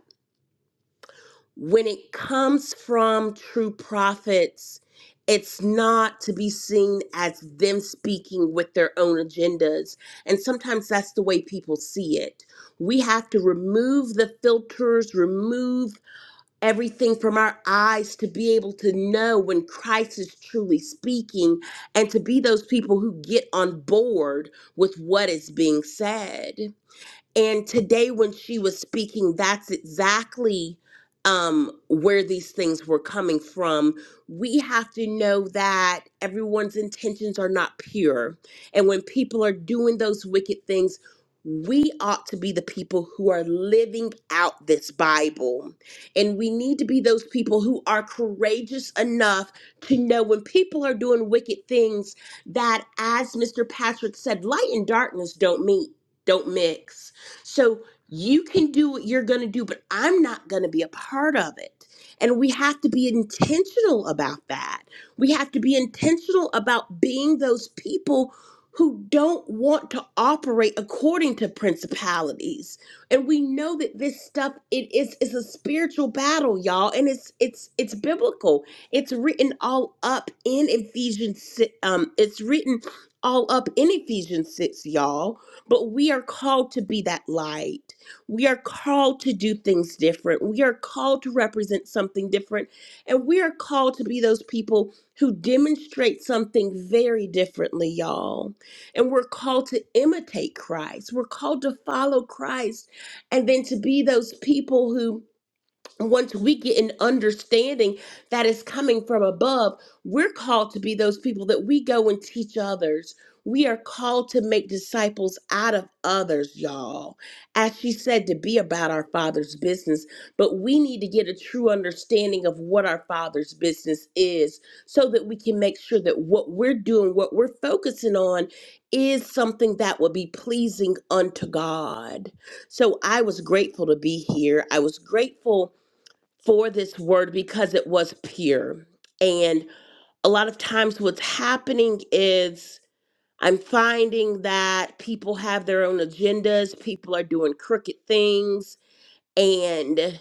when it comes from true prophets, it's not to be seen as them speaking with their own agendas. And sometimes that's the way people see it. We have to remove the filters, remove everything from our eyes to be able to know when Christ is truly speaking and to be those people who get on board with what is being said. And today, when she was speaking, that's exactly um, where these things were coming from. We have to know that everyone's intentions are not pure. And when people are doing those wicked things, we ought to be the people who are living out this Bible. And we need to be those people who are courageous enough to know when people are doing wicked things that, as Mr. Patrick said, light and darkness don't meet, don't mix so you can do what you're going to do, but I'm not going to be a part of it. And we have to be intentional about that. We have to be intentional about being those people who don't want to operate according to principalities. And we know that this stuff it is is a spiritual battle, y'all, and it's it's it's biblical. It's written all up in Ephesians si- um it's written all up in Ephesians 6, y'all. But we are called to be that light. We are called to do things different. We are called to represent something different. And we are called to be those people who demonstrate something very differently, y'all. And we're called to imitate Christ. We're called to follow Christ and then to be those people who once we get an understanding that is coming from above, we're called to be those people that we go and teach others. We are called to make disciples out of others, y'all. As she said, to be about our Father's business. But we need to get a true understanding of what our Father's business is so that we can make sure that what we're doing, what we're focusing on, is something that will be pleasing unto God. So I was grateful to be here. I was grateful for this word because it was pure. And a lot of times, what's happening is I'm finding that people have their own agendas, people are doing crooked things. and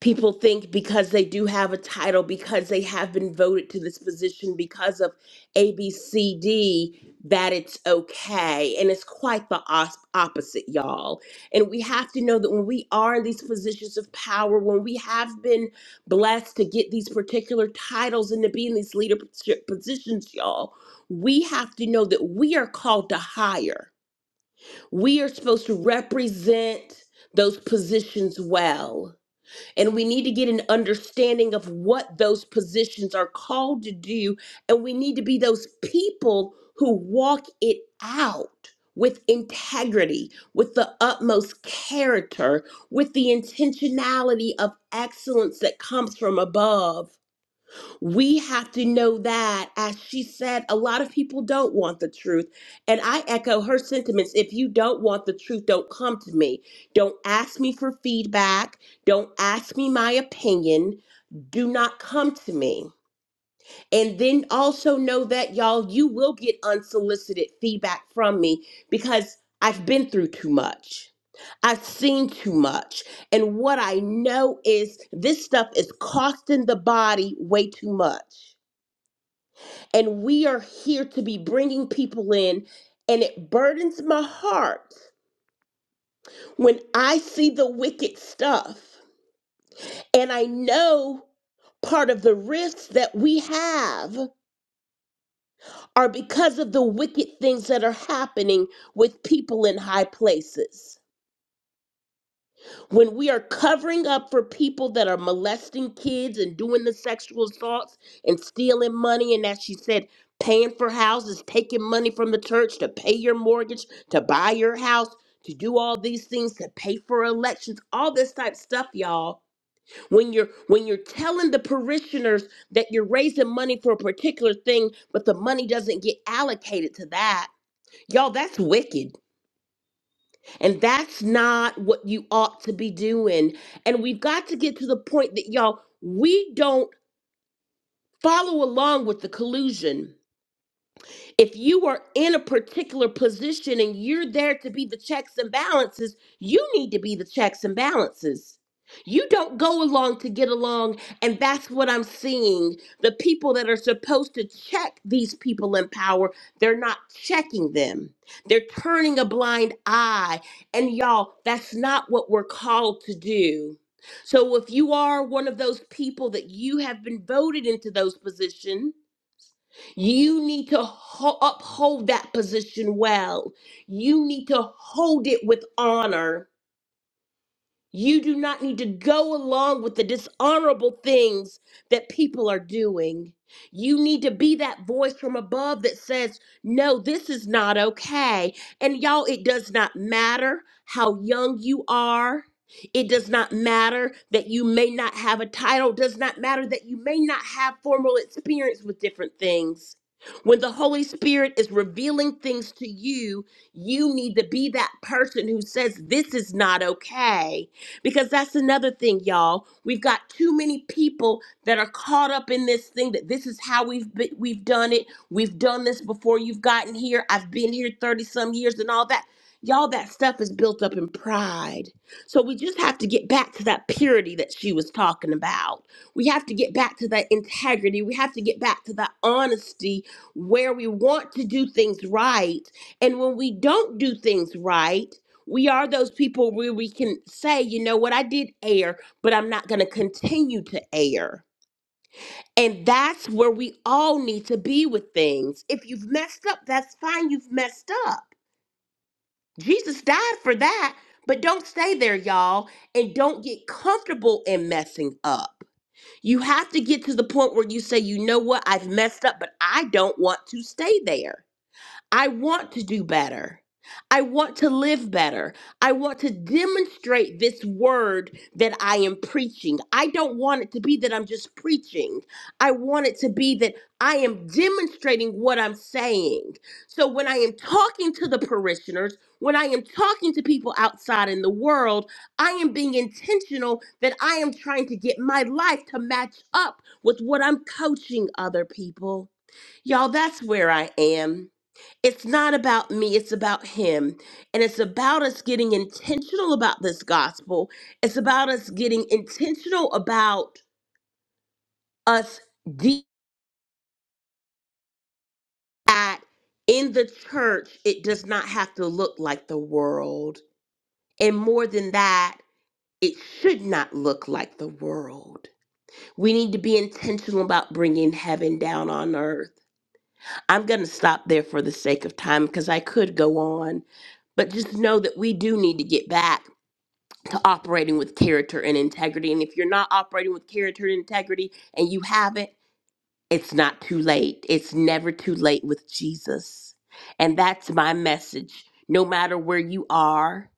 people think because they do have a title, because they have been voted to this position because of ABCD, that it's okay. And it's quite the os- opposite, y'all. And we have to know that when we are in these positions of power, when we have been blessed to get these particular titles and to be in these leadership positions, y'all, we have to know that we are called to hire. We are supposed to represent those positions well and we need to get an understanding of what those positions are called to do. And we need to be those people who walk it out with integrity, with the utmost character, with the intentionality of excellence that comes from above. We have to know that, as she said, a lot of people don't want the truth. And I echo her sentiments. If you don't want the truth, don't come to me. Don't ask me for feedback. Don't ask me my opinion. Do not come to me. And then also know that, y'all, you will get unsolicited feedback from me because I've been through too much. I've seen too much. And what I know is this stuff is costing the body way too much and we are here to be bringing people in and it burdens my heart when i see the wicked stuff and i know part of the risks that we have are because of the wicked things that are happening with people in high places when we are covering up for people that are molesting kids and doing the sexual assaults and stealing money and as she said paying for houses taking money from the church to pay your mortgage to buy your house to do all these things to pay for elections all this type of stuff y'all when you're when you're telling the parishioners that you're raising money for a particular thing but the money doesn't get allocated to that y'all that's wicked and that's not what you ought to be doing. And we've got to get to the point that, y'all, we don't follow along with the collusion if you are in a particular position and you're there to be the checks and balances, you need to be the checks and balances. You don't go along to get along. And that's what I'm seeing. The people that are supposed to check these people in power, they're not checking them. They're turning a blind eye. And y'all, that's not what we're called to do. So if you are one of those people that you have been voted into those positions, you need to ho- uphold that position well. You need to hold it with honor. You do not need to go along with the dishonorable things that people are doing. You need to be that voice from above that says, No, this is not okay. And y'all, it does not matter how young you are. It does not matter that you may not have a title. It does not matter that you may not have formal experience with different things. When the Holy Spirit is revealing things to you, you need to be that person who says, This is not okay because that's another thing, y'all. We've got too many people that are caught up in this thing that this is how we've be, we've done it. We've done this before you've gotten here. I've been here 30 some years and all that. Y'all, that stuff is built up in pride. So we just have to get back to that purity that she was talking about. We have to get back to that integrity. We have to get back to that honesty where we want to do things right. And when we don't do things right, we are those people where we can say, you know what, I did err, but I'm not going to continue to err. And that's where we all need to be with things. If you've messed up, that's fine. You've messed up. Jesus died for that. But don't stay there, y'all, and don't get comfortable in messing up. You have to get to the point where you say, you know what, I've messed up, but I don't want to stay there. I want to do better. I want to live better. I want to demonstrate this word that I am preaching. I don't want it to be that I'm just preaching. I want it to be that I am demonstrating what I'm saying. So when I am talking to the parishioners, when I am talking to people outside in the world, I am being intentional that I am trying to get my life to match up with what I'm coaching other people. Y'all, that's where I am it's not about me, it's about him. And it's about us getting intentional about this gospel. It's about us getting intentional about us de- that in the church, it does not have to look like the world. And more than that, it should not look like the world. We need to be intentional about bringing heaven down on earth. I'm going to stop there for the sake of time because I could go on, but just know that we do need to get back. to operating with character and integrity. And if you're not operating with character and integrity and you haven't, it's not too late. It's never too late with Jesus. And that's my message. No matter where you are,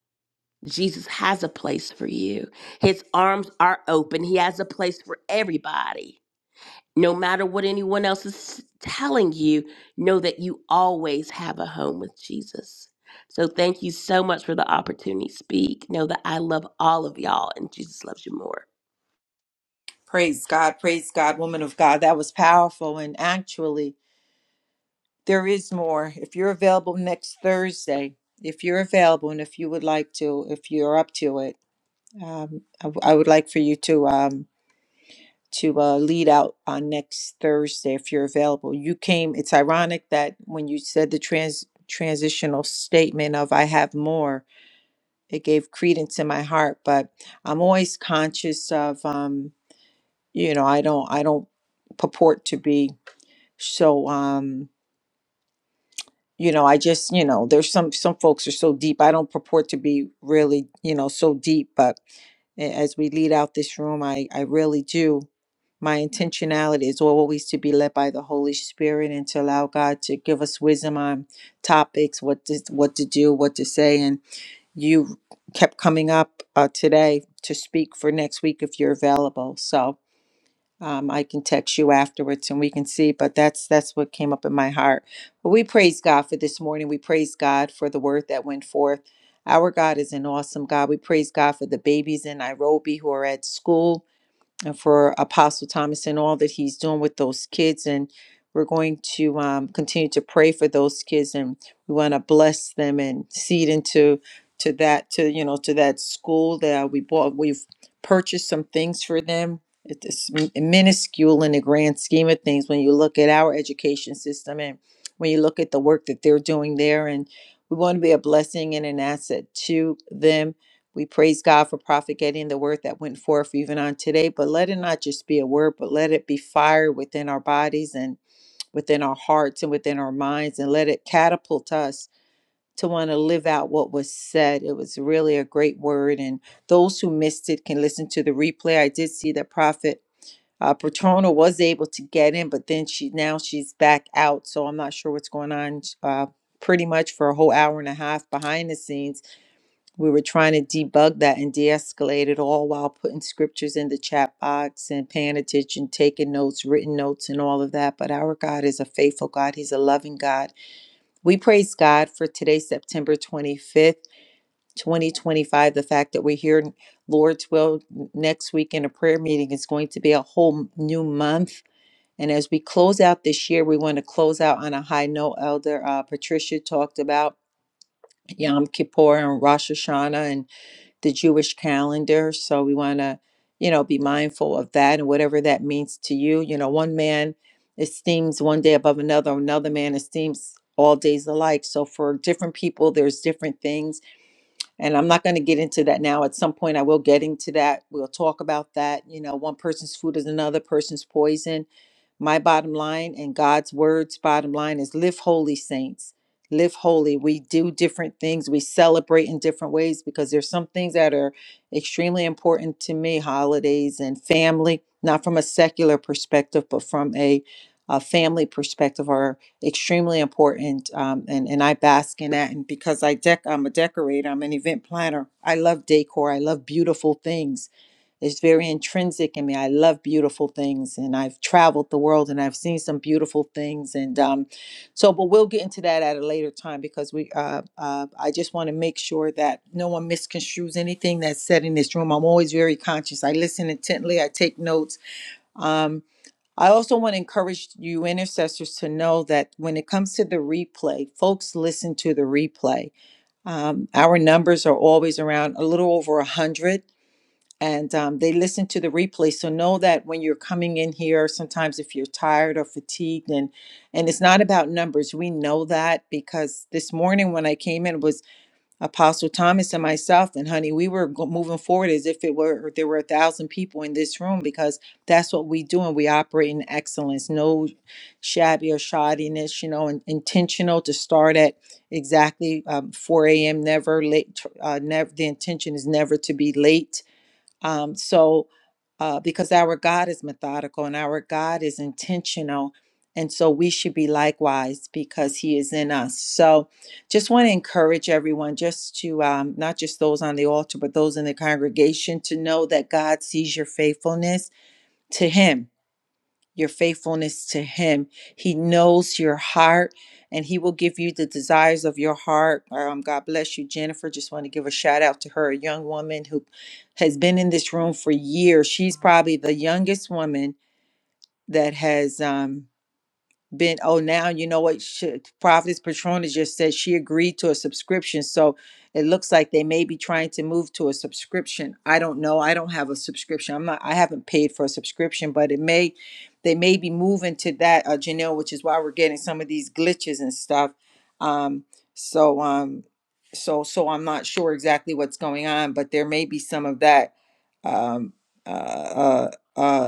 Jesus has a place for you. His arms are open. He has a place for everybody no matter what anyone else is telling you, know that you always have a home with Jesus. So thank you so much for the opportunity to speak. Know that I love all of y'all and Jesus loves you more. Praise God, praise God, woman of God. That was powerful. And actually, There is more. If you're available next Thursday, if you're available and if you would like to, if you're up to it, um, I, w- I would like for you to um, to uh, lead out on next Thursday if you're available. You came. It's ironic that when you said the trans transitional statement of "I have more," it gave credence in my heart. But I'm always conscious of, um, you know, I don't I don't purport to be so. Um, you know i just you know there's some some folks are so deep i don't purport to be really you know so deep but a- as we lead out this room i i really do my intentionality is always to be led by the holy spirit and to allow god to give us wisdom on topics what to what to do what to say and you kept coming up uh, today to speak for next week if you're available so um, I can text you afterwards and we can see, but that's that's what came up in my heart. But we praise God for this morning. We praise God for the word that went forth. Our God is an awesome God. We praise God for the babies in Nairobi who are at school and for Apostle Thomas and all that he's doing with those kids. And we're going to um, continue to pray for those kids, and we want to bless them and seed into to that to you know to that school that we bought. We've purchased some things for them. It's m- minuscule in the grand scheme of things when you look at our education system and when you look at the work that they're doing there and we want to be a blessing and an asset to them we praise God for Prophet getting the word that went forth even on today, but let it not just be a word, but let it be fire within our bodies and within our hearts and within our minds, and let it catapult us to want to live out what was said. It was really a great word, and those who missed it can listen to the replay. I did see that Prophet. Uh, Patrona was able to get in, but then she now she's back out, so I'm not sure what's going on. Uh, pretty much for a whole hour and a half behind the scenes, we were trying to debug that and de-escalate it all while putting scriptures in the chat box and paying attention taking notes written notes and all of that but our god is a faithful god he's a loving god we praise god for today september 25th 2025 the fact that we're here lord's will next week in a prayer meeting is going to be a whole new month and as we close out this year we want to close out on a high note elder uh, patricia talked about yom kippur and rosh hashanah and the Jewish calendar. So we want to, you know, be mindful of that and whatever that means to you. You know, one man esteems one day above another, another man esteems all days alike. So for different people, there's different things and I'm not going to get into that now. At some point, I will get into that. We'll talk about that. You know, one person's food is another person's poison. My bottom line and God's word's bottom line is live holy, saints. Live holy. We do different things. We celebrate in different ways because there's some things that are extremely important to me holidays and family, not from a secular perspective, but from a, a family perspective or extremely important um, and, and i bask in that and because i dec i'm a decorator i'm an event planner i love decor i love beautiful things it's very intrinsic in me i love beautiful things and i've traveled the world and i've seen some beautiful things and um, so but we'll get into that at a later time because we uh, uh, i just want to make sure that no one misconstrues anything that's said in this room i'm always very conscious i listen intently i take notes Um. I also want to encourage you intercessors to know that when it comes to the replay, folks listen to the replay. Um, our numbers are always around a little over 100, and um, they listen to the replay. So know that when you're coming in here, sometimes if you're tired or fatigued, and and it's not about numbers, we know that because this morning when I came in it was. Apostle Thomas and myself, and honey, we were go- moving forward as if it were there were a thousand people in this room because that's what we do, and we operate in excellence, no shabby or shoddiness, you know, and intentional to start at exactly um, 4 a.m. Never late. tr- Uh, never the intention is never to be late um, so, uh, because our God is methodical and our God is intentional. And so we should be likewise because he is in us. So just want to encourage everyone, just to um, not just those on the altar, but those in the congregation, to know that God sees your faithfulness to him your faithfulness to Him. He knows your heart and He will give you the desires of your heart. Um, God bless you, Jennifer. Just want to give a shout out to her, a young woman who has been in this room for years. She's probably the youngest woman that has. um been oh now you know what should prophetess patrona just said she agreed to a subscription so it looks like they may be trying to move to a subscription i don't know i don't have a subscription i'm not i haven't paid for a subscription but it may they may be moving to that uh, janelle which is why we're getting some of these glitches and stuff um so um so so i'm not sure exactly what's going on but there may be some of that um uh uh uh,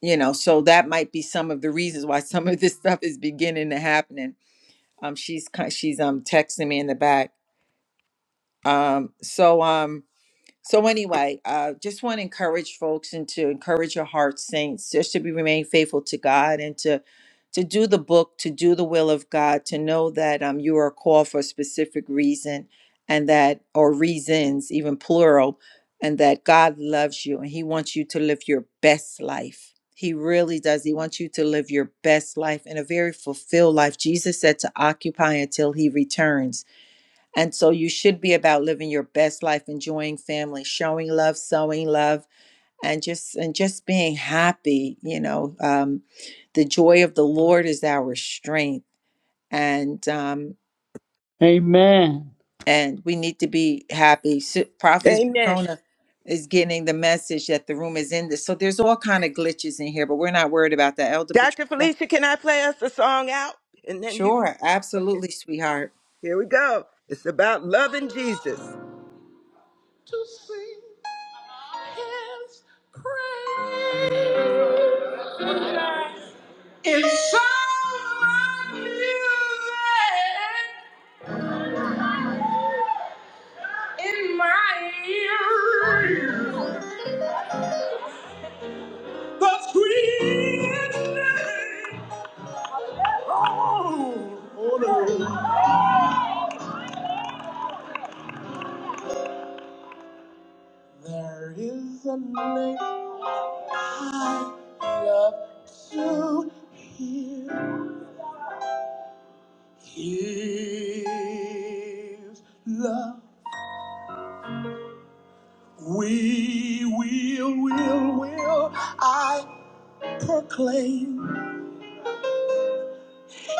you know so that might be some of the reasons why some of this stuff is beginning to happen um she's ki- she's um texting me in the back um so um so anyway, uh, just want to encourage folks and to encourage your heart, saints, just to be remain faithful to God and to to do the book, to do the will of God, to know that um you are called for a specific reason and that or reasons, even plural, and that God loves you and He wants you to live your best life. He really does. He wants you to live your best life and a very fulfilled life. Jesus said to occupy until He returns. And so you should be about living your best life, enjoying family, showing love, sowing love, and just and just being happy. You know, um, the joy of the Lord is our strength, and um, Amen. and we need to be happy. So, Prophetess Amen. Patrona is getting the message that the room is in this. So there's all kind of glitches in here, but we're not worried about that. Elder Dr. Patricia, Felicia, can I play us a song out? And then you can. sure, Okay, absolutely, sweetheart. here we go. It's about loving Jesus. To sing his praise. If someone knew that in my ear, the sweet name, oh, oh no. There is a name I love to hear. His love. We will, will, will, I proclaim.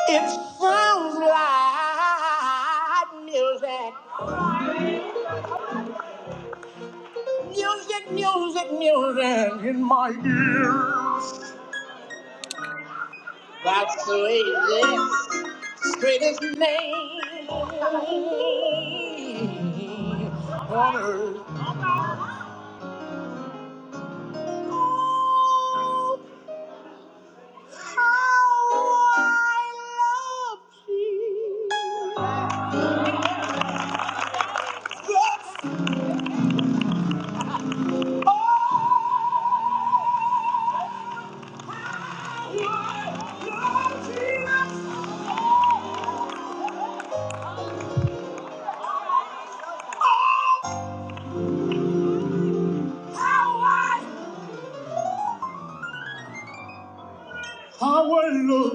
It sounds like music, music, music, music in my ear. That's the way this greatest name on earth. Oh, how I love Jesus. How I love Jesus. How I how I love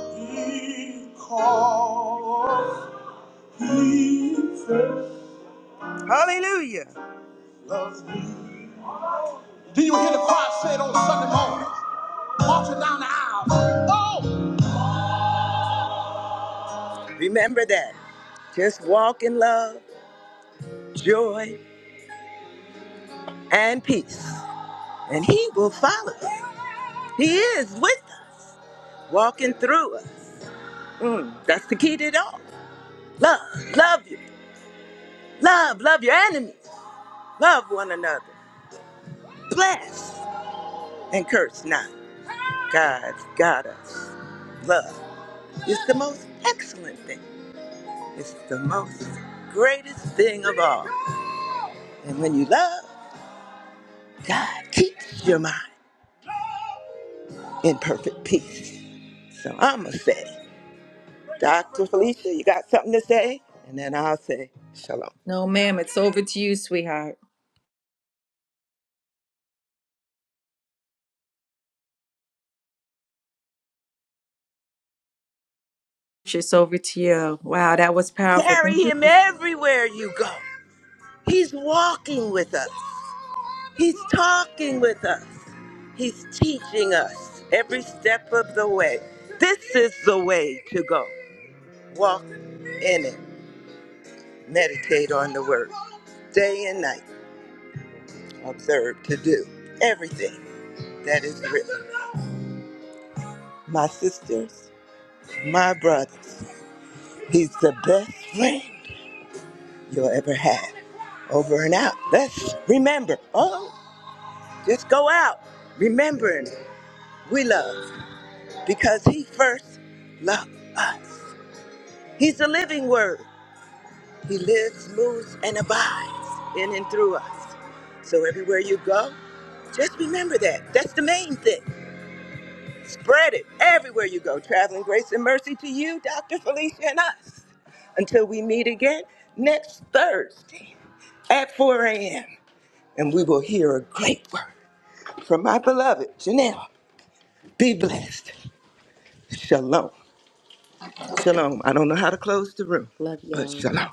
Jesus. Because Hallelujah. Do you hear the choir say it on Sunday morning? Marching down the aisle. Oh! Remember that. Just walk in love, joy, and peace. And he will follow us. He is with us, walking through us. Mm, that's the key to it all. Love, love you. Love, love your enemies. Love one another. Bless and curse not. God's got us. Love. It's the most excellent thing. It's the most greatest thing of all. And when you love, God keeps your mind in perfect peace. So I'ma say, Dr. Felicia, you got something to say? And then I'll say, Shalom. No, ma'am, it's over to you, sweetheart. It's over to you. Wow, that was powerful. Thank Carry you. him everywhere you go. He's walking with us. He's talking with us. He's teaching us every step of the way. This is the way to go. Walk in it. Meditate on the word day and night. Observe to do everything that is written. My sisters, my brothers, he's the best friend you'll ever have. Over and out. Let's remember. Oh, just go out remembering we love because he first loved us. He's the living word. He lives, moves, and abides in and through us. So everywhere you go, just remember that. That's the main thing. Spread it everywhere you go. Traveling grace and mercy to you, Dr. Felicia, and us. Until we meet again next Thursday at 4 a.m. And we will hear a great word from my beloved Janelle. Be blessed. Shalom. Shalom. I don't know how to close the room, Love but y'all. shalom.